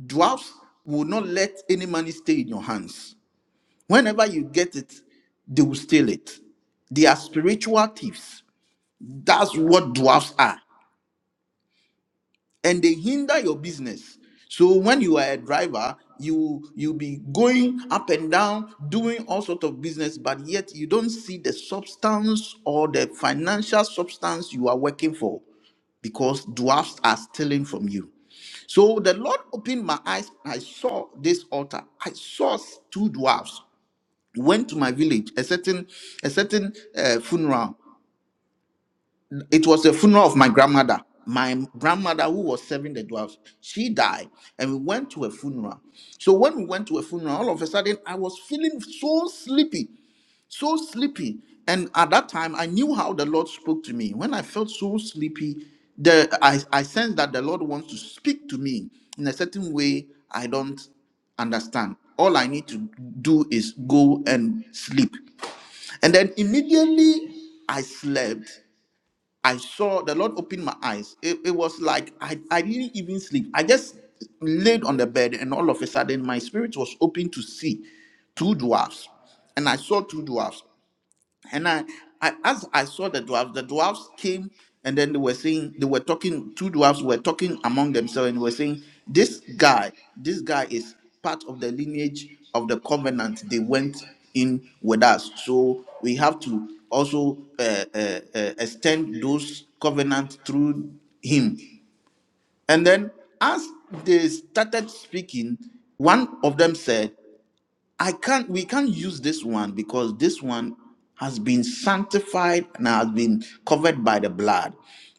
A: Dwarfs will not let any money stay in your hands Whenever you get it, they will steal it. They are spiritual thieves. That's what dwarfs are. And they hinder your business. So when you are a driver, you you be going up and down doing all sorts of business, but yet you don't see the substance or the financial substance you are working for because dwarfs are stealing from you. So the Lord opened my eyes. I saw this altar. I saw two dwarfs. went to my village a certain a certain uh, funeral it was the funeral of my grandmother my grandmother who was serving the dwarves she died and we went to a funeral so when we went to a funeral all of a sudden i was feeling so sleepy so sleepy and at that time i knew how the lord spoke to me when i felt so sleepy the i, I sensed that the lord wants to speak to me in a certain way i don't understand all i need to do is go and sleep and then immediately I slept. I saw the Lord open my eyes. It, it was like I, I didn't even sleep. I just laid on the bed, and all of a sudden, my spirit was open to see two dwarfs. And I saw two dwarfs. And I, I as I saw the dwarfs, the dwarfs came and then they were saying they were talking, two dwarfs were talking among themselves and were saying, This guy, this guy is part of the lineage of the covenant. They went in with us. So we have to also uh, uh, uh, extend those covenants through him. And then as they started speaking, one of them said, I can't we can't use this one because this one has been sanctified and has been covered by the blood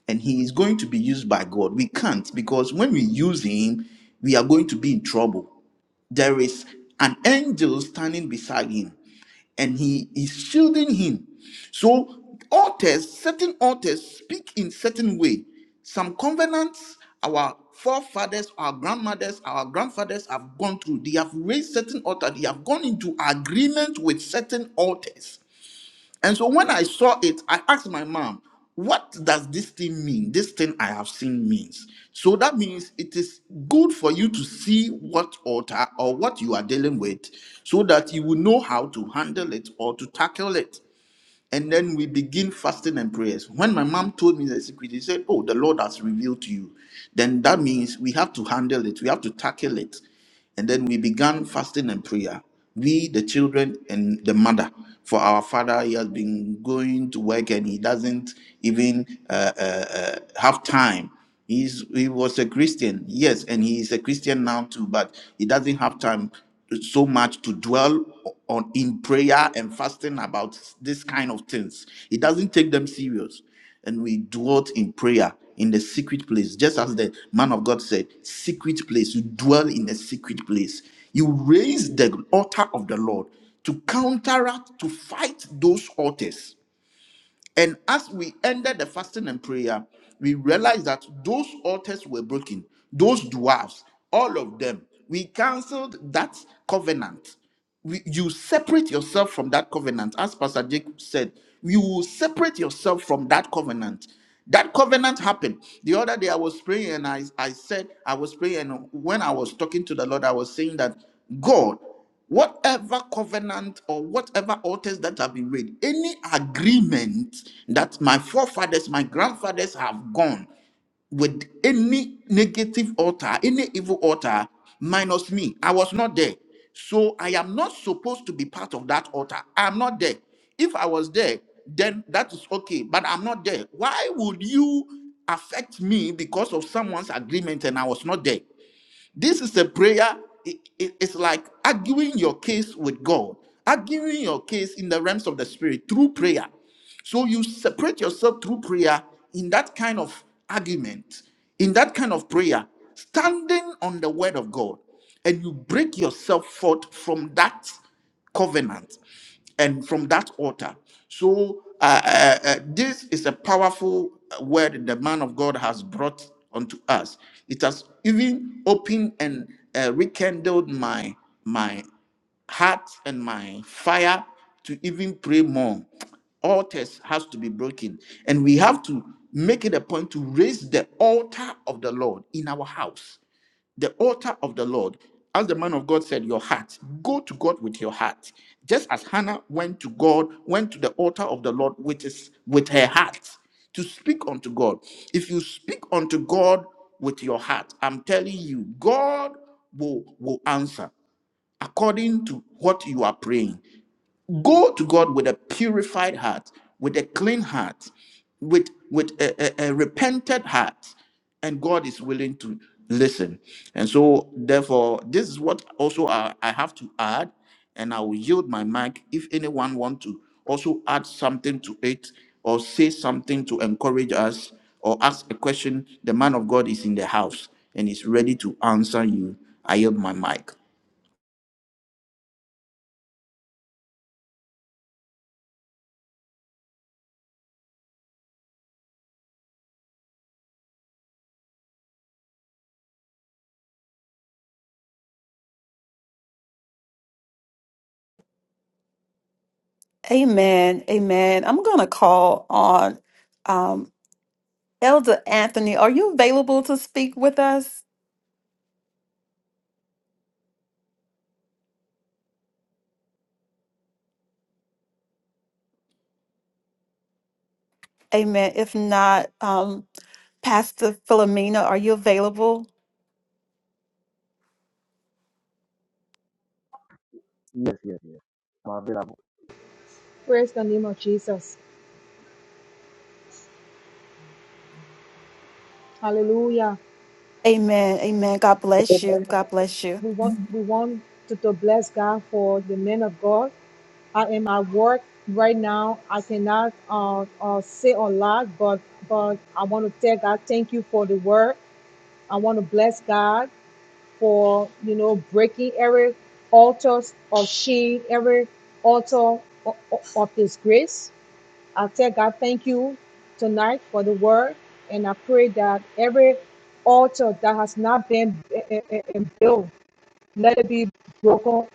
A: and he is going to be used by God. We can't because when we use him, we are going to be in trouble. There is an angel standing beside him and he is shielding him. So altars, certain altars speak in certain way. Some covenants our forefathers, our grandmothers, our grandfathers have gone through. They have raised certain altars. They have gone into agreement with certain altars and so when I saw it, I asked my mom, what does this thing mean? This thing I have seen means. So that means it is good for you to see what altar or what you are dealing with so that you will know how to handle it or to tackle it. And then we begin fasting and prayers. When my mom told me the secret, she said, Oh, the Lord has revealed to you. Then that means we have to handle it, we have to tackle it. And then we began fasting and prayer. We, the children, and the mother. For our father, he has been going to work and he doesn't even uh, uh, uh, have time. He's, he was a Christian, yes, and he is a Christian now too, but he doesn't have time so much to dwell on in prayer and fasting about this kind of things. He doesn't take them serious. And we dwelt in prayer in the secret place, just as the man of God said, secret place. You dwell in the secret place. You raise the altar of the Lord to counteract, to fight those altars and as we ended the fasting and prayer, we realized that those altars were broken, those dwarfs, all of them. We canceled that covenant we, you separate yourself from that covenant. As Pastor Jacob said, you will separate yourself from that covenant. That covenant happened. The other day I was praying and I, I said, I was praying, and when I was talking to the Lord, I was saying that God, whatever covenant or whatever altars that have been made, any agreement that my forefathers, my grandfathers have gone with any negative altar, any evil altar, minus me. I was not there. So I am not supposed to be part of that altar. I'm not there. If I was there, then that is okay, but I'm not there. Why would you affect me because of someone's agreement and I was not there? This is a prayer. i- i- it's like arguing your case with God, arguing your case in the realms of the spirit through prayer. So you separate yourself through prayer in that kind of argument, in that kind of prayer, standing on the word of God, and you break yourself forth from that covenant and from that altar. So uh, uh, uh, this is a powerful uh, word the man of God has brought unto us. It has even opened and uh, rekindled my my heart and my fire to even pray more. Altars has to be broken, and we have to make it a point to raise the altar of the Lord in our house the altar of the Lord, as the man of God said, your heart. Go to God with your heart. Just as Hannah went to God, went to the altar of the Lord with his with her heart to speak unto God. If you speak unto God with your heart, I'm telling you, God will, will answer according to what you are praying. Go to God with a purified heart, with a clean heart, with, with a, a a repented heart, and God is willing to listen. And so, therefore, this is what also I, I have to add, and I will yield my mic if anyone want to also add something to it or say something to encourage us or ask a question. The man of God is in the house and is ready to answer you. I yield my mic.
B: Amen. Amen. I'm going to call on um, Elder Anthony. Are you available to speak with us? Amen. If not, um, Pastor Philomena, are you available?
G: Praise the name of Jesus. Hallelujah.
B: Amen. Amen. God bless you. God bless you.
G: We want we want to, to bless God for the men of God. I am at work right now. I cannot uh, uh, say a lot, but but I want to tell God thank you for the word. I want to bless God for you know breaking every altar of shame, every altar of, of His grace. I tell God thank you tonight for the word, and I pray that every altar that has not been eh, eh, eh, eh, built, let it be broken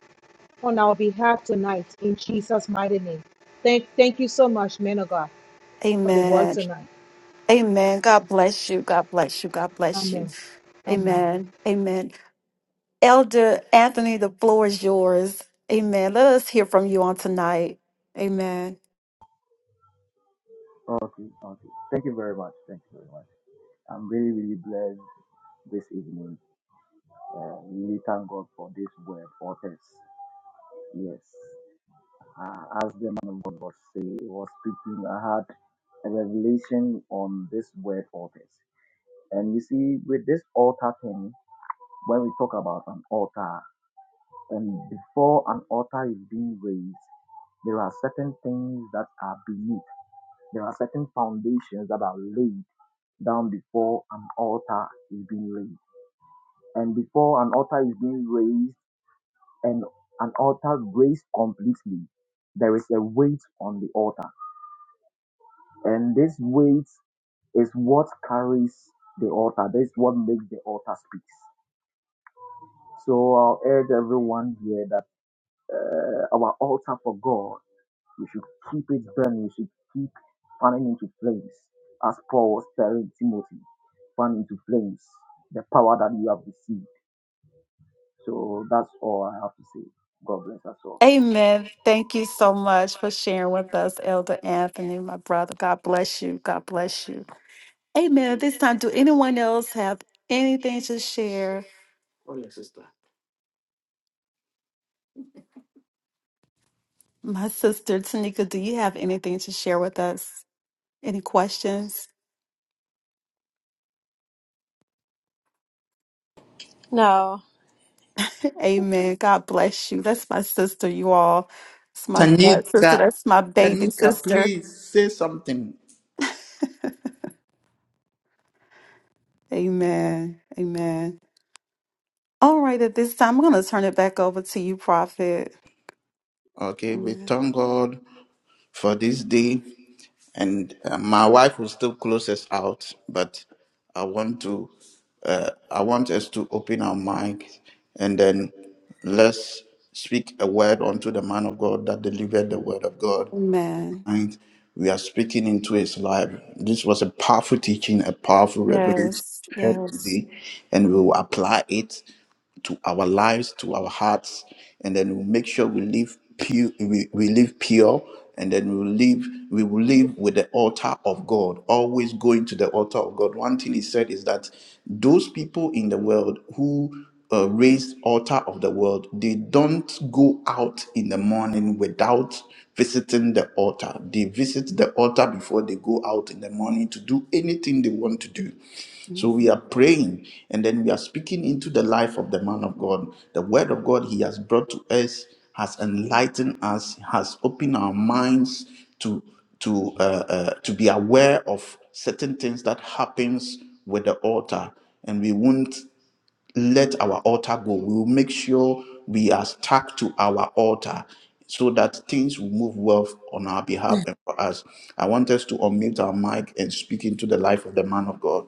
G: on our behalf tonight in Jesus' mighty name. Thank, thank you so much, man of God, for the word
B: Amen.
G: tonight.
B: Amen. God bless you. God bless you. God bless you.
G: Amen. Amen.
B: Amen. Amen. Elder Anthony, the floor is yours. Amen. Let us hear from you on tonight. Amen.
H: Okay, okay. Thank you very much. Thank you very much. I'm really, really blessed. this evening. Uh, we thank God for this word, authors. Yes. Uh, as the man of God was, say, was speaking, I had a revelation on this word, authors. And you see, with this altar thing, when we talk about an altar, and before an altar is being raised, there are certain things that are beneath. There are certain foundations that are laid down before an altar is being raised. And before an altar is being raised, and an altar raised completely, there is a weight on the altar. And this weight is what carries the altar. This is what makes the altar speak. So I'll urge everyone here that uh, our altar for God, we should keep it burning. We should keep fanning into flames, as Paul was telling Timothy, fan into flames the power that you have received. So that's all I have to say. God bless us all.
B: Amen. Thank you so much for sharing with us, Elder Anthony, my brother. God bless you. God bless you. Amen. At This time, do anyone else have anything to share? My sister Tanika, do you have anything to share with us? Any questions?
C: No.
B: Amen. God bless you. That's my sister, you all. It's my blood sister.
A: Tanika,
B: That's my baby
A: Tanika,
B: sister.
A: please say something.
B: <laughs> Amen. Amen. All right, at this time, I'm going to turn it back over to you, Prophet.
A: Okay, we
B: Amen.
A: thank God for this day. And uh, my wife will still close us out, but I want to, uh, I want us to open our minds and then let's speak a word unto the man of God that delivered the word of God.
B: Amen.
A: And we are speaking into his life. This was a powerful teaching, a powerful revelation
B: Yes.
A: we heard
B: Yes.
A: today, and we will apply it. to our lives, to our hearts, and then we'll make sure we live pure. We, we live pure, and then we will live. We will live with the altar of God. Always going to the altar of God. One thing he said is that those people in the world who uh, raised altar of the world, they don't go out in the morning without visiting the altar. They visit the altar before they go out in the morning to do anything they want to do. So we are praying and then we are speaking into the life of the man of God. The word of God he has brought to us has enlightened us, has opened our minds to to uh, uh, to be aware of certain things that happens with the altar, and we won't let our altar go. We will make sure we are stuck to our altar so that things will move well on our behalf and for us. I want us to unmute our mic and speak into the life of the man of God.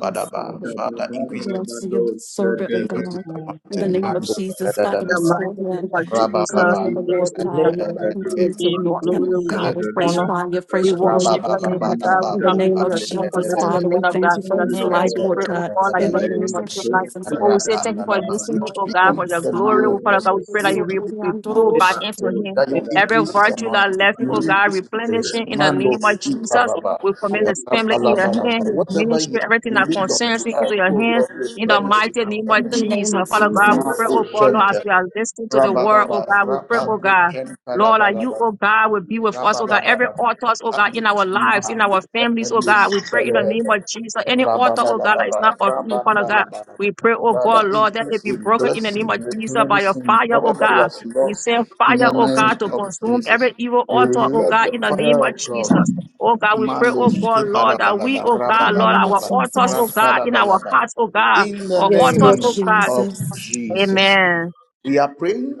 B: Yes, Father,
A: Father,
B: we
A: increase,
B: bless you, servant of
A: increase his
B: God.
D: Amen.
B: In the
A: anointing.
B: name of
A: Mando,
B: Jesus, Father,
E: the
A: shadadaba.
B: restore
E: mighty
B: her
E: name of
B: In the
E: Jesus,
B: name of
A: Rabababa.
E: we
B: the
E: bless
B: Lord,
E: you, that
D: Bless.
E: we
A: Reke,
B: Father,
E: thank you, we
A: reke,
B: continue to
E: give you
B: anoint him,
E: glory,
B: oh
E: we
A: entele.
D: If
E: give
B: God, with
E: you
D: I'm
B: fresh
D: not,
E: honor.
B: fire,
E: We
B: fresh oil,
E: worship
B: oh
E: your name, O
B: God.
E: God.
A: Rabababababa.
E: We
B: In the
E: come
B: name
E: before
B: of
E: your throne for
B: Jesus,
E: letting
D: I'm
E: the
B: Father, we
E: men
A: Kupandele.
E: of
B: thank
E: God
B: you
E: in
B: for
E: your
B: his
E: hands.
B: life,
E: We
B: Lord
E: pray, oh
B: God.
E: God, that you
B: In
E: will
B: the
E: use
B: name of
E: him
B: Jesus.
E: tonight.
B: In
E: Oh, we say thank you for
A: Rapandalaba. We
E: using me, oh
A: speak
E: God,
A: unto
E: for your
A: the
E: glory.
A: man
E: Oh,
A: of
E: Father
A: God.
E: God, we pray
A: We
E: that you re-
A: speak to
E: we
A: the man
E: pull back into him.
A: that you
E: Every
A: increase his
E: virtue that
A: anointing,
E: left him,
A: you
E: oh God,
A: increase his grace.
E: replenishing in the
A: Mando
E: name of Jesus.
A: ikababa.
E: We commit his family in your hand,
A: Rapalabalaba.
E: his
A: Whatever you
E: ministry, everything
A: lead
E: that
A: unto
E: concerns him
A: us,
E: into your
A: oh
E: hands.
A: Lord,
E: In the
A: replenish it.
E: mighty name
A: In
E: of
A: the
B: the
A: name of
B: name of
E: Jesus,
A: Jesus.
E: Father God, we pray,
B: Jesus.
A: Mako
E: oh God, Lord, as
A: Shente.
E: we are listening to the word, oh
A: Rabadaba.
E: God, we pray, oh
A: Rapako
E: God. Lord, that you,
A: Shente
E: oh God, will be with us, oh God. Every
A: Rabalabadaba.
E: altar, oh God, in our lives, in
A: Abdulmahamdi.
E: our families, oh
A: Efendi.
E: God, we pray in the name
A: Telehebe.
E: of Jesus. Any altar, oh God, that is
A: Rabalabadaba.
E: not of you, Father God,
A: Rabalabadaba.
E: we pray, oh
A: Father,
E: God, Lord, that it
A: increase
E: be
A: in
E: broken in the name
A: blessing,
E: of Jesus by your
A: replenishing
E: fire, oh
A: whatever he
E: God.
A: has
E: We
A: lost
E: send
A: in
E: fire,
A: the
E: oh
A: name
E: God, to
A: of
E: consume
A: Jesus.
E: every evil altar, oh
A: Let
E: God,
A: the
E: in the name
A: fire
E: of
A: of God,
E: Jesus. Oh God, we pray,
A: Mando,
E: oh God, Lord, that we,
A: Skiparabalaba,
E: oh God,
B: In the
E: Lord,
B: name of
E: our
A: Rabalabalaba,
E: altars, oh
B: Jesus.
E: God, in our
A: Rantalabalaba,
E: hearts, oh God.
A: in the
E: Or
B: Yes,
E: authors,
B: Lord
E: oh
A: name
E: God.
A: of
B: Jesus.
A: Jesus.
E: Amen.
A: We are praying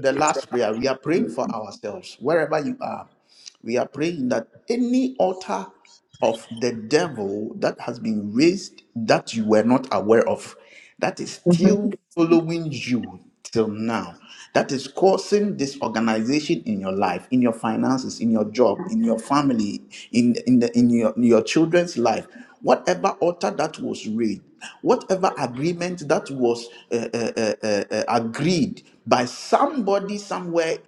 A: the last prayer. We are praying for ourselves, wherever you are we are praying that any altar of the devil that has been raised that you were not aware of, that is
E: Mhm.
A: still following you till now, that is causing disorganization in your life, in your finances, in your job, in your family, in in the, in your in your children's life. Whatever altar that was raised, whatever agreement that was uh, uh, uh, uh, uh, agreed by somebody somewhere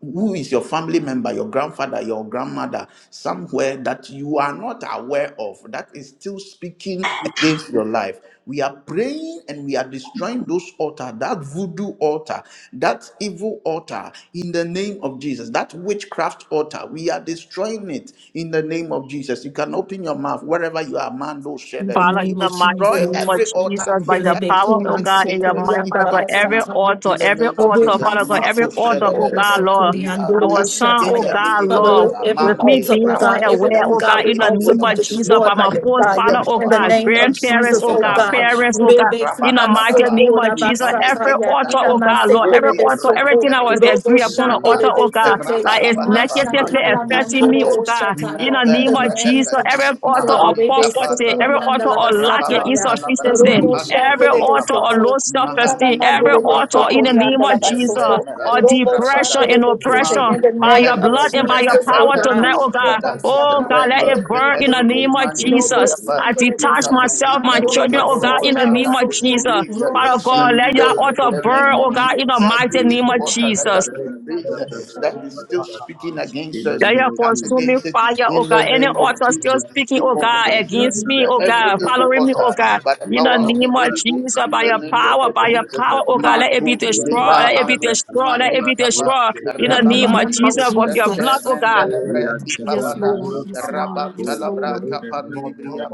A: who is your family member, your grandfather, your grandmother, somewhere that you are not aware of, that is still speaking against your life. We are praying and we are destroying those altar, that voodoo altar, that evil altar in the name of Jesus, that witchcraft altar. We are destroying it in the name of Jesus. You can open your mouth wherever you are, man. Those share
B: In the
A: that.
E: Father,
A: We
E: in
B: name
E: the
B: of
E: mighty
A: destroy
E: name
B: Jesus.
E: of
A: every altar
E: Jesus, by your
A: that
B: Mandelebe
A: is
E: power, oh
B: kuman
A: speaking
E: God, in your
A: against
B: sokori
A: us
E: mind, Father
A: even
E: God,
B: andalaba
A: up to
E: every
A: now.
B: sataya.
A: In
E: altar,
A: the
E: every
A: name of
B: Ede
E: altar,
A: Jesus,
B: man
E: Father God,
B: siti
E: every
A: Marco
E: altar, oh
B: andelebe
E: God,
A: Shadabelebe,
E: Lord,
B: sokori
A: we are
D: not
B: andorobo
E: our
A: coming
E: son,
A: against
E: oh
B: shataya.
A: every
E: God,
A: evil
B: Father,
E: Lord,
B: let
A: altar,
B: every
E: with me
B: altar
A: Mande,
E: being
B: of God,
A: Rabba,
B: every
E: unaware,
A: that
E: oh
A: is
E: God,
B: ungodly
E: in
A: speaking
E: the
B: altar
A: against
E: name
B: be
E: of
A: our
E: Jesus,
A: children,
E: by
A: that
B: destroyed by
E: my
A: is
B: your
E: first
A: speaking
E: father,
B: fire.
A: against
E: oh
B: In
A: our
B: the
E: God,
A: family,
B: name
A: that
B: of
A: is speaking
E: grandparents,
B: Jesus,
E: oh
A: against
B: oh
E: God,
A: our
B: God.
A: marriage.
E: parents, oh God,
B: Rebeki
E: in the mighty
A: Rabadabadaba.
E: name of
B: ansokora
A: We
H: Thank
E: Jesus,
A: come
E: every
A: against
B: basataya.
A: that
E: altar,
B: Ina
E: oh
B: man
A: order,
E: God, Lord, every
A: Mandi
B: sekelebe
E: altar, everything
B: soko.
E: I was
A: Rekedowo,
B: Robo
E: agree upon the
A: Sikaba,
E: altar, oh
B: shandelebe
E: God,
B: sete.
E: like it's
A: Rabalabalaba,
E: negatively
A: Mandi
B: Mashakala
E: affecting me,
B: mandoro
A: Kusete,
E: oh God, in
B: boshataya.
E: the
A: Mete
B: In
E: name
B: the
E: of
B: name
E: Jesus,
B: of
A: Rekedus
E: every
B: Jesus,
E: altar of
A: Mahani
B: Rebe
E: power
B: Sukuri
E: every
A: Kapandalaba,
B: and
E: altar of lack and
A: Rababa
B: Alabasataya,
A: Talabra
E: insufficiency,
B: Robo
A: Kapani
E: every
B: Shandele
E: altar
A: Ipaba,
E: of low
B: Besete,
E: self esteem,
B: Ilana
A: Mahandi
E: every
B: Mandele
A: Ruba Bandi
B: Besokori and
A: Kusete,
E: altar
B: Alabasoto,
E: of
A: Mehelus
B: Robo
E: depression,
A: Bravada,
B: Shandele Besete,
A: Mande
B: in the
E: by
B: name of
A: depende
B: Jesus, O
E: power
A: repepe
B: God.
E: tonight, oh God.
A: lustada
E: Oh
B: Ubasakala
E: God, let
A: rende
E: it
B: mandoro
E: burn in
A: depende
E: the
B: besete,
E: name of
A: mande di
B: Robo
E: Jesus.
A: briapa
E: I
B: Shandele
A: we
E: detach
A: come
B: Besete,
E: myself,
A: against
E: my
A: every
B: Andoro
E: children, oh
A: evil
E: God, in
B: Masoto
E: the
A: water
B: Lebe
E: name
A: that
E: of
A: was
B: Soko,
E: Jesus.
A: raised
B: Robo
E: Father
A: in
E: God, let
B: Shandele
A: the,
E: your
A: in
E: altar
B: Besete,
A: the
B: in
A: name
E: burn,
A: of
B: the
E: oh
B: name
E: God,
A: Jesus.
B: of
E: in the
B: Jesus.
A: Every
E: mighty name
A: evil
E: of
B: God.
A: water that
E: Jesus.
A: has been raised that is still speaking against us,
E: Yeah,
A: we
E: yeah,
A: come
E: consuming
A: against it
E: fire,
A: in
E: oh
A: the
E: God. Any
A: name of
E: author still
A: Jesus.
E: speaking,
A: We
E: oh God, against
A: consume
E: me,
A: the-
E: oh
A: every
E: God,
A: evil
E: following me,
A: water
E: oh God.
A: by the
E: In the
A: power of the
E: name of
A: Holy Ghost
E: Jesus,
A: in
E: by
A: the
E: your
A: name
E: power,
A: of
E: by your
A: Jesus.
E: power, oh
A: Ma
E: God, let it be
A: Matu Deva
E: destroyed, let it be
A: Hamus
E: destroyed, let
A: Mande
E: it be
A: Kappa.
E: destroyed. In the
B: In the
E: name of
A: Rababani
B: name of
E: Jesus, with your
A: Kusente
E: blood,
B: Jesus.
E: oh God.
A: Mendelebre
B: Yes,
A: Ikabada
B: Lord. Yes, Lord. Yes,
A: Rabantalabra
B: Lord.
A: Kapaminibria.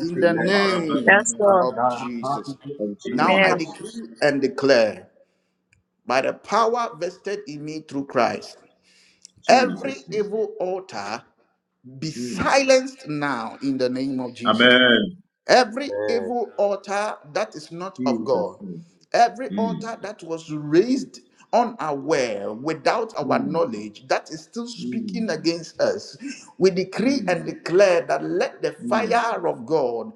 A: In the name
E: Yes, Lord.
A: of Jesus.
H: you.
A: Now
E: Amen.
A: I decree and declare by the power vested in me through Christ, every evil altar be silenced now in the name of Jesus. Every evil altar that is not of God, every altar that was raised unaware without our knowledge that is still speaking against us, we decree and declare that let the fire of God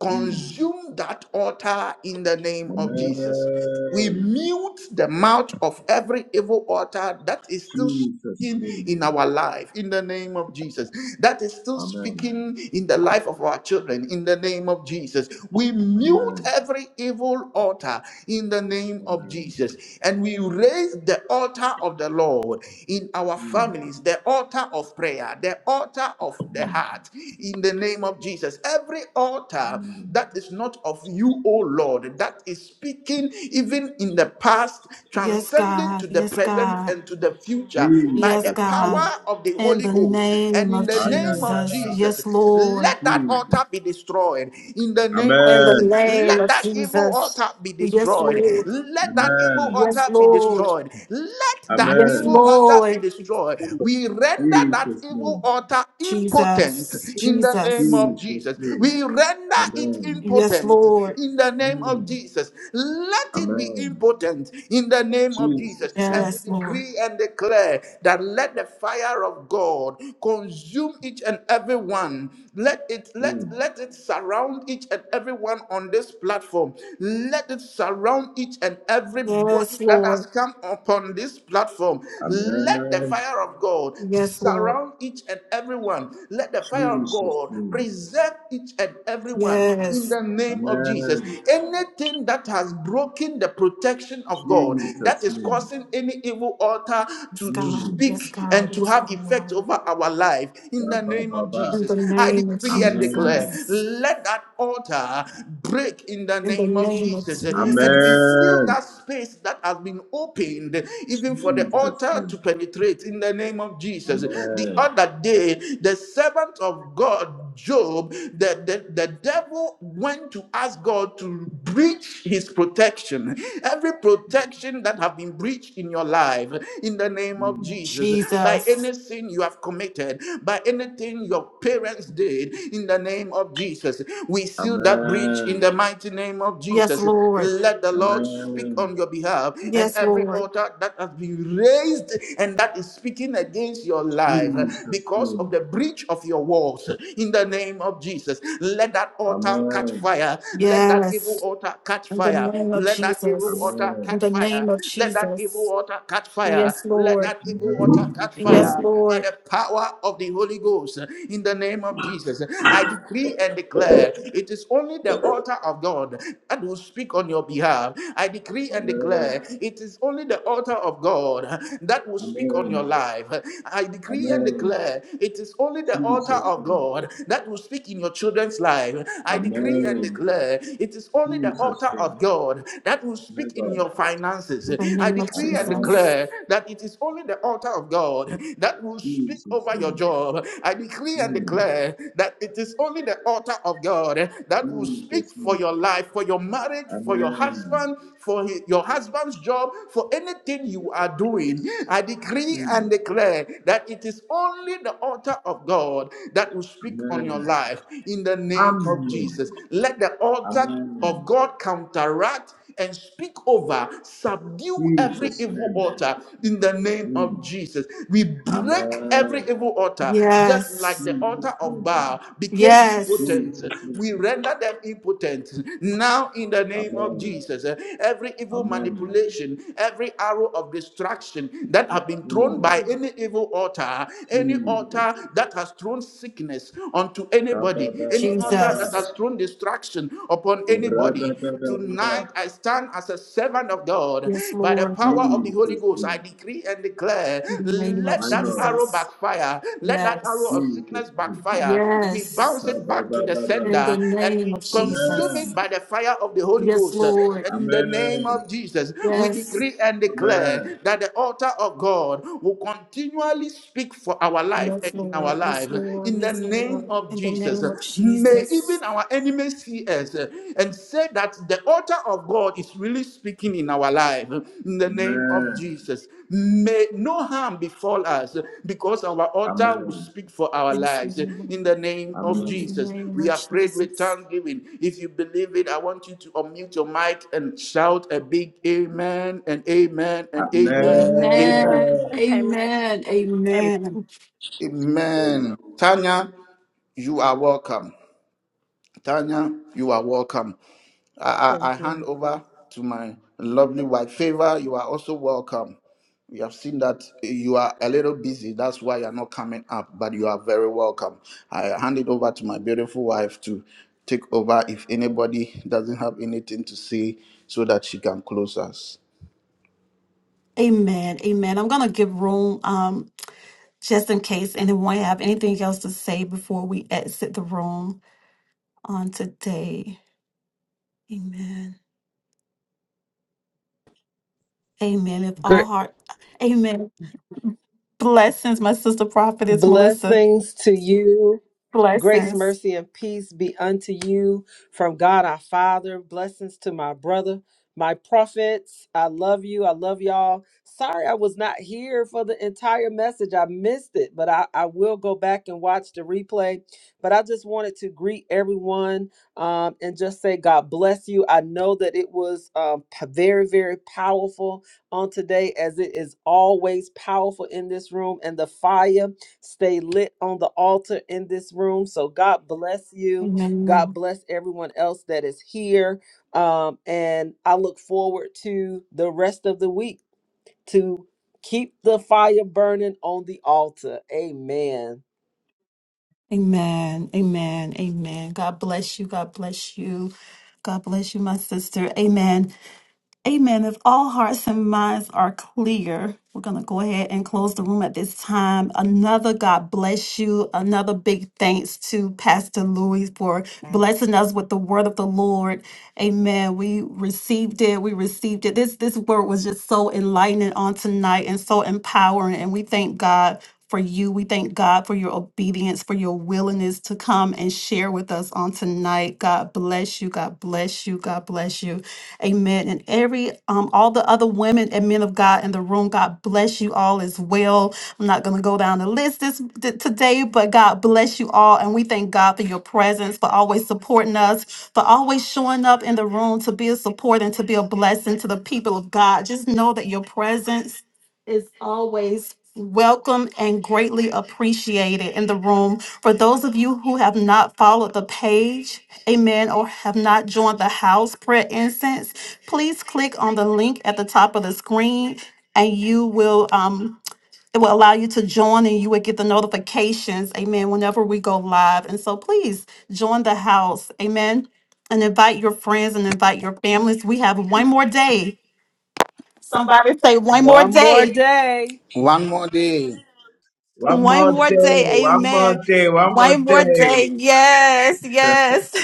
A: Consume that altar in the name of Jesus. We mute the mouth of every evil altar that is still speaking in our life in the name of Jesus. That is still speaking in the life of our children in the name of Jesus. We mute every evil altar in the name of Jesus. And we raise the altar of the Lord in our families, the altar of prayer, the altar of the heart in the name of Jesus. Every altar that is not of you, O Lord, that is speaking even in the past,
B: Yes,
A: transcending to
B: God.
A: the
B: Yes,
A: present
B: God.
A: and to the future by
B: Yes,
A: the
B: God.
A: power of the
B: In
A: Holy
B: the
A: Ghost. And
B: name
A: in
B: of
A: the name of
B: Jesus.
A: Jesus,
B: Yes, Lord.
A: let that altar be destroyed. In the name of
B: In the
A: Jesus,
B: name
A: let
B: of
A: that evil
B: Jesus.
A: altar be
B: Yes,
A: destroyed.
B: Lord.
A: Let that evil altar
B: Yes,
A: be
B: Lord.
A: destroyed. Let that
B: Yes,
A: evil altar be
B: Lord.
A: destroyed. We render that evil altar impotent
B: Jesus.
A: in the name
B: Jesus.
A: of Jesus. Jesus. We render it
B: Yes,
A: impotent
B: Lord.
A: in the name of Jesus. Let it be impotent in the name of Jesus. And
B: Yes,
A: we
B: Lord.
A: decree and declare that let the fire of God consume each and every one. Let it let let it surround each and every one on this platform. Let it surround each and everybody
B: Yes,
A: that has
B: Lord.
A: come upon this platform. Let the fire of God
B: Yes, Lord.
A: surround each and everyone. Let the fire of God God, preserve each and every one in
B: Yes.
A: the name of Jesus. Anything that has broken the protection of God, that is causing any evil altar
B: Yes,
A: to, to
B: God. Yes,
A: speak
B: God.
A: and to
B: Yes,
A: have effect
B: God.
A: over our life, in the name of
B: In
A: Jesus,
B: the
A: I
B: name of
A: decree and declare,
B: Jesus.
A: let that altar break in the
B: In the
A: name of
B: name of
A: Jesus. And we
B: Jesus.
A: seal that space that has been opened, even for the altar to penetrate, in the name of Jesus. The other day, the servant of of God, Job, the, the, the devil went to ask God to breach his protection. Every protection that have been breached in your life, in the name of Jesus, by
B: Jesus.
A: any sin you have committed, by anything your parents did, in the name of Jesus, we seal that breach in the mighty name of
B: Yes,
A: Jesus.
B: Lord.
A: Let the Lord speak on your behalf, and
B: Yes,
A: every
B: Lord.
A: altar that has been raised and that is speaking against your life because of the breach reach of your walls in the name of Jesus. Let that altar catch fire. Let that
B: Yes.
A: evil altar catch
B: In the
A: fire.
B: name of
A: Let that evil
B: Jesus.
A: altar
B: In
A: catch
B: the name
A: fire.
B: of
A: Let that evil
B: Jesus.
A: altar catch fire.
B: Yes,
A: Let
B: Lord.
A: that evil altar catch
B: Yes,
A: fire by
B: Lord.
A: the power of the Holy Ghost in the name of Jesus. I decree and declare it is only the altar of God that will speak on your behalf. I decree and declare it is only the altar of God that will speak on your life. I decree and declare it is only the altar of God that will speak in your children's life. I decree and declare it is only the altar of God that will speak in your finances.
B: In the
A: I
B: name of
A: decree and
B: Jesus.
A: declare that it is only the altar of God that will speak over your job. I decree and declare that it is only the altar of God that will speak for your life, for your marriage, for your husband, for hi- your husband's job, for anything you are doing. I decree and declare that it is only the altar of God that will speak on your life in the name of Jesus. Let the altar of God counteract and speak over, subdue every evil altar in the name of Jesus. We break every evil altar, just like
B: Yes.
A: the altar of Baal became
B: Yes.
A: impotent. We render them impotent. Now, in the name of Jesus, eh, every evil manipulation, every arrow of destruction that have been thrown by any evil altar, any altar that has thrown sickness onto anybody, any altar that
B: Jesus.
A: has thrown distraction upon anybody, tonight I stand as a servant of God
B: Yes,
A: by the
B: Lord.
A: power of the Holy Ghost. I decree and declare,
B: In the name of
A: let that arrow
B: Jesus.
A: backfire, let that arrow
B: Yes.
A: of sickness backfire. We
B: Yes.
A: bounce it back to the
B: In
A: sender
B: the
A: and
B: name
A: we
B: of
A: consume it
B: Jesus.
A: by the fire of the Holy
B: Yes,
A: Ghost.
B: Lord.
A: In the name of Jesus, we
B: Yes.
A: decree and declare that the altar of God will continually speak for our life
B: Yes,
A: and in our
B: Lord. Yes,
A: life
B: Lord.
A: in the
B: Yes,
A: name
B: Lord.
A: of
B: In the
A: Jesus.
B: name of
A: May
B: Jesus.
A: even our enemies see us and say that the altar of God is really speaking in our life in the
B: Yes,
A: name of
J: Amen.
A: Jesus. May no harm befall us because our altar will
J: Amen.
A: speak for our
B: Lord.
A: lives in the name of
B: In the
J: Amen.
A: Jesus.
B: name
A: We
B: of
A: have prayed with
B: Jesus.
A: thanksgiving. If you believe it, I want you to unmute your mic and shout a big amen and amen and amen and amen.
B: Amen.
J: Amen.
C: Amen.
B: Amen.
D: listening.
B: Amen.
A: Amen. Tanya, you are welcome. Tanya, you are welcome. I, I,
K: Thank
A: I
K: you.
A: hand over to my lovely wife. Favor, you are also welcome. We have seen that you are a little busy. That's why you're not coming up, but you are very welcome. I hand it over to my beautiful wife to take over if anybody doesn't have anything to say so that she can close us.
B: Amen. Amen. I'm gonna give room um just in case anyone have anything else to say before we exit the room on today. Amen. Amen. If all
L: Great.
B: heart Amen. Blessings, my sister prophetess Melissa.
L: Blessings to you. Grace,
B: Blessings.
L: mercy, and peace be unto you from God our Father. Blessings to my brother, my prophets. I love you. I love y'all. Sorry I was not here for the entire message. I missed it, but I, I will go back and watch the replay. But I just wanted to greet everyone um, and just say, God bless you. I know that it was um, p- very, very powerful on today, as it is always powerful in this room and the fire. stay lit on the altar in this room. So God bless you.
B: Amen.
L: God bless everyone else that is here. Um, and I look forward to the rest of the week to keep the fire burning on the altar. Amen.
B: Amen. Amen. Amen. God bless you. God bless you. God bless you, my sister. Amen. Amen. If all hearts and minds are clear, we're going to go ahead and close the room at this time. Another God bless you. Another big thanks to Pastor Louis for blessing us with the word of the Lord. Amen. We received it. We received it. This this word was just so enlightening on tonight and so empowering and we thank God for you. We thank God for your obedience, for your willingness to come and share with us on tonight. God bless you. God bless you. God bless you. Amen. And every, um, all the other women and men of God in the room, God bless you all as well. I'm not going to go down the list this th- today, but God bless you all. And we thank God for your presence, for always supporting us, for always showing up in the room to be a support and to be a blessing to the people of God. Just know that your presence is always welcome and greatly appreciated in the room. For those of you who have not followed the page, Amen. Or have not joined the house prayer incense, please click on the link at the top of the screen and you will um it will allow you to join and you will get the notifications. Amen. Whenever we go live. And so please join the house. Amen. And invite your friends and invite your families. We have one more day. Somebody say one more
L: One more
B: day.
L: day.
A: One more day.
J: One
B: One
J: more
B: more
J: day.
B: day.
J: One more
B: Amen.
J: day. One more
B: One more
J: day.
B: day. Yes. Yes. <laughs>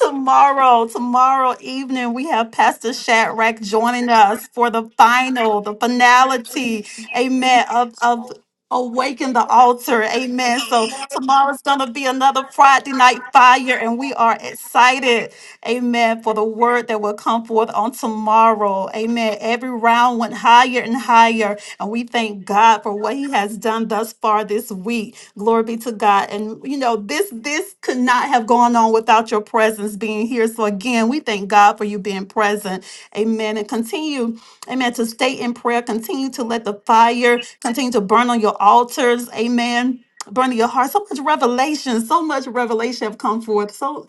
B: Tomorrow, tomorrow evening, we have Pastor Shadrach joining us for the final, the finality, amen, of, of Awaken the Altar, amen. So tomorrow's going to be another Friday night fire, and we are excited, amen, for the word that will come forth on tomorrow, amen. Every round went higher and higher, and we thank God for what He has done thus far this week. Glory be to God. And you know, this this could not have gone on without your presence being here. So again, we thank God for you being present. Amen. And continue, amen, to stay in prayer. Continue to let the fire continue to burn on your altars. Amen. Burn in your heart. So much revelation. So much revelation have come forth. So.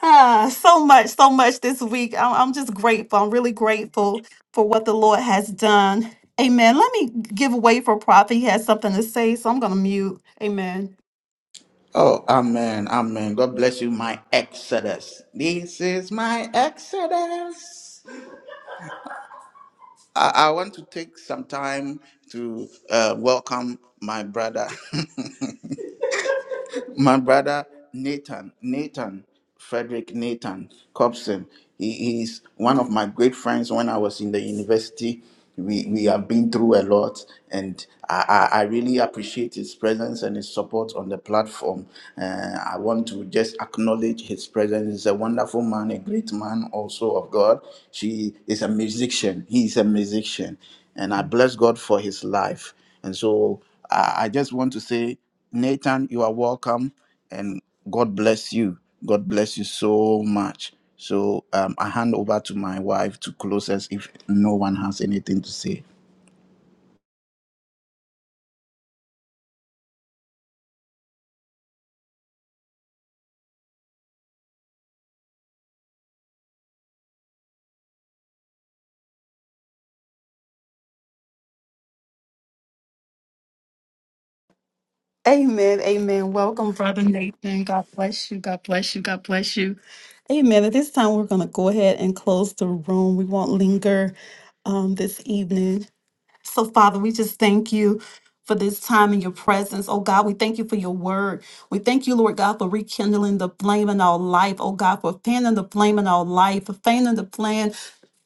B: Ah, so much, so much this week. I'm, I'm just grateful. I'm really grateful for what the Lord has done. Amen. Let me give away for Prophet. He has something to say, so I'm going to mute. Amen.
A: Oh, amen, amen. God bless you, my Exodus. This is my Exodus. I, I want to take some time to uh, welcome my brother. <laughs> my brother Nathan, Nathan, Frederick Nathan Cobson. He, he's one of my great friends when I was in the university. We, we have been through a lot, and I, I, I really appreciate his presence and his support on the platform. Uh, I want to just acknowledge his presence. He's a wonderful man, a great man also of God. She is a musician. He is a musician. And I bless God for his life. And so I, I just want to say Nathan, you are welcome and God bless you. God bless you so much. So um, I hand over to my wife to close us if no one has anything to say.
B: Amen. Amen. Welcome, Brother Nathan. God bless you. God bless you. God bless you. Amen. At this time, we're going to go ahead and close the room. We won't linger um, this evening. So, Father, we just thank you for this time in your presence. Oh God, we thank you for your word. We thank you, Lord God, for rekindling the flame in our life. Oh God, for fanning the flame in our life, for fanning the flame,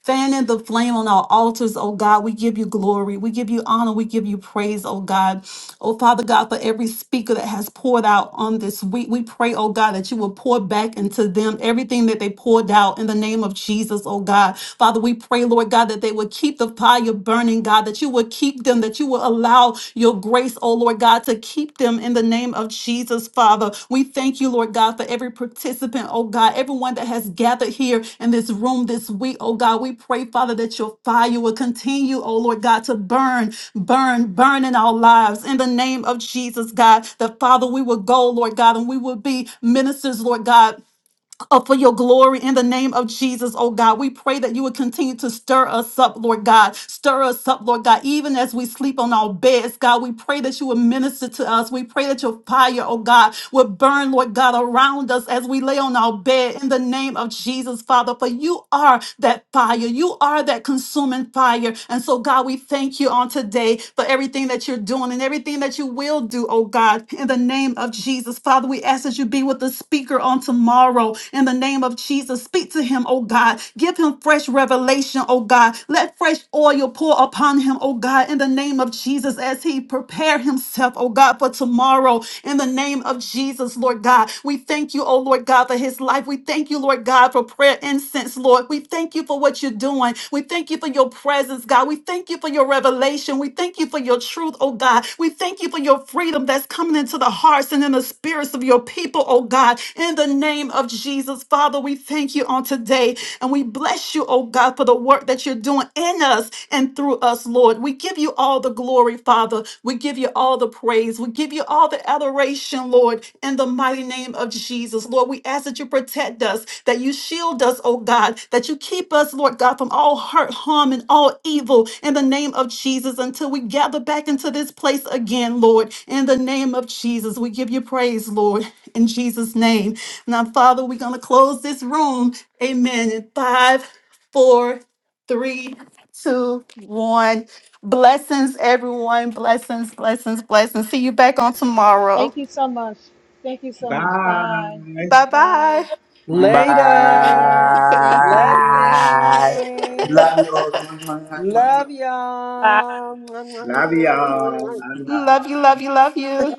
B: fanning the flame on our altars. Oh God, we give you glory. We give you honor. We give you praise, oh God. Oh, Father God, for every speaker that has poured out on this week, we pray, oh God, that you will pour back into them everything that they poured out in the name of Jesus, oh God. Father, we pray, Lord God, that they would keep the fire burning, God, that you would keep them, that you will allow your grace, oh Lord God, to keep them in the name of Jesus, Father. We thank you, Lord God, for every participant, oh God, everyone that has gathered here in this room this week, oh God. We pray, Father, that your fire will continue, oh Lord God, to burn burn, burn in our lives in the name of Jesus, God. the Father, we will go, Lord God, and we will be ministers, Lord God, uh, for your glory in the name of Jesus, oh God. We pray that you would continue to stir us up, Lord God. Stir us up, Lord God, even as we sleep on our beds, God. We pray that you would minister to us. We pray that your fire, oh God, would burn, Lord God, around us as we lay on our bed in the name of Jesus, Father. For you are that fire, you are that consuming fire. And and so, God, we thank you on today for everything that you're doing and everything that you will do, oh God, in the name of Jesus. Father, we ask that you be with the speaker on tomorrow in the name of Jesus. Speak to him, oh God. Give him fresh revelation, oh God. Let fresh oil pour upon him, oh God, in the name of Jesus as he prepare himself, oh God, for tomorrow in the the name of Jesus, Lord God. We thank you, oh Lord God, for his life. We thank you, Lord God, for prayer incense, Lord. We thank you for what you're doing. We thank you for your presence, God. We thank you for your revelation. We thank you for your truth, oh God. We thank you for your freedom that's coming into the hearts and in the spirits of your people, oh God. In the name of Jesus, Father, we thank you on today. And we bless you, oh God, for the work that you're doing in us and through us, Lord. We give you all the glory, Father. We give you all the praise. We give you all the adoration, Lord, in the mighty name of Jesus. Lord, we ask that you protect us, that you shield us, oh God, that you keep us, Lord God, from all hurt, harm, and all evil in the name of Jesus until we gather back into this place again, Lord. In the name of Jesus, we give you praise, Lord, in Jesus' name. Now, Father, we're going to close this room Amen. In five, four, three, two, one. Blessings, everyone. Blessings, blessings, blessings. See you back on
G: Thank
B: tomorrow.
G: you so much. Thank you
J: <laughs>
G: so much.
J: Bye.
G: Bye.
B: Bye bye.
G: Bye.
L: Later.
G: Later. Thank you.
A: Bye.
L: Blessings.
A: Love you all.
L: Love y'all.
B: Love you, love you, love you.